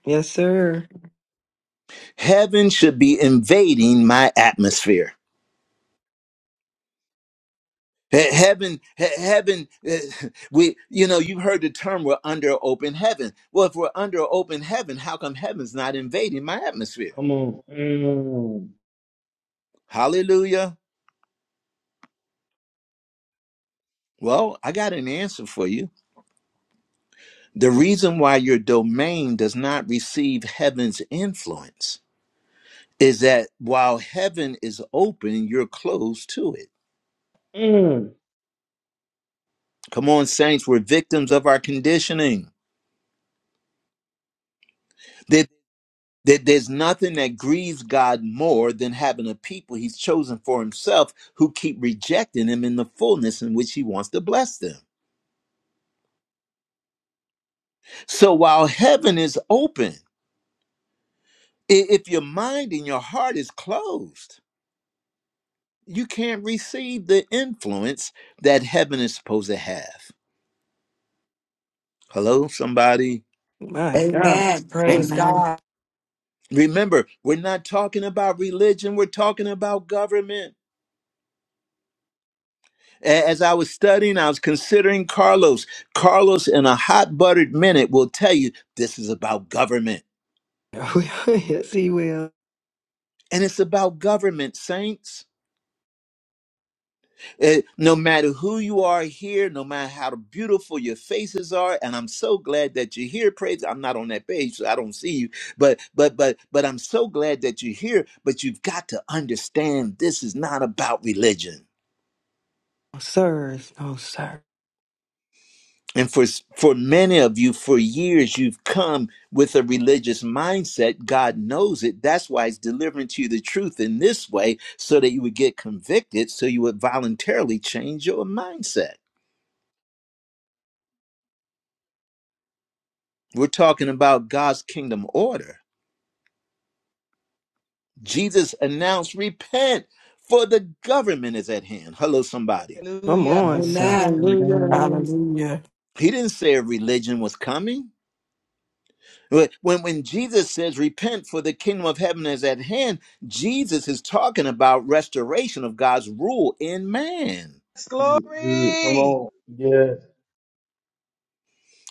E: Yes, sir.
A: heaven should be invading my atmosphere He- heaven he- heaven eh, we you know you've heard the term we're under open heaven well if we're under open heaven how come heaven's not invading my atmosphere
B: Come on. Mm,
A: hallelujah well i got an answer for you the reason why your domain does not receive heaven's influence is that while heaven is open you're closed to it come on saints we're victims of our conditioning That there's nothing that grieves God more than having a people he's chosen for himself who keep rejecting him in the fullness in which he wants to bless them. So while heaven is open, i- if your mind and your heart is closed, you can't receive the influence that heaven is supposed to have. Hello, somebody?
E: My God.
H: Amen. Praise
G: Amen.
H: God.
A: Remember, we're not talking about religion, we're talking about government. A- As I was studying, I was considering Carlos. Carlos, in a hot buttered minute, will tell you this is about government.
E: yes, he will.
A: And it's about government, saints. Eh, no matter who you are here, no matter how beautiful your faces are, and I'm so glad that you're here. Praise! I'm not on that page, so I don't see you. But but but but I'm so glad that you're here. But you've got to understand this is not about religion.
E: Oh, sir. Oh, sir.
A: And for, for many of you, for years, you've come with a religious mindset. God knows it. That's why He's delivering to you the truth in this way so that you would get convicted, so you would voluntarily change your mindset. We're talking about God's kingdom order. Jesus announced, Repent, for the government is at hand. Hello, somebody.
E: Come
K: Hallelujah.
C: Yeah.
E: on, sir.
H: Amen.
C: Amen.
E: Hallelujah.
G: Hallelujah.
A: He didn't say a religion was coming, When, when Jesus says, repent for the kingdom of heaven is at hand, Jesus is talking about restoration of God's rule in man.
K: Yes,
B: this is good. Come
K: glory.
B: on. Yes.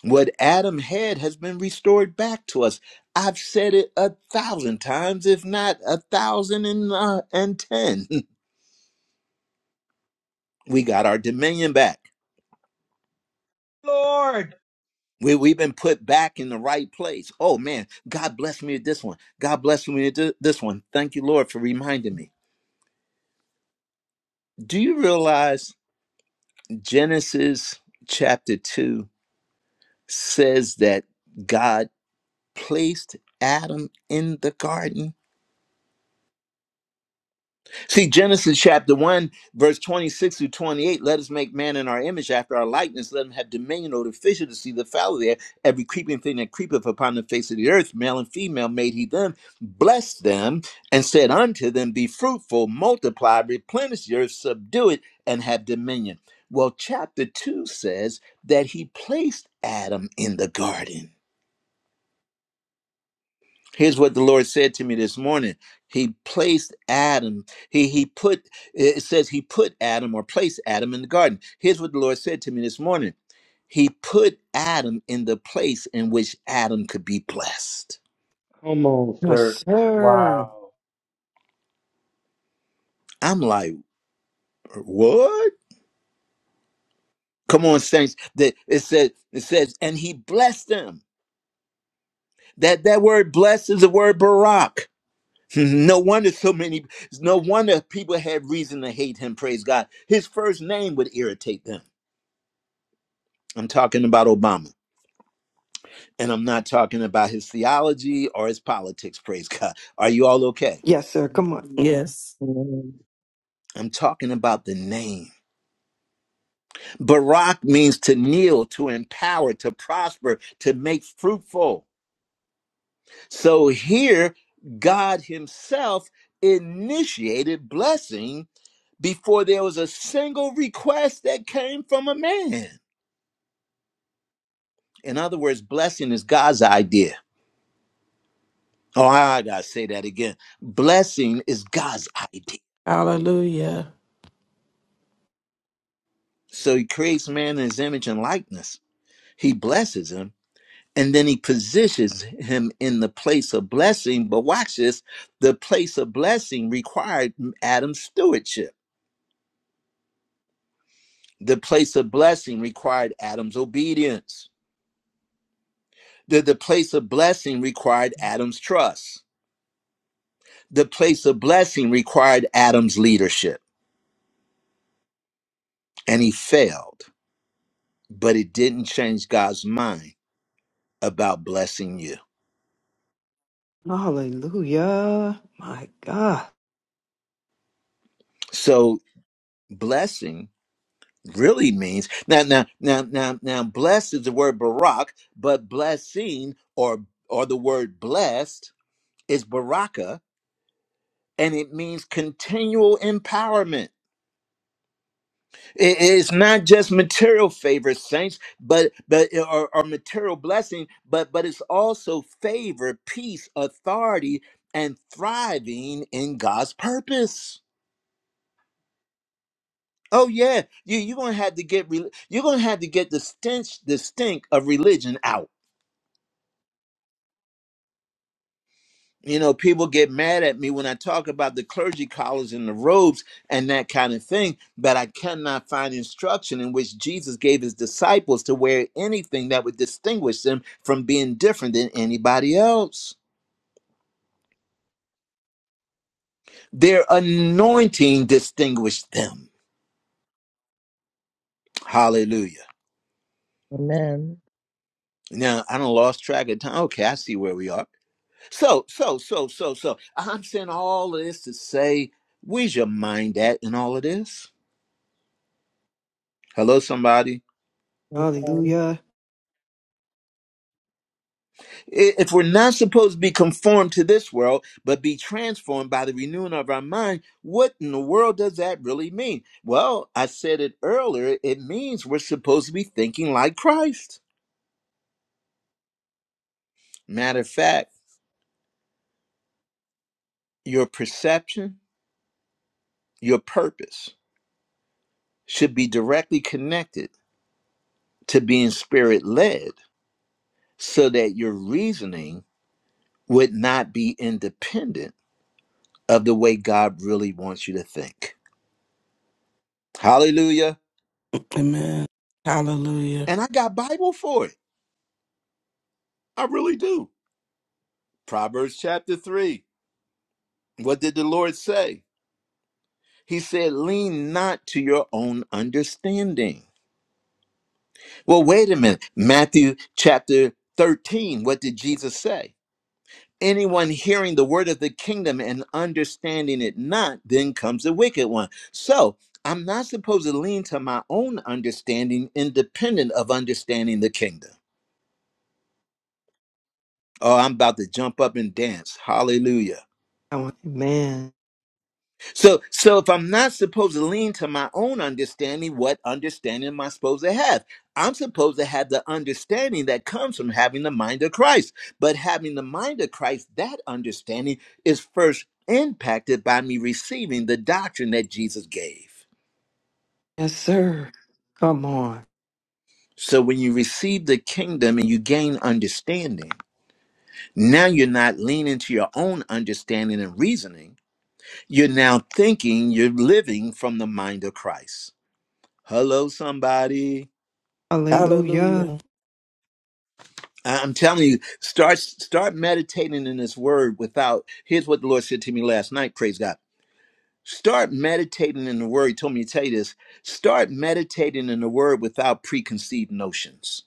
A: What Adam had has been restored back to us. I've said it a thousand times, if not a thousand and, uh, and ten. We got our dominion back.
K: Lord.
A: We, we've been put back in the right place. Oh man, God bless me with this one. God bless me with thi- this one. Thank you, Lord, for reminding me. Do you realize Genesis chapter 2? says that God placed Adam in the garden. See, Genesis chapter 1, verse 26 through 28 let us make man in our image after our likeness. Let him have dominion over the fish of the sea, the fowl of the air, every creeping thing that creepeth upon the face of the earth, male and female made he them, blessed them, and said unto them, Be fruitful, multiply, replenish the earth, subdue it, and have dominion. Well, chapter 2 says that he placed Adam in the garden. Here's what the Lord said to me this morning. He placed Adam, he he put it says he put Adam or placed Adam in the garden. Here's what the Lord said to me this morning. He put Adam in the place in which Adam could be blessed.
B: Come on,
E: Yes,
B: sir.
E: sir.
B: Wow.
A: I'm like, what? Come on, saints. That it says it says, and he blessed them. That that word blessed is the word Barak. No wonder so many no wonder people had reason to hate him, praise God. His first name would irritate them. I'm talking about Obama, and I'm not talking about his theology or his politics. Praise God. Are you all okay?
E: Yes, sir. Come on.
G: Yes.
C: Amen.
A: I'm talking about the name. Barak means to kneel, to empower, to prosper, to make fruitful. So here, God Himself initiated blessing before there was a single request that came from a man. In other words, blessing is God's idea. Oh, I gotta say that again. Blessing is God's idea.
G: Hallelujah.
A: So he creates man in his image and likeness. He blesses him and then he positions him in the place of blessing. But watch this the place of blessing required Adam's stewardship, the place of blessing required Adam's obedience, the, the place of blessing required Adam's trust, the place of blessing required Adam's leadership. And he failed, but it didn't change God's mind about blessing you.
E: Hallelujah. My God.
A: So, blessing really means now now now now now blessed is the word barak but blessing or or the word blessed is baraka and it means continual empowerment It- it's not just material favor saints but but or, or material blessing but but it's also favor peace authority and thriving in god's purpose Oh yeah, you you're gonna have to get re- you're gonna have to get the stench the stink of religion out you know, people get mad at me when I talk about the clergy collars and the robes and that kind of thing, but I cannot find instruction in which Jesus gave his disciples to wear anything that would distinguish them from being different than anybody else. Their anointing distinguished them. Hallelujah.
C: Amen.
A: Now, I don't lost track of time. Okay, I see where we are. So, so, so, so, so. I'm saying all of this to say, where's your mind at in all of this? Hello, somebody.
E: Hallelujah.
A: If we're not supposed to be conformed to this world, but be transformed by the renewing of our mind, what in the world does that really mean? Well, I said it earlier, it means we're supposed to be thinking like Christ. Matter of fact, your perception, your purpose should be directly connected to being spirit led so that your reasoning would not be independent of the way God really wants you to think. Hallelujah.
G: Amen. Hallelujah.
A: And I got Bible for it. I really do. Proverbs chapter 3. What did the Lord say? He said, Lean not to your own understanding. Well, wait a minute. Matthew chapter 13. What did Jesus say? Anyone hearing the word of the kingdom and understanding it not, then comes the wicked one. So I'm not supposed to lean to my own understanding independent of understanding the kingdom. Oh, I'm about to jump up and dance. Hallelujah.
E: I want, man.
A: So, so if I'm not supposed to lean to my own understanding, what understanding am I supposed to have? I'm supposed to have the understanding that comes from having the mind of Christ. But having the mind of Christ, that understanding is first impacted by me receiving the doctrine that Jesus gave.
E: Yes, sir. Come on.
A: So when you receive the kingdom and you gain understanding, now you're not leaning to your own understanding and reasoning. You're now thinking, you're living from the mind of Christ. Hello, somebody.
G: Hallelujah.
E: Hallelujah.
A: I- I'm telling you, start start meditating in His Word. Without here's what the Lord said to me last night. Praise God. Start meditating in the Word. He told me to tell you this. Start meditating in the Word without preconceived notions.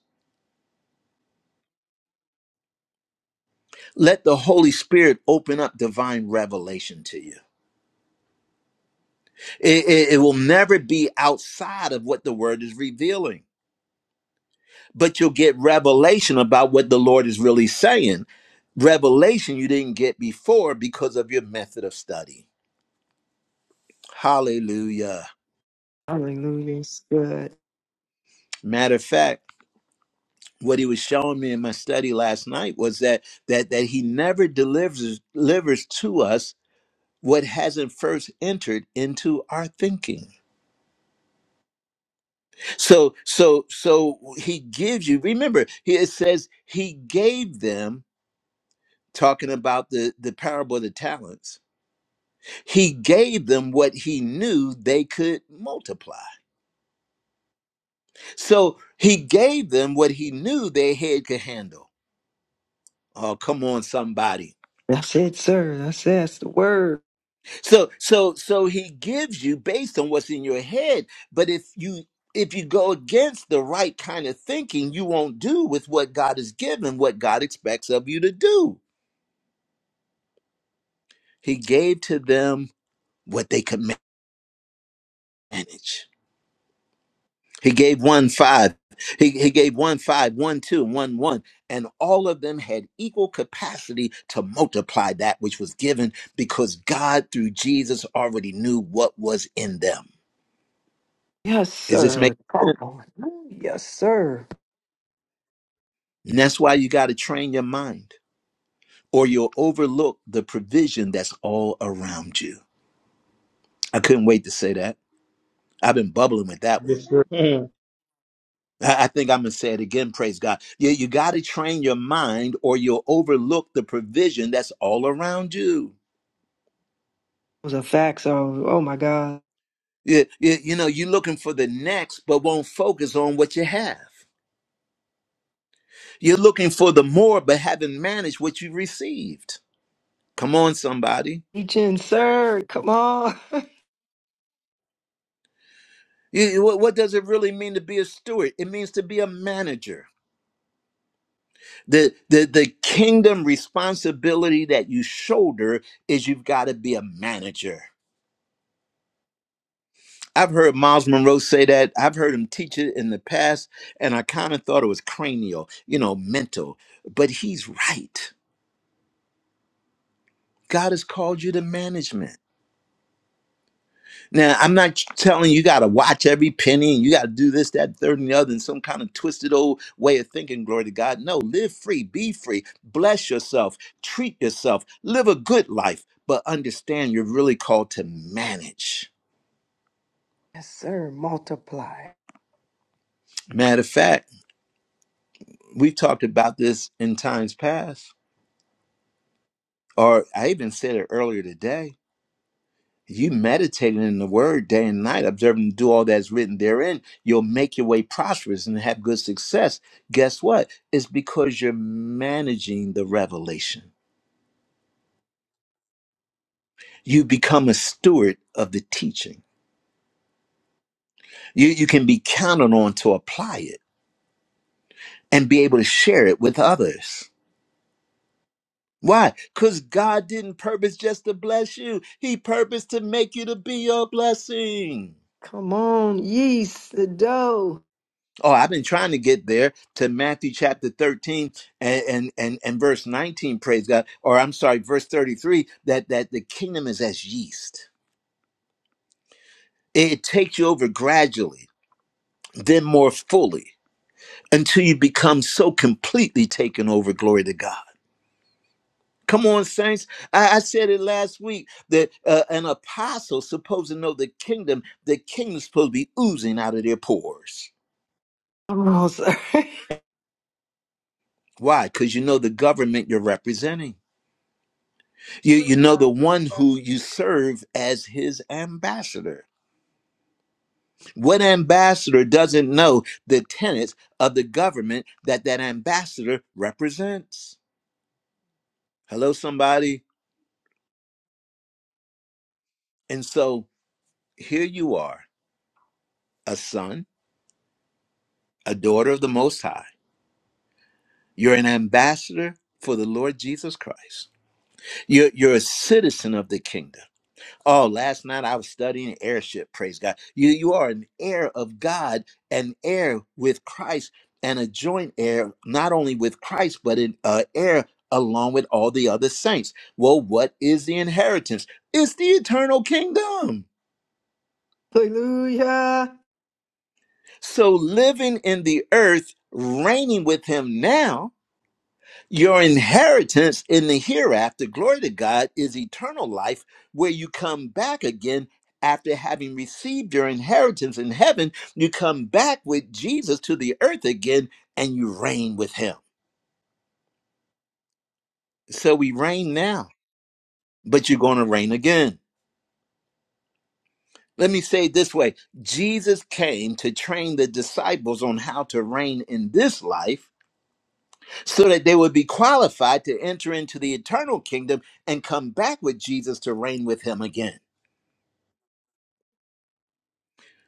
A: Let the Holy Spirit open up divine revelation to you. It, it, it will never be outside of what the Word is revealing, but you'll get revelation about what the Lord is really saying. Revelation you didn't get before because of your method of study. Hallelujah.
E: Hallelujah. It's good.
A: Matter of fact, what he was showing me in my study last night was that that that he never delivers delivers to us what hasn't first entered into our thinking. So so so he gives you. Remember, he it says he gave them talking about the the parable of the talents. He gave them what he knew they could multiply. So he gave them what he knew their head could handle. Oh, come on, somebody
E: That's it, sir. That's, that's the word.
A: So so so he gives you based on what's in your head. But if you if you go against the right kind of thinking, you won't do with what God has given, what God expects of you to do. He gave to them what they could manage. He gave one five. He, he gave one five, one two, one one, and all of them had equal capacity to multiply that which was given because God, through Jesus, already knew what was in them.
E: Yes,
A: Is this making
E: sir.
A: sense?
E: Come on. Yes, sir.
A: And that's why you got to train your mind, or you'll overlook the provision that's all around you. I couldn't wait to say that. I've been bubbling with that one. I I think I'm going to say it again. Praise God. Yeah, you got to train your mind, or you'll overlook the provision that's all around you.
E: Those are facts. Oh, oh my God.
A: You, you. you know, you're looking for the next, but won't focus on what you have. You're looking for the more, but haven't managed what you received. Come on, somebody.
E: Teaching, sir. Come on.
A: You- you- what what does it really mean to be a steward? It means to be a manager. The, the the kingdom responsibility that you shoulder is you've got to be a manager. I've heard Miles Monroe say that. I've heard him teach it in the past, and I kind of thought it was cranial, you know, mental. But he's right. God has called you to management. Now, I'm not telling you, you got to watch every penny and you got to do this, that, third, and the other in some kind of twisted old way of thinking. Glory to God. No, live free, be free, bless yourself, treat yourself, live a good life, but understand you're really called to manage.
E: Yes, sir. Multiply.
A: Matter of fact, we've talked about this in times past, or I even said it earlier today you meditating in the word day and night, observing to do all that's written therein, you'll make your way prosperous and have good success. Guess what? It's because you're managing the revelation. You become a steward of the teaching. You, you can be counted on to apply it and be able to share it with others. Why? Because God didn't purpose just to bless you, He purposed to make you to be a blessing.
E: Come on, yeast, the dough.
A: Oh, I've been trying to get there to Matthew chapter 13 and, and, and, and verse 19, praise God. Or I'm sorry, verse 33, that, that the kingdom is as yeast. It takes you over gradually, then more fully, until you become so completely taken over, glory to God. Come on, saints. I, I said it last week that uh, an apostle supposed to know the kingdom, the kingdom's supposed to be oozing out of their pores.
E: Come on, sir.
A: Why? Because you know the government you're representing. You, you know the one who you serve as his ambassador. What ambassador doesn't know the tenets of the government that that ambassador represents? Hello, somebody. And so here you are, a son, a daughter of the Most High. You're an ambassador for the Lord Jesus Christ. You're, you're a citizen of the kingdom Oh, last night I was studying airship. Praise God. You you are an heir of God, an heir with Christ, and a joint heir not only with Christ but an uh, heir along with all the other saints. Well, what is the inheritance? It's the eternal kingdom.
E: Hallelujah.
A: So living in the earth, reigning with Him now Your inheritance in the hereafter, glory to God, is eternal life, where you come back again after having received your inheritance in heaven. You come back with Jesus to the earth again and you reign with him. So we reign now, but you're going to reign again. Let me say it this way Jesus came to train the disciples on how to reign in this life so that they would be qualified to enter into the eternal kingdom and come back with Jesus to reign with him again.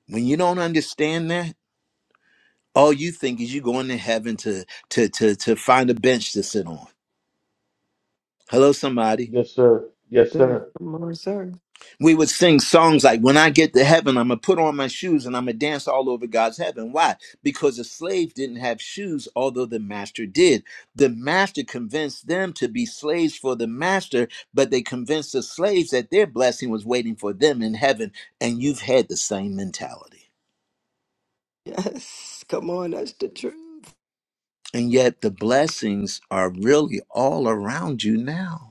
A: When you don't understand that, all you think is you going to heaven to to to to find a bench to sit on. Hello, somebody.
E: There, come on, sir.
A: We would sing songs like "When I get to heaven, I'm gonna put on my shoes and I'm gonna dance all over God's heaven." Why? Because the slave didn't have shoes, although the master did. The master convinced them to be slaves for the master, but they convinced the slaves that their blessing was waiting for them in heaven. And you've had the same mentality,
E: Yes, come on, that's the truth.
A: and yet the blessings are really all around you now.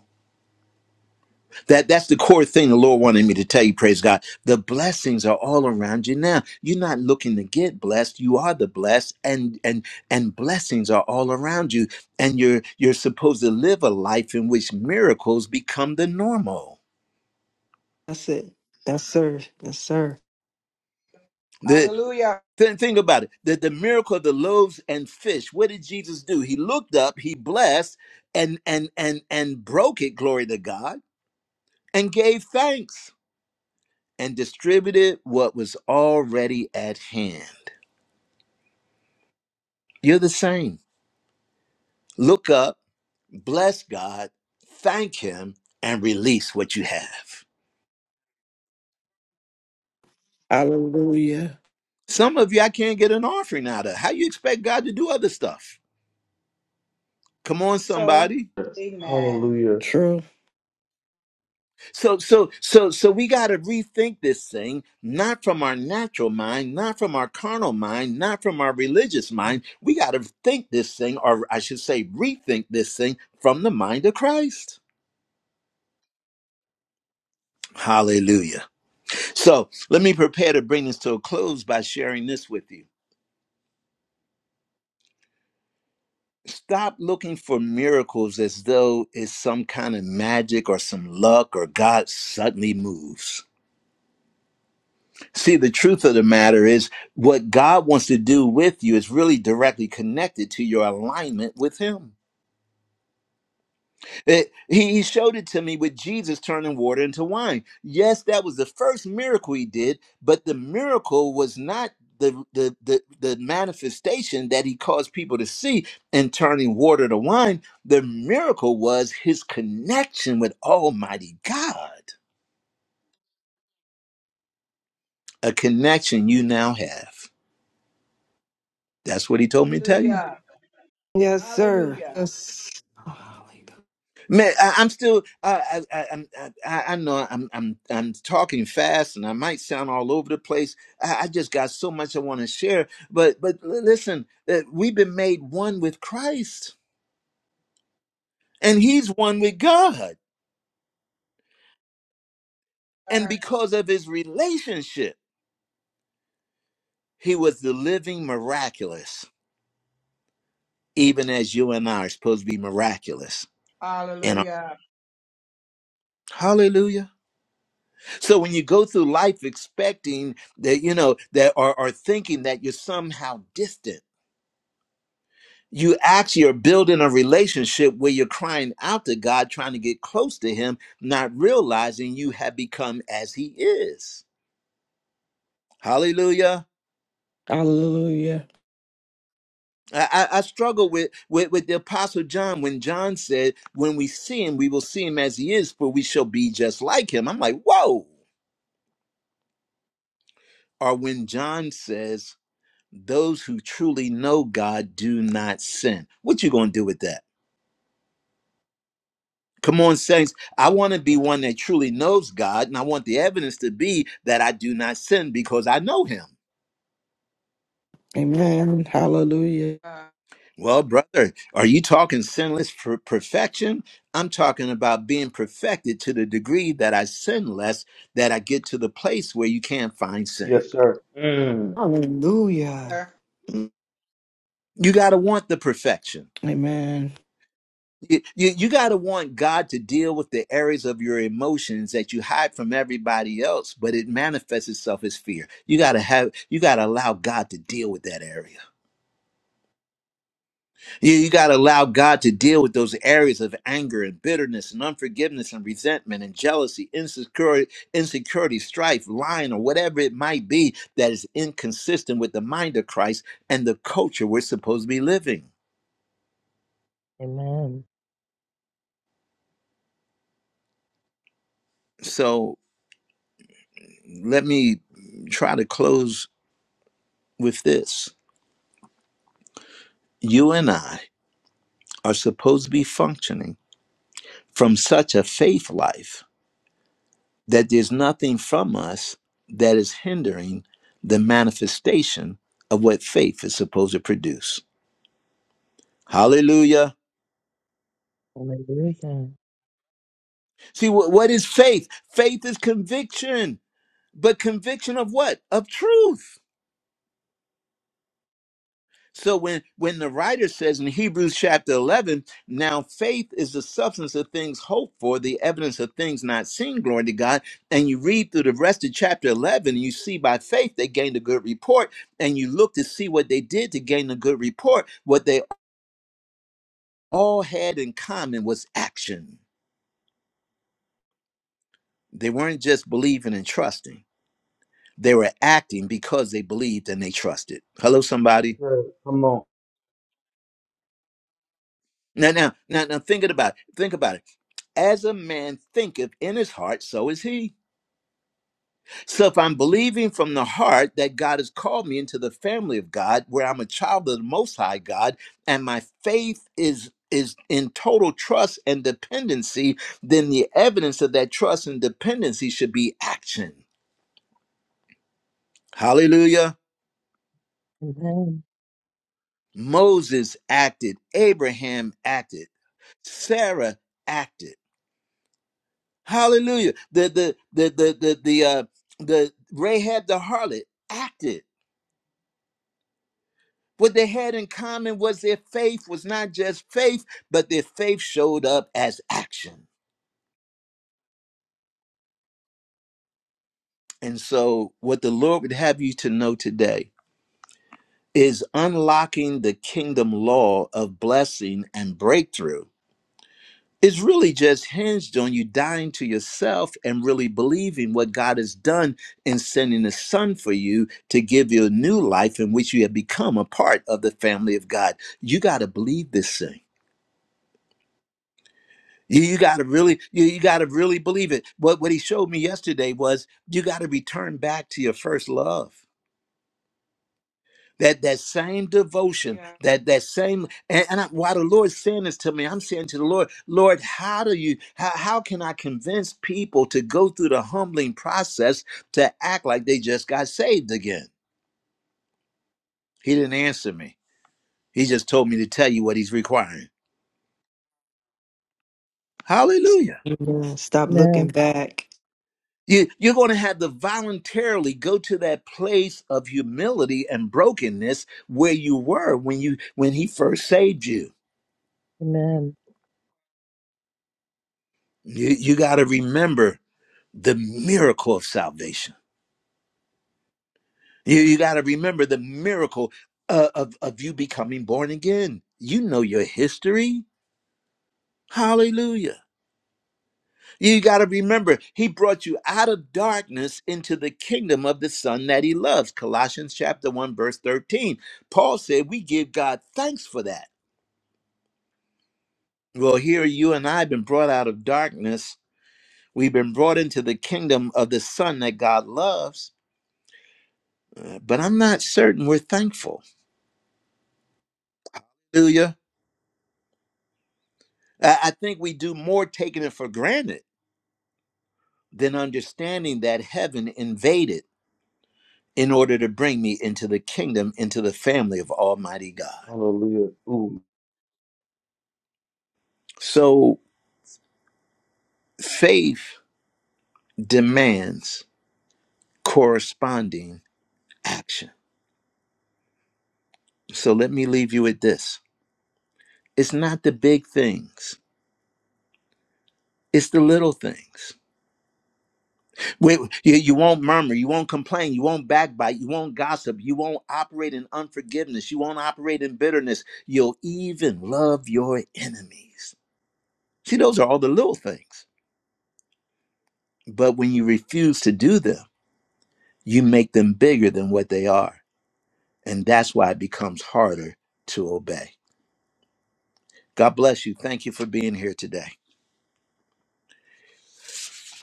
A: That that's the core thing the Lord wanted me to tell you, praise God. The blessings are all around you now. You're not looking to get blessed. You are the blessed and and and blessings are all around you. And you're you're supposed to live a life in which miracles become the normal.
E: That's it. Yes, sir. Yes, sir.
A: The
K: Hallelujah.
A: th- think about it. The, the miracle of the loaves and fish. What did Jesus do? He looked up, he blessed and and and and broke it, glory to God, and gave thanks and distributed what was already at hand You're the same. Look up, bless God, thank Him, and release what you have.
G: Hallelujah.
A: Some of you I can't get an offering out of. How you expect God to do other stuff? Come on,
K: So,
A: somebody.
K: amen.
B: Hallelujah.
G: True.
A: So, so, so, so we got to rethink this thing, not from our natural mind, not from our carnal mind, not from our religious mind. We got to think this thing, or I should say, rethink this thing from the mind of Christ. Hallelujah. So let me prepare to bring this to a close by sharing this with you. stop looking for miracles as though it's some kind of magic or some luck or God suddenly moves. See, the truth of the matter is what God wants to do with you is really directly connected to your alignment with Him. It- he he showed it to me with Jesus turning water into wine. Yes, that was the first miracle he did, but the miracle was not the the the, the manifestation that he caused people to see in turning water to wine. The miracle was his connection with Almighty God, a connection you now have. That's what he told me to tell you.
E: Yes, sir.
K: Hallelujah.
E: Yes.
A: Man, I, I'm still. Uh, I, I, I'm- I, I I know I'm. I'm. I'm talking fast, and I might sound all over the place. I, I just got so much I want to share. But but l- listen, uh, we've been made one with Christ, and He's one with God. And because of His relationship, He was the living miraculous, even as you and I are supposed to be miraculous. And
K: Hallelujah.
A: Hallelujah. So when you go through life expecting that you know that or, or thinking that you're somehow distant you actually are building a relationship where you're crying out to God, trying to get close to Him, not realizing you have become as He is. Hallelujah.
G: Hallelujah.
A: I, I, I struggle with, with with the Apostle John when John said, "When we see him, we will see him as he is, for we shall be just like him." I'm like, "Whoa!" Or when John says, "Those who truly know God do not sin." What you gonna do with that? Come on, saints. I want to be one that truly knows God, and I want the evidence to be that I do not sin because I know Him.
G: Amen. Hallelujah.
K: Hallelujah.
A: Well, brother, are you talking sinless for perfection? I'm talking about being perfected to the degree that I sin less, that I get to the place where you can't find sin.
B: Yes, sir. Mm,
E: Hallelujah.
A: You got to want the perfection.
G: Amen.
A: You, got to want God to deal with the areas of your emotions that you hide from everybody else, but it manifests itself as fear. You got to have, you got to allow God to deal with that area. You, you got to allow God to deal with those areas of anger and bitterness and unforgiveness and resentment and jealousy, insecurity, insecurity, strife, lying, or whatever it might be that is inconsistent with the mind of Christ and the culture we're supposed to be living.
C: Amen.
A: So let me try to close with this. You and I are supposed to be functioning from such a faith life that there's nothing from us that is hindering the manifestation of what faith is supposed to produce. Hallelujah.
C: Amen. Hallelujah.
A: See, wh- what is faith? Faith is conviction, but conviction of what? Of truth. So when when the writer says in Hebrews chapter 11, now faith is the substance of things hoped for, the evidence of things not seen, glory to God, and you read through the rest of chapter 11, and you see by faith they gained a good report, and you look to see what they did to gain a good report, what they all had in common was action. They weren't just believing and trusting. They were acting because they believed and they trusted. Hello somebody.
B: sir. Come on.
A: Now, now, now, now, think it about it. Think about it. As a man thinketh in his heart, so is he. So if I'm believing from the heart that God has called me into the family of God, where I'm a child of the Most High God, and my faith is is in total trust and dependency, then the evidence of that trust and dependency should be action. Hallelujah.
C: Amen.
A: Moses acted, Abraham acted, Sarah acted. Hallelujah. The the the the the the uh the Rahab the harlot acted. What they had in common was their faith was not just faith, but their faith showed up as action. And so what the Lord would have you to know today is unlocking the kingdom law of blessing and breakthrough It's really just hinged on you dying to yourself and really believing what God has done in sending His Son for you to give you a new life in which you have become a part of the family of God. You got to believe this thing. You, you got to really, you, you got to really believe it. What what He showed me yesterday was you got to return back to your first love. that that same devotion that that same and, and I, while the lord's saying this to me i'm saying to the lord lord how do you how, how can i convince people to go through the humbling process to act like they just got saved again he didn't answer me he just told me to tell you what he's requiring hallelujah
E: Amen. Stop looking
C: Amen.
E: back.
A: you, you're going to have to voluntarily go to that place of humility and brokenness where you were when you when he first saved you
C: Amen.
A: you, you got to remember the miracle of salvation. You, you got to remember the miracle uh, of, of you becoming born again. You know your history. Hallelujah. You got to remember, he brought you out of darkness into the kingdom of the son that he loves. Colossians chapter 1, verse 13. Paul said, We give God thanks for that. Well, here you and I have been brought out of darkness. We've been brought into the kingdom of the son that God loves. Uh, But I'm not certain we're thankful. Hallelujah. I I think we do more taking it for granted than understanding that heaven invaded in order to bring me into the kingdom, into the family of Almighty God.
B: Hallelujah. Ooh.
A: So faith demands corresponding action. So let me leave you with this it's not the big things, it's the little things. We, you, you won't murmur, you won't complain, you won't backbite, you won't gossip, you won't operate in unforgiveness, you won't operate in bitterness. You'll even love your enemies. See, those are all the little things. But when you refuse to do them, you make them bigger than what they are. And that's why it becomes harder to obey. God bless you. Thank you for being here today.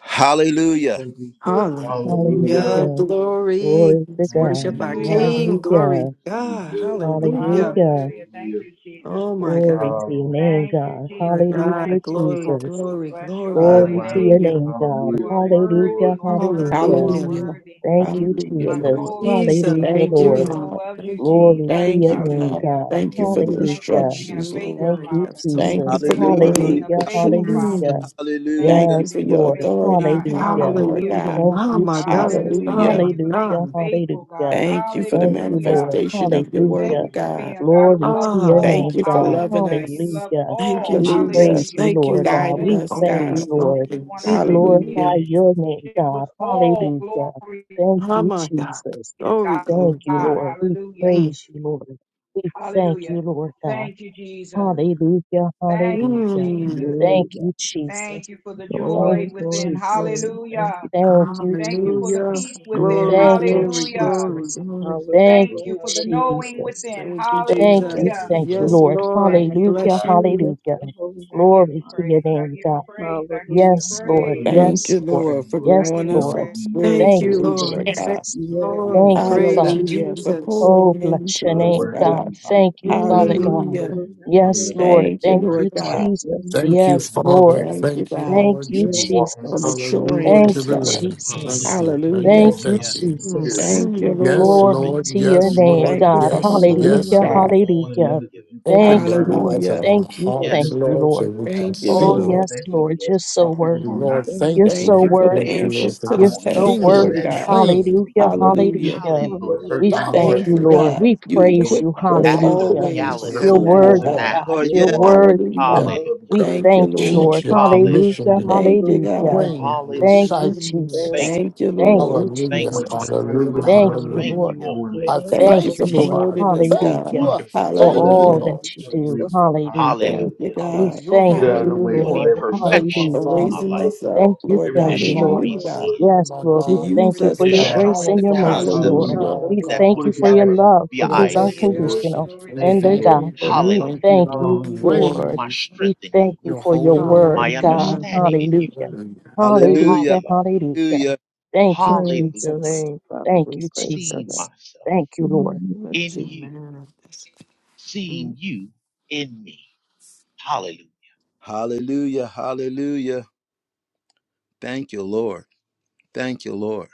A: Hallelujah.
B: Thank you, sir. Hallelujah.
E: Hallelujah.
C: Hallelujah.
E: Glory.
C: Glory to
E: Let's
B: Thank you,
E: worship
C: God.
E: our
B: Lord, for
K: Hallelujah.
E: King.
B: what we
E: Glory
B: have
E: to
C: Hallelujah.
B: received,
E: God.
B: Lord. Thank you,
E: Hallelujah.
B: Lord.
C: Hallelujah.
K: Hallelujah. Thank
B: Hallelujah.
K: you, Jesus.
E: Oh my
C: Glory
E: God.
C: to your
B: Wow.
C: name,
K: Thank you,
B: Just
C: God.
B: like,
E: My
K: Jesus.
B: uh,
K: We
C: Hallelujah,
E: God,
K: thank you,
E: glory,
K: Jesus.
C: Jesus.
K: We
E: glory,
K: bless your
E: glory.
B: Eyes
K: holy
C: Glory to
B: wide
C: your
K: name.
E: Hallelujah.
B: open.
C: name, God.
K: You
B: Hallelujah.
K: are
B: Thank you,
K: worthy.
C: Hallelujah.
B: Lord,
K: You are worthy. You
C: Hallelujah.
K: are
E: Hallelujah.
G: Hallelujah.
K: worthy.
C: Thank
B: for
C: you,
B: your
G: Hallelujah,
K: My
B: goodness,
C: Jesus.
G: Lord.
K: soul
B: Lord.
K: loves
B: Thank
K: you,
B: you
E: Jesus,
B: for
C: Hallelujah,
B: your
K: Jesus.
G: Thank
B: word.
G: you,
K: My
C: Lord.
E: Jesus,
G: God.
K: soul loves you,
E: thank
B: Listen, Lord.
E: you.
C: Glory
B: Thank
K: Jesus.
C: to
B: you,
G: Thank
C: your
G: you,
B: Lord.
C: name,
G: God.
K: Hallelujah.
C: God.
G: Thank you for the
B: Hallelujah.
K: Thank you for
C: Hallelujah.
K: being
B: Hallelujah.
K: a
G: instructions,
K: faithful
G: Lord.
C: Thank
E: Hallelujah. You
C: you,
E: have
K: Father.
E: so
G: Thank
C: Jesus.
E: much
G: you for
K: Thank
G: your
K: you for
A: Hallelujah.
K: being a
G: word, the
C: Hallelujah.
A: Hallelujah.
K: faithful
G: truth.
K: Father.
C: Hallelujah.
E: things.
K: Thank you
G: Thank
A: Hallelujah.
K: for
G: you
C: Yes,
G: for
K: being a
G: your
C: Lord.
K: faithful
G: authority
K: God.
G: and power,
C: Hallelujah.
G: Lord
K: Hallelujah.
E: Hallelujah.
G: God.
C: Thank
E: Oh,
C: you,
E: my God.
C: Jesus.
K: Hallelujah.
E: Oh,
K: Thank
G: Hallelujah.
E: my
K: you for being a
C: Hallelujah.
E: God.
K: faithful God.
C: Hallelujah.
G: Thank you for the
C: Thank you,
K: Hallelujah.
C: Lord.
G: manifestation of your
K: Thank
C: Hallelujah.
K: you
G: word,
K: for
G: God.
K: being a God who
C: Glory
K: loves
C: to your
E: Ah,
K: all.
G: Thank
C: name,
G: you for
C: God.
G: loving
K: Hallelujah. You
G: us.
K: love
C: Hallelujah.
E: thank
K: all.
E: you,
C: We
G: Hallelujah.
E: Jesus.
C: praise
K: Hallelujah.
C: you,
E: Thank you,
C: Lord
E: Lord.
C: God.
G: Guiding
K: Thank
C: We
G: us,
K: you,
C: thank
G: God.
E: Focus,
C: you,
K: Jesus.
C: Lord.
K: And you want a
C: We
E: focus.
C: glorify
G: Hallelujah.
C: your name,
K: relationship with
C: God.
K: all.
C: Hallelujah.
K: Glory
C: Thank
E: Oh,
C: you,
E: my God.
C: Jesus
K: to
E: Glory,
K: God.
C: thank
E: glory,
C: you,
E: glory.
C: Lord. We
K: Hallelujah.
E: Mm.
C: praise you, Lord. We thank
K: Hallelujah.
C: you, Lord God.
K: Thank you, Jesus.
C: Hallelujah,
K: Thank you,
C: hallelujah.
E: Mm.
K: Jesus.
C: Thank
D: Hallelujah.
C: you, Jesus.
K: Thank you for the
C: Thank
K: joy
D: Glory,
C: you,
K: within.
D: glory,
C: Jesus.
D: glory. Thank
K: Hallelujah.
C: Thank you,
K: Thank you for the
E: Hallelujah.
K: peace
C: Jesus.
D: you.
K: within.
D: Yes,
E: Glory,
C: Thank you,
D: Lord.
E: glory,
B: Thank you,
K: Hallelujah.
E: glory,
B: Lord
C: Jesus.
E: glory.
B: Jesus. Thank you,
C: Thank
K: Thank
D: Hallelujah.
B: Lord,
K: you
B: for
C: you,
K: for
B: your
K: the
B: word,
D: Hallelujah.
K: knowing
B: Lord.
C: Jesus.
K: within.
E: Thank you,
C: Thank
B: Thank
D: Thank
C: you,
B: you
E: Jesus.
B: for
K: Hallelujah.
D: you,
B: the
C: thank you,
D: Lord.
B: growth,
E: Yes,
C: Lord.
B: Lord.
E: Lord.
B: Thank
K: Thank
E: We
B: you
K: you,
B: for the
C: Hallelujah,
E: bless
B: eyes.
K: Jesus.
E: you.
D: Bless
B: Lord.
C: hallelujah.
D: your holy
K: I
D: name,
K: give you
C: Glory to
D: Father.
K: praise.
C: your
K: I
C: name,
K: give you
C: God.
K: praise. I give you
D: Hallelujah.
C: Yes,
B: Thank you for
C: Lord.
K: praise.
D: Hallelujah.
B: coming to
G: Thank
C: Yes,
G: you,
B: us
C: Lord.
B: again,
G: Lord, for
B: Lord,
K: I
C: Yes,
B: because
K: give
G: growing
B: you
K: you
D: Lord.
B: know
G: us
C: Lord.
B: what
K: praise.
G: up
B: we need.
E: Thank
C: Thank
E: you,
C: you,
G: spiritually,
E: Lord.
G: Lord
E: Thank you,
G: God.
C: Jesus.
B: teach
D: Yes,
B: what we
E: Lord.
C: Thank
B: need
C: you,
D: Lord.
B: to
E: Praise you,
B: ask
C: Father.
G: Hallelujah.
B: for
G: For
E: Jesus.
C: Oh,
D: Glory
G: pouring
D: to
C: bless your
B: by
G: into
B: the
G: us,
D: your
C: name,
B: word
D: holy
B: that
D: name,
C: God.
G: God.
B: we
D: Father.
B: hear,
C: Thank you,
B: that we
C: Father
B: know the
C: God.
E: Mm,
G: Hallelujah.
B: direction
D: Hallelujah.
B: you're sending
C: Yes,
B: us
D: Hallelujah.
B: on.
C: Lord.
B: This
G: Thank
B: is
G: you,
C: Thank
B: word
C: you,
B: of
G: Lord
B: light,
G: God.
C: Jesus.
D: Thank you,
F: Thank you,
D: Lord.
C: Yes,
B: and it is a
F: Father.
C: Lord.
B: path,
G: Thank you,
F: Thank you,
G: God,
C: Thank
F: Lord
C: you,
B: and we're
D: Yes,
F: Jesus.
B: walking
G: for
B: on it,
C: Jesus.
B: that you teach us
G: maturing
F: Hallelujah
D: Lord,
B: what
C: Thank
F: to
G: us,
B: you
F: the
C: you,
B: teach
G: God.
D: Lord,
F: Lamb.
B: us.
F: Thank
C: Jesus.
F: you.
L: Hallelujah.
F: Thank
B: And
F: you.
G: Hallelujah.
C: Thank
D: thank
B: when we
C: you,
D: you.
B: come
F: Thank
L: Yes,
F: you.
B: forth
L: Lord.
E: mm,
B: clear,
L: Thank
C: Jesus.
G: Thank
L: you,
G: you,
E: mm,
L: thank
F: Yes,
L: you,
G: Lord.
D: Yes,
L: thank
C: Glory
F: Lord.
B: the
L: you.
C: to
B: direction
C: your
B: you
F: Yes,
D: Lord,
B: want us
C: name,
F: Lord.
B: to
G: Thank you
B: do.
C: God.
G: for
F: Yes.
L: All
G: humbling
L: you
B: we
L: are
G: us,
F: Yes,
C: Hallelujah.
G: God.
B: fellowship
L: providing,
F: Lord.
B: with
L: all
B: one
L: you
C: Hallelujah.
B: another
L: have
B: so
L: given.
B: you can
F: Open
C: Thank
F: the
C: you,
B: confirm it,
C: Lord.
F: eyes of
G: Hallelujah.
F: our
C: Thank you.
D: Hallelujah,
B: the
F: hearts,
C: Thank
L: Yes, Lord.
D: hallelujah,
C: you,
F: Lord,
C: Lord.
F: so
B: discipleship
F: we
B: that's
F: can
G: Thank
L: The
B: happening,
G: you,
F: see
C: Oh,
B: Lord.
F: you.
D: hallelujah.
B: We
G: Lord.
C: yes,
L: empowerment
B: thank you
L: to
D: Thank you,
B: for
C: Lord,
L: be
C: you're
B: this.
F: Oh,
C: so
L: a
B: This is
C: worthy.
L: part of
F: Lord,
B: not
D: thank
L: you,
B: something to
C: You're
L: Lord.
F: thank
B: take for
G: Thank
C: so
G: you
F: you.
G: for
B: granted.
D: you.
G: the
L: The
F: Thank
C: worthy.
F: you,
L: airship,
F: Lord,
G: answers
F: for
G: to
B: I
G: the
C: You're
B: don't
L: the
F: this
B: want any
C: so
G: test,
F: kingdom
G: Lord
D: Yes,
C: worthy.
B: separation
G: God.
L: understanding
B: from
L: of
B: this,
L: it.
D: Lord,
F: training,
B: Lord.
C: Hallelujah.
B: Hallelujah.
G: Hallelujah.
C: Hallelujah.
B: Lord,
F: this
L: Hallelujah.
B: search
C: We
B: my
D: hallelujah,
L: The
C: thank
B: heart
F: doctrine
G: Thank
B: so
C: you,
G: you,
B: that I
C: Lord.
B: will
L: freeing,
G: God.
B: not
C: We
G: You
B: sin
C: praise
B: against
G: equip
C: you.
B: you,
L: the
G: us
F: that you've
B: so
L: act
C: Hallelujah.
D: hallelujah.
B: that
L: of
B: I
F: given
B: can
F: us so
G: always
L: reality
A: Yes,
F: that
C: You're
B: see
F: we
L: that
G: fully,
F: can
B: all
L: is
B: that
C: worthy,
B: it
F: walk
G: God.
L: now.
B: is
C: God.
B: that
A: Lord.
C: You're
B: you
A: Yes.
D: Yes,
B: are
C: worthy,
B: for
C: God.
B: my
G: Hallelujah.
F: and
L: Hallelujah.
D: thank
B: brothers
D: you,
C: We
B: and
D: Lord.
G: Thank
B: sisters,
G: you,
C: thank you,
B: Lord.
G: Lord.
F: teach
C: Lord.
F: your
L: Hallelujah.
F: commission
C: Hallelujah.
B: Hallelujah.
F: and
G: Thank you,
D: Hallelujah,
G: God.
C: Hallelujah.
F: train
D: hallelujah.
B: Hallelujah.
C: Thank
L: Hallelujah.
C: you,
E: mm.
F: disciples.
D: Thank
L: Thank
C: Jesus.
L: you,
G: Thank you,
L: Lord.
D: you,
C: Thank
D: Lord,
C: you,
G: Lord.
B: We
L: Thank
F: Hallelujah,
B: want
L: you,
B: to
D: Lord,
B: be
L: God.
C: Jesus.
D: Lord.
F: hallelujah,
B: conduits of
C: Thank
B: what it
C: you,
B: is
L: Thank
F: hallelujah.
C: Lord.
B: you're
L: you,
E: Hallelujah.
B: doing,
F: I
B: Lord.
L: Almighty.
D: Yes,
G: Thank you
C: Thank
D: Lord,
C: you,
G: for
F: thank you,
B: Use
C: Lord.
B: us,
F: I
G: promoting us,
L: You
D: hallelujah.
L: are
F: thank
G: God.
C: Hallelujah.
F: you,
B: use
F: I
B: us,
L: wonderful to
C: For
B: Lord.
L: me.
B: Let
F: thank
B: us
F: you,
B: be
G: Hallelujah.
C: all
D: Yes,
B: able
C: that
B: to
F: Lord
D: we
C: you
D: bless
C: do.
D: your
B: separate
F: Jesus.
D: holy name.
C: Hallelujah.
G: Thank
B: ourselves,
L: Hallelujah.
G: you,
C: We
G: God.
B: get
F: Hallelujah.
C: thank
B: out of the
C: you,
B: way, so
G: Hallelujah.
L: putting
B: that
C: Lord.
D: Lord,
B: way
D: we
B: we can
D: thank
F: Thank
B: walk
F: you,
B: the
L: perfection
C: Hallelujah.
G: For
D: you.
B: way
L: to
B: you
L: my
F: Father,
B: would
G: raising
B: call
L: life,
B: us
G: us
B: to
G: up,
C: Thank
B: walk.
C: you,
G: Lord
F: our
C: thank
B: Everything
G: God,
D: You
B: you're
C: you,
D: are
G: in
C: Lord.
D: good,
B: teaching
L: destroying
G: you,
F: Father
B: us,
G: God,
B: Lord,
L: sin,
D: you
F: and
C: Yes,
D: are
F: my
D: good,
C: Lord.
G: to
C: We
D: Lord.
F: God,
C: thank
K: Glory
G: use
K: to
C: you
D: Thank
G: us,
C: for
B: put it
C: your
B: to
D: you.
K: God.
G: God.
B: action.
C: grace
L: destroying
F: our
C: and
L: the
C: your mercy,
F: Father
L: concepts
C: Lord.
F: and
B: Hallelujah.
G: Hallelujah.
F: our
C: We
L: that
D: Hallelujah.
C: thank
F: God.
L: would
B: Put
C: you
B: it to
C: for your
L: ever
B: action,
C: love,
B: Lord.
L: be an
C: which is
B: Thank
K: Glory to
F: Yes,
L: idea
B: you,
L: of
D: Hallelujah.
K: God.
B: Lord.
F: yes,
L: defeat.
F: yes.
C: unconditional.
K: Glory
F: We
C: And
B: Thank you,
C: the
F: thank
B: Lord.
D: Thank
C: God
F: you.
K: to
C: that
D: you,
F: We
C: we
L: Hallelujah.
D: Lord.
K: God.
F: thank you
C: thank
F: and we
C: you,
B: Hallelujah.
D: Yes,
C: Lord.
L: My
F: praise
C: We
L: strength in you,
C: thank you
F: your
L: Lord.
C: for your
F: holy name.
C: word,
L: My
C: God.
E: Hallelujah.
L: understanding in
D: Hallelujah.
L: you,
C: Hallelujah.
F: Hallelujah.
D: Thank
L: Lord.
D: you,
A: Hallelujah.
C: Hallelujah.
L: Hallelujah.
D: Father.
C: Hallelujah.
A: Hallelujah.
C: Thank you,
L: Hallelujah.
D: Praise your
C: Jesus.
D: name, Father.
C: Thank
D: We
C: you,
D: praise your
L: Seeing
C: Jesus.
D: name.
L: myself
C: Thank you,
D: In the
C: Lord.
D: name of
L: in
D: Jesus.
L: you, seeing you in me. Hallelujah.
A: Hallelujah. Hallelujah. Thank you, Lord. Thank you, Lord.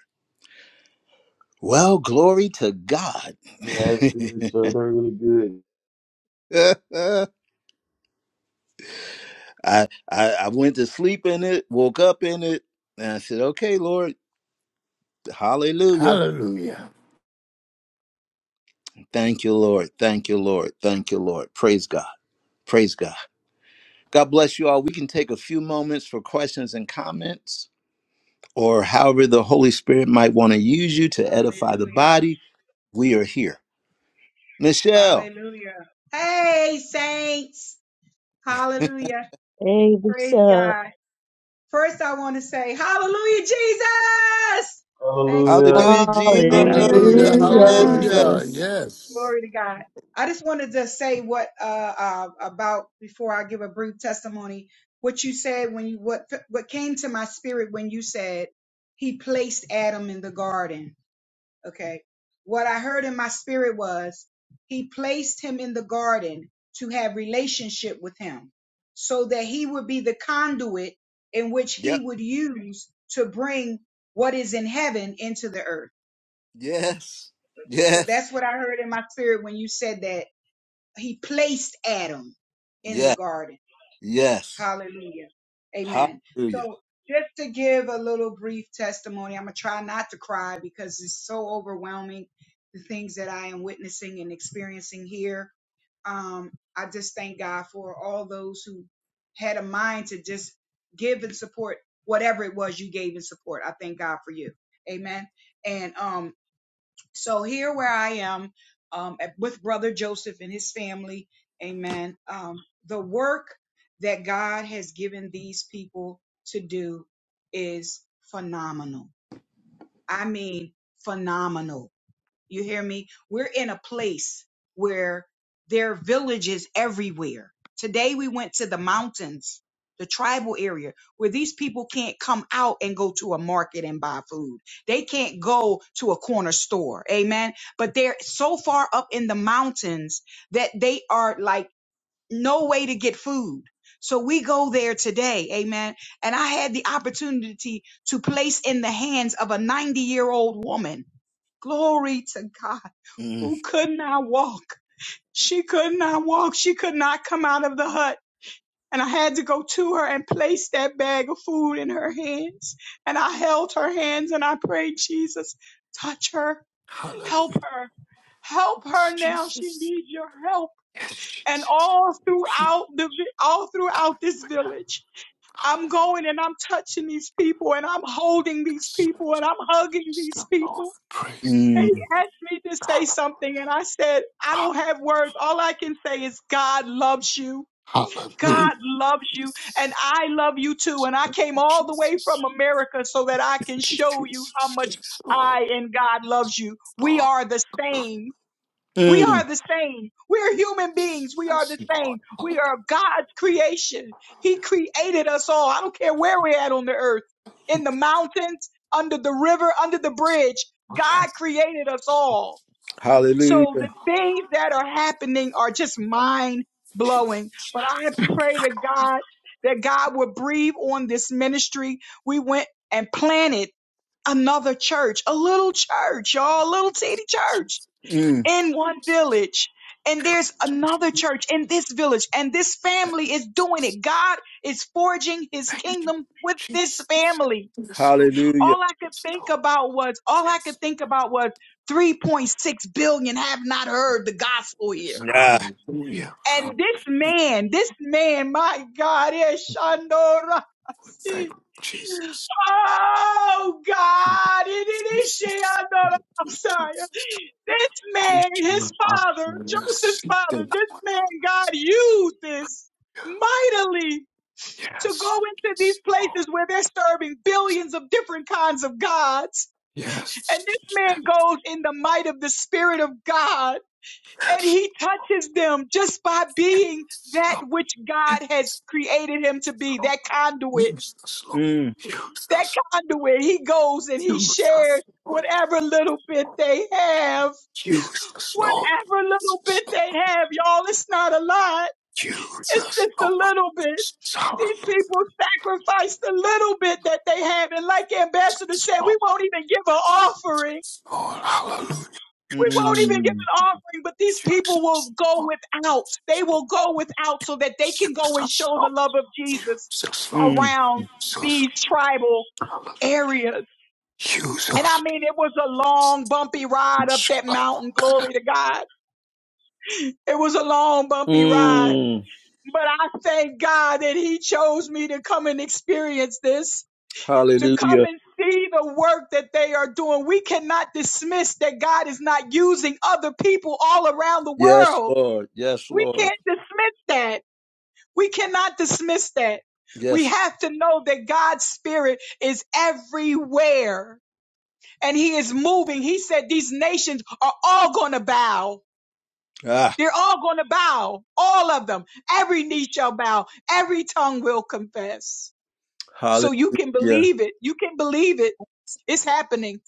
A: Well, glory to God.
B: Yeah, that's good, sir. They're really good.
A: I, I I went to sleep in it, woke up in it, and I said, "Okay, Lord, Hallelujah!
F: Hallelujah.
A: Thank you, Lord. Thank you, Lord. Thank you, Lord. Praise God. Praise God. God bless you all. We can take a few moments for questions and comments, or however the Holy Spirit might want to use you to edify the
K: Hallelujah.
A: body. We are here, Michelle.
K: Hallelujah. Hey, saints. Hallelujah.
C: Hey, what's
K: Praise
C: up?
K: God. First, I want to say, Hallelujah, Jesus. Thank you,
B: Hallelujah.
K: Lord.
A: Hallelujah,
E: Amen.
A: Jesus.
E: Hallelujah,
K: Glory,
F: Hallelujah.
A: Yes,
G: Hallelujah,
K: glory,
C: Hallelujah.
A: yes,
K: glory,
E: Jesus.
A: yes.
F: Hallelujah.
G: Jesus.
F: Yes.
K: glory to God. I just wanted to say what uh, uh, about before I give a brief testimony. What you said when you what what came to my spirit when you said he placed Adam in the garden Okay. What I heard in my spirit was he placed him in the garden to have relationship with him so that he would be the conduit in which
A: Yep.
K: he would use to bring what is in heaven into the earth.
A: Yes.
K: So
A: Yes.
K: that's what I heard in my spirit when you said that he placed Adam in the
A: Yes.
K: garden.
A: Yes.
K: Hallelujah. Amen.
A: Hallelujah.
K: So just to give a little brief testimony, I'm going to try not to cry because it's so overwhelming, the things that I am witnessing and experiencing here. Um, I just thank God for all those who had a mind to just give and support whatever it was you gave and support. I thank God for you. Amen. And um, so here where I am um, at- with Brother Joseph and his family, amen. Um, the work that God has given these people to do is phenomenal. I mean, phenomenal you hear me? We're in a place where there are villages everywhere. Today we went to the mountains, the tribal area, where these people can't come out and go to a market and buy food. They can't go to a corner store. Amen. But they're so far up in the mountains that they are like no way to get food. So we go there today. Amen. And I had the opportunity to place in the hands of a 90 year old woman. Glory to God
A: Mm.
K: who could not walk. She could not walk. She could not come out of the hut. And I had to go to her and place that bag of food in her hands. And I held her hands and I prayed, Jesus, touch her, help
F: Hallelujah.
K: her, help
F: Yes,
K: her now. She
F: Jesus.
K: needs your help.
F: Yes,
K: And
F: Jesus.
K: all
F: We
K: throughout the, vi- all
F: are
K: throughout this village, I'm
F: hallelujah.
K: going and I'm touching these people and I'm holding these people and I'm hugging
F: The
K: these
F: Lord
K: people
F: praise.
K: and he
A: Mm.
K: asked me to say something, and I said, I don't have words. All I can say is, God loves you.
F: Hallelujah.
K: God loves you, and
F: Yes.
K: I love you too. And I
F: Thank
K: came
F: you,
K: all the way
F: Jesus.
K: from America so that I can
F: Thank you,
K: show you how
F: Jesus.
K: much
F: Yes, Lord.
K: I and God loves you. We
F: Lord.
K: are the same. We
A: Mm.
K: are the same. We are human beings. We are
F: Yes,
K: the
F: Lord.
K: same. We are God's creation. He
F: Hallelujah.
K: created us all. I don't care where we're at on the earth, in the mountains, under the river, under the bridge. God
F: Yes.
K: created us all. So the
A: Hallelujah.
K: things that are happening are just mind
F: Jesus.
K: blowing. But I pray to God that God would breathe on this ministry. We went and planted another church, a little church, y'all, a little teeny church
A: Mm.
K: in one village and there's another church in this village and this family is doing it god is forging his
F: Thank you,
K: kingdom with this
F: Jesus.
K: family
F: Yes, Lord.
A: Hallelujah.
K: all i could
F: Yes,
K: think
F: Lord.
K: about was all i
F: Yes,
K: could think
F: Lord.
K: about was 3.6 billion have not heard the gospel
F: Yes,
K: here
A: Yeah.
F: hallelujah. Hallelujah.
K: and this man this man my god is shandora
F: Thank you, Jesus.
K: oh god it
F: Yes,
K: is
F: yes. Thank you,
K: Shandora.
F: Jesus.
K: This
F: Oh,
K: man, his
F: sure. I'm
K: father,
F: gonna
K: Joseph's
F: see
K: father,
F: them.
K: this man, God used this mightily to go
F: Yes.
K: into these
F: Yes.
K: places where they're serving billions of different kinds of gods. And
F: Yes.
K: this man goes in the might of the Spirit of God and he touches them just by being
F: Yes,
K: that
F: Lord.
K: which
F: Yes,
K: God has created him to be,
F: Lord.
K: that conduit.
F: Use us, Lord.
A: Mm.
F: Use
K: That
F: us.
K: conduit, he goes and he
F: Use
K: shares
F: us. Lord.
K: whatever little bit they have
F: Jesus, Lord
K: Whatever little
F: Jesus,
K: bit
F: Lord
K: they have, y'all, it's not a lot. It's
F: Jesus,
K: just a
F: Lord
K: little bit.
F: Jesus, Hallelujah,
K: These people sacrificed the little bit that they have. And like Ambassador said, we
F: Lord,
K: won't even give an offering.
F: Lord, Hallelujah,
K: We won't
F: Jesus,
K: even give
A: Mm.
K: an offering, but these people will
F: Jesus,
K: go
F: Lord,
K: without. They
F: Jesus,
K: will go without so that they can go and show the
F: Lord,
K: love of Jesus
F: Jesus, Lord,
A: Mm.
K: around
F: Jesus,
K: these tribal
F: Hallelujah,
K: areas. And I
F: Jesus,
K: mean, it was a long, bumpy ride up that mountain. Glory to God. It was a long, bumpy ride
A: Mm.
K: But I thank God that He chose me to come and experience this, to come
A: Hallelujah.
K: and see the work that they are doing. We cannot dismiss that God is not using other people all around the
A: Yes,
K: world.
A: Lord. Yes,
K: We
A: Lord.
K: can't dismiss that. We cannot dismiss that. We
A: Yes.
K: have to know that God's Spirit is everywhere and He is moving. He said these nations are all going to bow.
A: Ah.
K: They're all going to bow, all of them. Every knee shall bow, every tongue will confess. So you can
A: Hallelujah.
K: believe it. You can believe it. It's happening.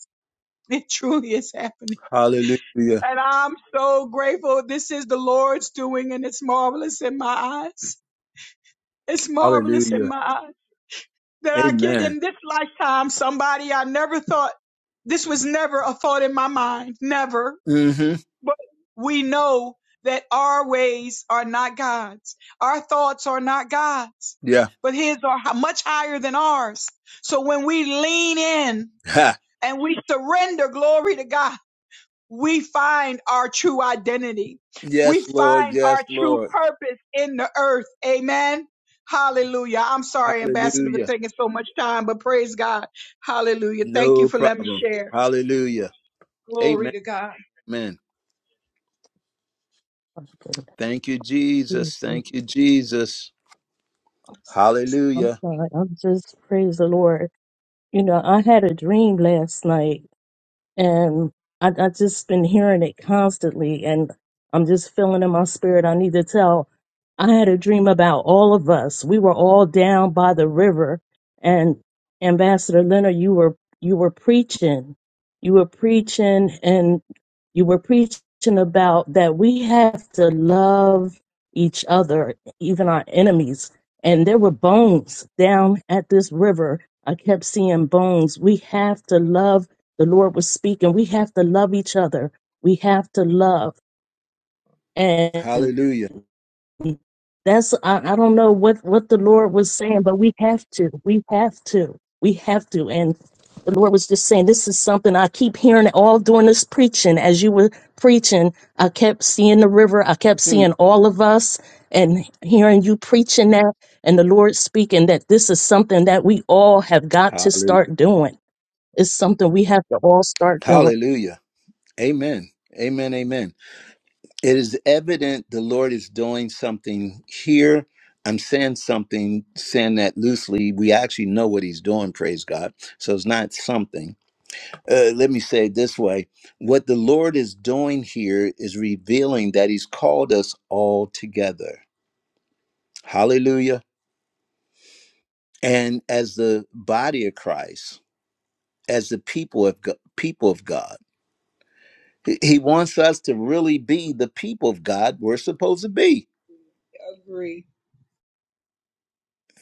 K: It truly is happening.
A: Hallelujah.
K: And I'm so grateful. This is the Lord's doing, and it's marvelous in my eyes. It's marvelous in
A: Hallelujah.
K: my eyes that I get
A: Amen.
K: in this lifetime somebody I never thought this was never a thought in my mind. Never.
A: Mm-hmm.
K: But we know that our ways are not God's. Our thoughts are not God's,
A: Yeah.
K: but His are hi- much higher than ours. So when we lean in
A: Ha.
K: and we surrender glory to God, we find our true identity. We
A: Yes, Lord.
K: find
A: Yes,
K: our true
A: Lord.
K: purpose in the earth. Amen. Hallelujah. I'm sorry, Ambassador, for
A: Hallelujah.
K: taking so much time, but praise God. Hallelujah. Thank you
A: No
K: for letting me
A: problem.
K: share.
A: Hallelujah.
K: Glory
A: Amen.
K: to God.
A: Amen.
C: Oh, goodness.
A: Thank you,
C: Jesus.
A: Jesus. Thank you, Jesus.
C: I'm sorry. I'm
A: Hallelujah.
C: sorry. I'm just praise the Lord. You know, I had a dream last night and I, I just been hearing it constantly, and I'm just feeling in my spirit. I need to tell. I had a dream about all of us. We were all down by the river, and Ambassador Leonard, you were you were preaching, you were preaching, and you were preaching about that we have to love each other, even our enemies. And there were bones down at this river. I kept seeing bones. We have to love the Lord was speaking. We have to love each other. We have to love. And
A: Hallelujah.
C: that's, I, I don't know what, what the Lord was saying, but we have to. We have to. We have to. And the Lord was just saying, this is something I keep hearing it all during this preaching. As you were preaching, I kept seeing the river. I kept
A: Hmm.
C: seeing all of us and hearing you preaching that and the Lord speaking that this is something that we all have got to
A: Hallelujah.
C: start doing. It's something we have to all start doing.
A: Hallelujah. Amen. Amen. Amen. It is evident the Lord is doing something here. I'm saying something, saying that loosely. We actually know what he's doing, praise God. So it's not something. uh, let me say it this way what the Lord is doing here is revealing that He's called us all together. Hallelujah. And as the body of Christ, as the people of, Go- people of God, He He wants us to really be the people of God we're supposed to be.
K: I Agree.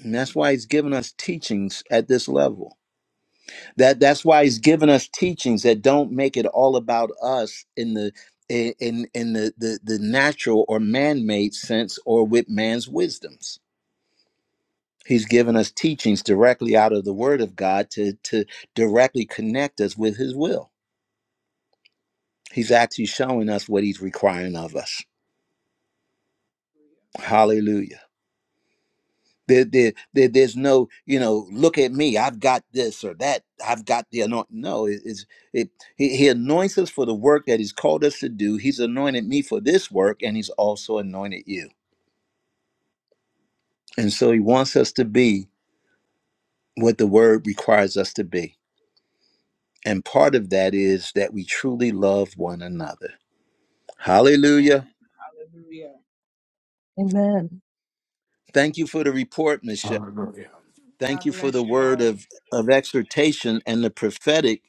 A: And that's why He's given us teachings at this level. that that's why he's given us teachings that don't make it all about us in the in in the the, the natural or man-made sense or with man's wisdoms he's given us teachings directly out of the word of god to to directly connect us with his will he's actually showing us what he's requiring of us hallelujah There, there, there, there's no, you know, look at me. I've got this or that. I've got the anoint. No, it- it's it. He, he anoints us for the work that He's called us to do. He's anointed me for this work, and He's also anointed you. And so He wants us to be what the Word requires us to be. And part of that is that we truly love one another. Hallelujah!
K: Amen. Hallelujah.
C: Amen.
A: Thank you for the report, Michelle.
F: Hallelujah.
A: Thank
K: God
A: you for the
K: bless you
A: word
K: all.
A: of of exhortation and the prophetic,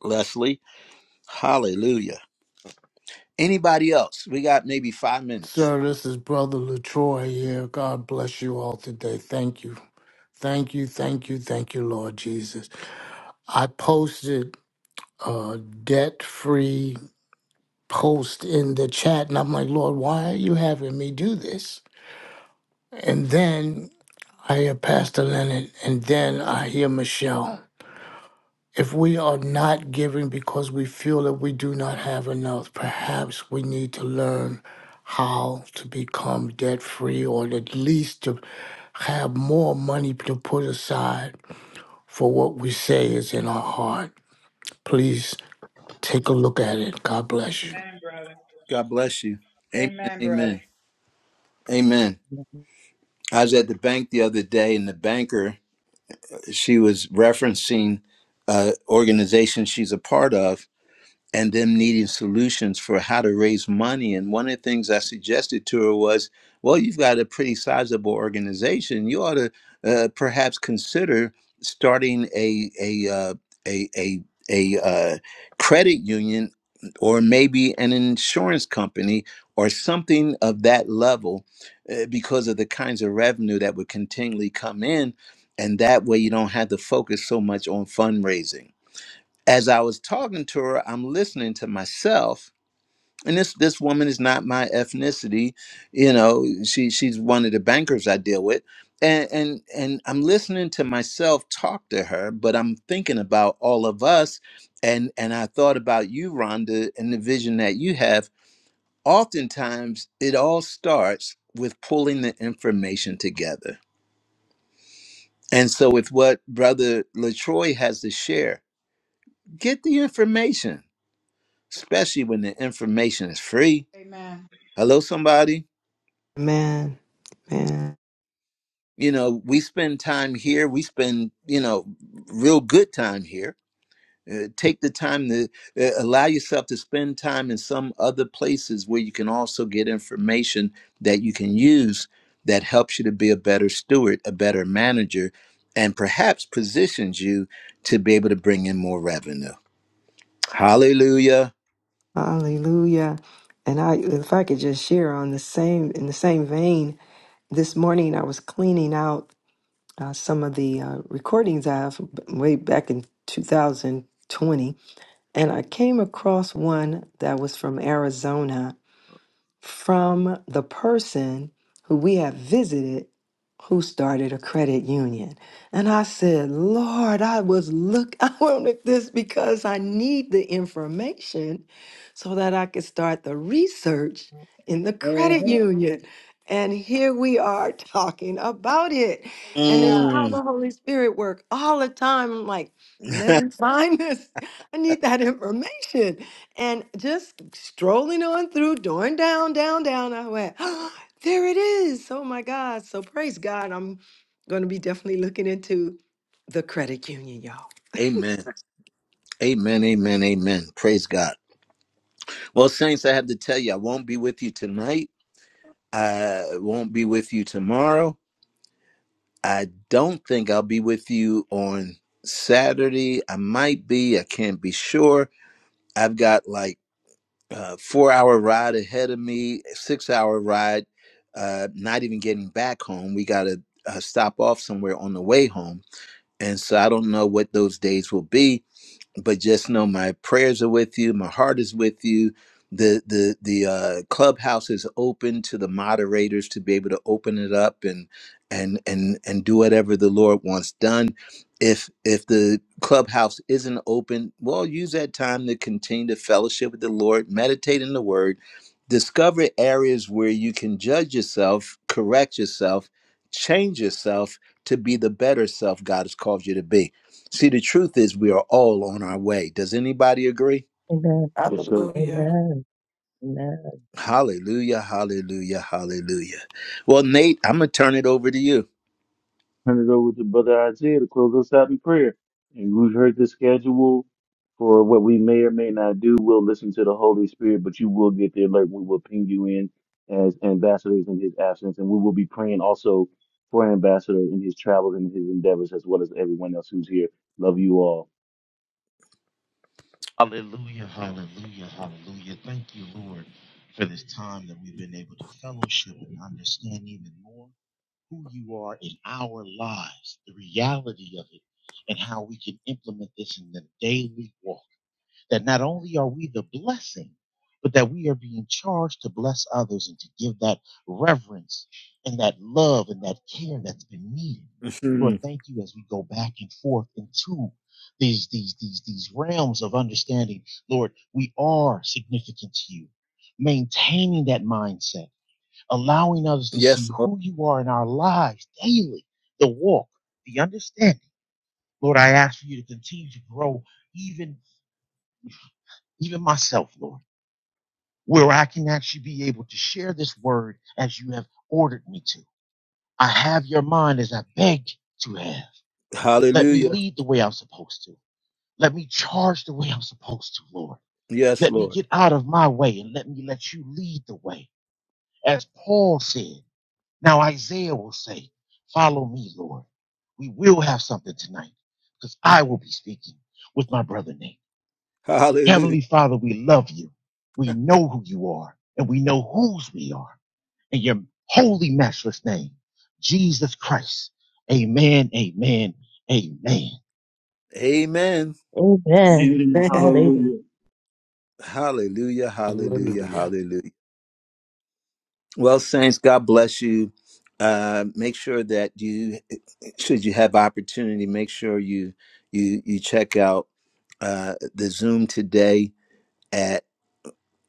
A: Leslie. Hallelujah. Anybody else? We got maybe five minutes.
F: Sir, this is Brother Latroy here. God bless you all today. Thank you, thank you, thank you, thank you, Lord Jesus. I posted uh, debt free. post in the chat, and I'm like, Lord, why are you having me do this? And then I hear Pastor Leonard, and then I hear Michelle. If we are not giving because we feel that we do not have enough, perhaps we need to learn how to become debt free or at least to have more money to put aside for what we say is in our heart. Please take a look at it. God bless you.
K: Amen, brother.
A: God bless you. Amen.
K: Amen, brother.
A: Amen. Amen. I was at the bank the other day, and the banker she was referencing uh, organization she's a part of, and them needing solutions for how to raise money. And one of the things I suggested to her was, well, you've got a pretty sizable organization. You ought to uh, perhaps consider starting a a uh, a a, a uh, credit union or maybe an insurance company or something of that level uh, because of the kinds of revenue that would continually come in and that way you don't have to focus so much on fundraising as I was talking to her, I'm listening to myself. And this this woman is not my ethnicity, you know. She she's one of the bankers I deal with, and and and I'm listening to myself talk to her, but I'm thinking about all of us, and and I thought about you, Rhonda, and the vision that you have. Oftentimes, it all starts with pulling the information together, and so with what Brother Latroy has to share, get the information especially when the information is free.
K: Amen.
A: Hello, somebody.
E: Man, man,
A: You know, we spend time here. We spend, you know, real good time here. Uh, take the time to uh, allow yourself to spend time in some other places where you can also get information that you can use that helps you to be a better steward, a better manager, and perhaps positions you to be able to bring in more revenue. Hallelujah.
E: hallelujah. And I, if I could just share on the same, in the same vein, this morning I was cleaning out. uh, some of the uh, recordings I have way back in 2020, and I came across one that was from Arizona from the person who we have visited who started a credit union. And I said, Lord, I was look I wanted this because I need the information so that I could start the research in the credit union. And here we are talking about it.
K: Hallelujah.
E: And it's how
A: Mm.
E: the Holy Spirit work all the time. I'm like, let me find this. I need that information. And just strolling on through, going down, down, down, I went, oh, there it is. Oh my God. So praise God. I'm going to be definitely looking into the credit union, y'all.
A: amen. Amen. Amen. Amen. Praise God. Well, Saints, I have to tell you, I won't be with you tonight. I won't be with you tomorrow. I don't think I'll be with you on Saturday. I might be, I can't be sure. I've got like a four hour ride ahead of me, a six hour ride, uh, not even getting back home. We got to uh, stop off somewhere on the way home. And so I don't know what those days will be but just know my prayers are with you my heart is with you the the the uh, clubhouse is open to the moderators to be able to open it up and and and and do whatever the lord wants done if if the clubhouse isn't open well use that time to continue to fellowship with the lord meditate in the word discover areas where you can judge yourself correct yourself change yourself to be the better self god has called you to be See, the truth is, we are all on our way. Does anybody agree?
C: Amen.
B: Yes, sir.
G: Hallelujah.
C: Amen. Amen.
A: Hallelujah, hallelujah, hallelujah. Well, Nate, I'm going to turn it over to you.
B: Turn it over to Brother Isaiah to close us out in prayer. And we've heard the schedule for what we may or may not do. We'll listen to the Holy Spirit, but you will get the alert. We will ping you in as ambassadors in his absence. And we will be praying also for an ambassador in his travels and his endeavors, as well as everyone else who's here. Love you all.
L: Hallelujah. Hallelujah. Hallelujah. Thank you, Lord, for this time that we've been able to fellowship and understand even more. who you are in our lives, the reality of it, and how we can implement this in the daily walk. That not only are we the blessing, but that we are being charged to bless others and to give that reverence and that love and that care that's been needed.
A: Hmm.
L: Lord, thank you as we go back and forth into these these these these realms of understanding. Lord, we are significant to you. Maintaining that mindset allowing others to see
A: yes, Lord.
L: who you are in our lives daily, the walk, the understanding. Lord, I ask for you to continue to grow even, even myself, Lord, where I can actually be able to share this word as you have ordered me to. I have your mind as I beg to have. Let me
A: Hallelujah.
L: lead the way I'm supposed to. Let me charge the way I'm supposed to, Lord.
A: Yes,
L: Let me
A: Lord.
L: get out of my way and let me let you lead the way. As Paul said, Now Isaiah will say, follow me, Lord. We will have something tonight because I will be speaking with my brother Nate.
A: Hallelujah.
L: Heavenly Father, we love you. We know who you are and we know whose we are in your holy matchless name, Jesus Christ. Amen, amen, amen.
A: Amen.
C: Amen.
B: Amen.
E: Man,
G: Amen.
C: Hallelujah.
B: Hallelujah.
A: Hallelujah, hallelujah,
F: Hallelujah.
A: hallelujah. Well, Saints, God bless you. Uh, make sure that you, should you have opportunity, make sure you you you check out uh, the Zoom today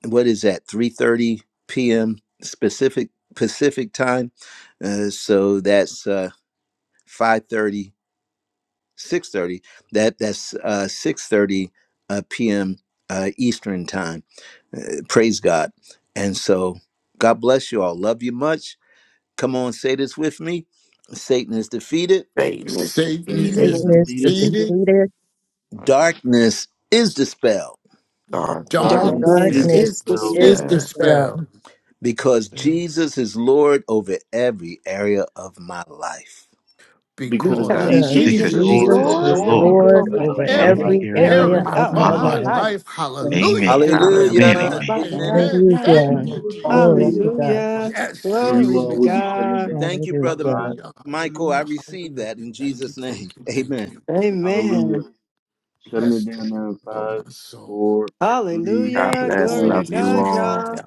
A: what is that 3:30 p.m. specific Pacific time. Uh, so that's uh 5:30, 6:30. That that's uh 6:30 uh, p.m. Uh, Eastern time. Uh, praise God. And so God bless you all. Love you much. Come on, say this with me. Satan is defeated.
G: Satan is
F: Satan
B: Satan
G: defeated.
D: Thank
F: is
C: Satan
B: is
D: you
C: is
D: for
C: the
B: defeated.
D: Jesus,
F: defeated,
C: defeated.
A: Darkness is dispelled
D: death,
B: Darkness
G: Darkness
E: darkness
D: and
B: is
F: darkness
G: is
E: is
C: Darkness
E: the
B: dispelled
D: spirit, and
C: is
F: is
E: spell
G: dispelled.
D: faith, Father.
F: dispelled
C: dispelled
A: because
L: Well,
A: Jesus is Lord over every area of my life.
B: because
F: because
E: because
G: Because
C: because
B: Jesus is
D: We thank
L: Because
E: Jesus
G: Jesus
D: you
E: is
F: Jesus
G: is
B: Lord
F: is
C: Jesus
L: Jesus is
B: over
C: is
E: Lord
G: Lord
B: every
F: Lord
G: over
L: Lord
C: Lord
B: area
F: over
E: over
B: of
L: on
C: over
D: the
B: my
G: every
D: blood
B: life.
L: every
F: every
C: every
L: area
E: every
D: of
G: of
D: my
C: area
E: area
G: my
F: area
L: in
C: of
E: of
G: life.
L: my
C: my
F: of
E: my
F: my
L: life.
C: life.
E: life.
F: life.
D: friends.
F: Hallelujah
L: Amen,
D: God,
F: to the Lamb of
L: amen,
G: Hallelujah.
E: And
B: Hallelujah.
E: the
A: Hallelujah.
D: Thank
F: God.
L: amen.
D: you,
E: Father
A: Amen.
E: God,
F: Amen.
E: yeah.
B: Thank
F: Thank
B: you,
C: Hallelujah.
F: you,
G: Amen.
B: Lord.
D: Jesus.
C: Glory
F: Jesus.
B: Hallelujah.
C: to God.
E: Hallelujah.
F: Yes,
B: Love you
E: Glory
F: yes,
E: to
B: all. We'll
F: yes.
B: be shutting it
E: God.
B: down
A: Thank you,
B: now in
A: brother
C: Hallelujah.
B: five.
F: Hallelujah,
A: Michael. I
F: hallelujah,
A: receive
F: hallelujah.
A: that in
F: Thank you,
A: Jesus' name.
F: thank you, thank
A: Amen.
F: you.
B: Hallelujah.
E: Amen.
B: Shutting it
F: Bless the
B: down now
F: Lord,
B: in
F: oh
B: five,
F: my soul.
B: four, three,
G: God
E: Hallelujah.
G: bless.
E: Glory
B: two,
E: to
F: All
G: Love
F: that's
G: you
E: God,
B: and one.
F: within
G: all.
E: y'all.
F: me.